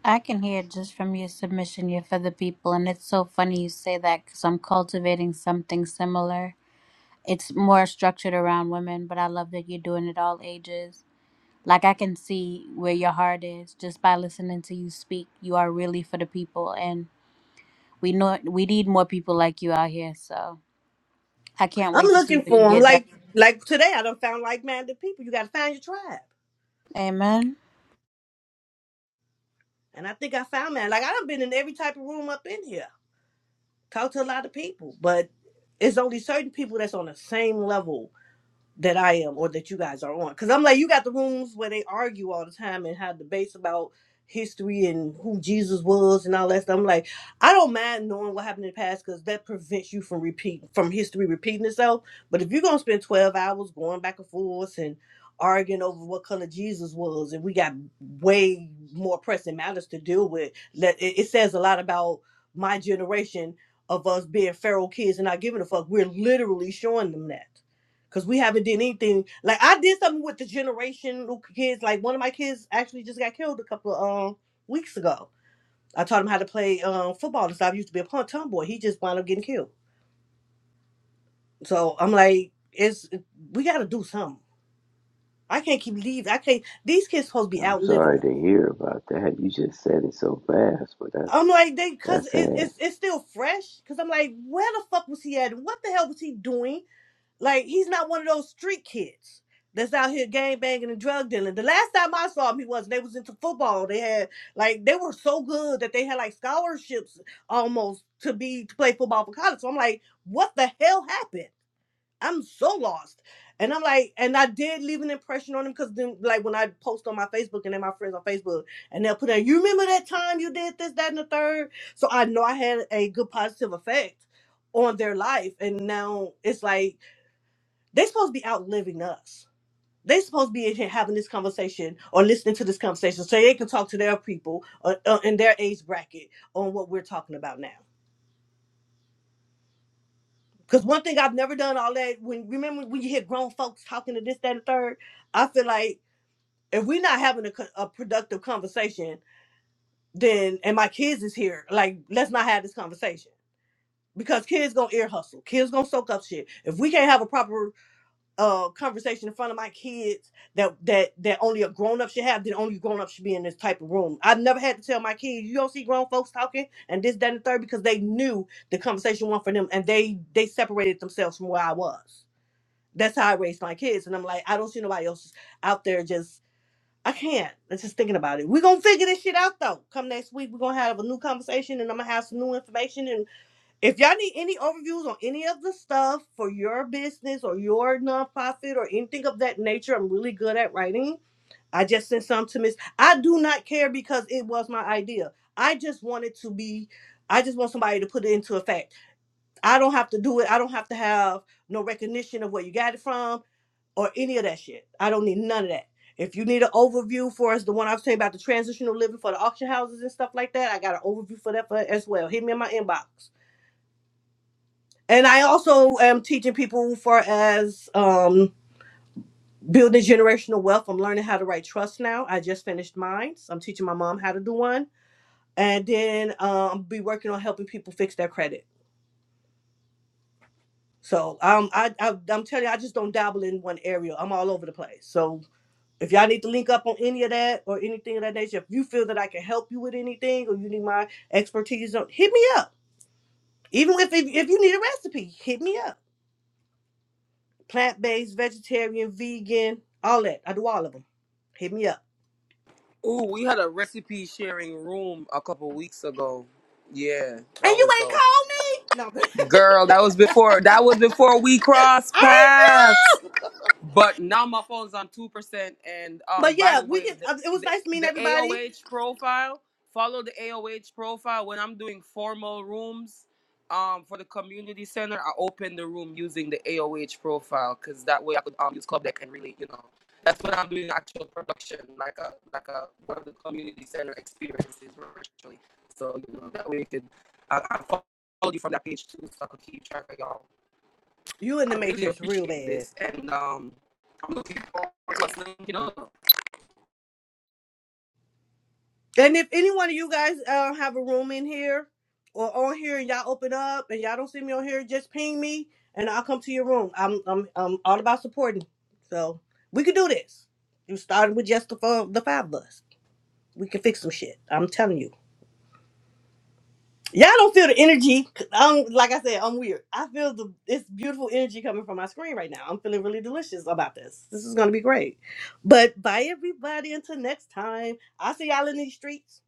Speaker 4: I can hear it just from your submission. You're for the people, and it's so funny you say that because I'm cultivating something similar. It's more structured around women, but I love that you're doing it all ages. Like I can see where your heart is just by listening to you speak. You are really for the people, and we know we need more people like you out here. So I can't
Speaker 2: I'm
Speaker 4: wait to see
Speaker 2: looking
Speaker 4: what
Speaker 2: for
Speaker 4: you
Speaker 2: them.
Speaker 4: get done.
Speaker 2: Like like today, I done found like-minded people. You got to find your tribe.
Speaker 4: Amen.
Speaker 2: And I think I found mine. Like I done been in every type of room up in here. Talked to a lot of people, but it's only certain people that's on the same level that I am or that you guys are on. Because I'm like, you got the rooms where they argue all the time and have debates about history and who Jesus was and all that stuff. I'm like, I don't mind knowing what happened in the past because that prevents you from repeat from history repeating itself. But if you're gonna spend 12 hours going back and forth and arguing over what color Jesus was, and we got way more pressing matters to deal with, that it, it says a lot about my generation of us being feral kids and not giving a fuck. We're literally showing them that. Cause we haven't did anything. Like I did something with the generation kids. Like one of my kids actually just got killed a couple of um weeks ago. I taught him how to play um football and stuff. I used to be a punt tomboy. He just wound up getting killed. So I'm like, it's we gotta do something. I can't keep leaving. I can't these kids supposed to be
Speaker 3: I'm
Speaker 2: outliving
Speaker 3: sorry
Speaker 2: us.
Speaker 3: to hear about that. You just said it so fast, but
Speaker 2: I'm
Speaker 3: that's
Speaker 2: like, they cause
Speaker 3: that's
Speaker 2: it,
Speaker 3: sad.
Speaker 2: it's it's still fresh. Cause I'm like, where the fuck was he at? And What the hell was he doing? Like he's not one of those street kids that's out here gang banging and drug dealing. The last time I saw him, he was they was into football. They had like they were so good that they had like scholarships almost to be to play football for college. So I'm like, what the hell happened? I'm so lost. And I'm like, and I did leave an impression on him because then, like, when I post on my Facebook and then my friends on Facebook, and they'll put in, you remember that time you did this, that, and the third? So I know I had a good positive effect on their life. And now it's like, they supposed to be outliving us. They supposed to be in here having this conversation or listening to this conversation so they can talk to their people uh, uh, in their age bracket on what we're talking about now. Because one thing I've never done all that when remember when you hear grown folks talking to this, that, and third, I feel like if we're not having a, co- a productive conversation, then and my kids is here, like let's not have this conversation because kids gonna ear hustle, kids gonna soak up shit. If we can't have a proper uh conversation in front of my kids that that that only a grown up should have, then only grown up should be in this type of room. I've never had to tell my kids, you don't see grown folks talking and this, that, and the third, because they knew the conversation wasn't for them and they they separated themselves from where I was. That's how I raised my kids. And I'm like, I don't see nobody else out there just I can't. I'm just thinking about it. We're gonna figure this shit out though. Come next week, we're gonna have a new conversation and I'm gonna have some new information and. If y'all need any overviews on any of the stuff for your business or your nonprofit or anything of that nature, I'm really good at writing. I just sent some to Miss. I do not care because it was my idea. I just want it to be, I just want somebody to put it into effect. I don't have to do it. I don't have to have no recognition of where you got it from or any of that shit. I don't need none of that. If you need an overview for us, the one I was saying about the transitional living for the auction houses and stuff like that, I got an overview for that for, as well. Hit me in my inbox. And I also am teaching people for as um, building generational wealth. I'm learning how to write trust now. I just finished mine. So I'm teaching my mom how to do one, and then um, be working on helping people fix their credit. So um, I, I I'm telling you, I just don't dabble in one area. I'm all over the place. So if y'all need to link up on any of that or anything of that nature, if you feel that I can help you with anything or you need my expertise, on hit me up. Even if if, if you need a recipe, hit me up plant based, vegetarian, vegan, all that. I do all of them. Hit me up. And you ain't cold? No. I ain't been- But yeah, we can. uh, It was nice meeting everybody. You in the matrix real bad. And if any one of you guys uh, have a room in here or on here, and y'all open up, and y'all don't see me on here, just ping me, and I'll come to your room. I'm I'm I'm all about supporting. So we can do this. You started with just the four, the five of us. We can fix some shit. I'm telling you. Y'all don't feel the energy. Um, like I said, I'm weird. I feel the this beautiful energy coming from my screen right now. I'm feeling really delicious about this. This is gonna be great. But bye everybody. Until next time. I'll see y'all in these streets.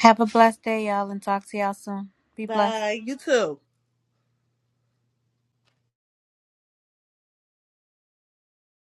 Speaker 4: Have a blessed day, y'all, and talk to y'all soon. Be blessed.
Speaker 2: Bye. You too.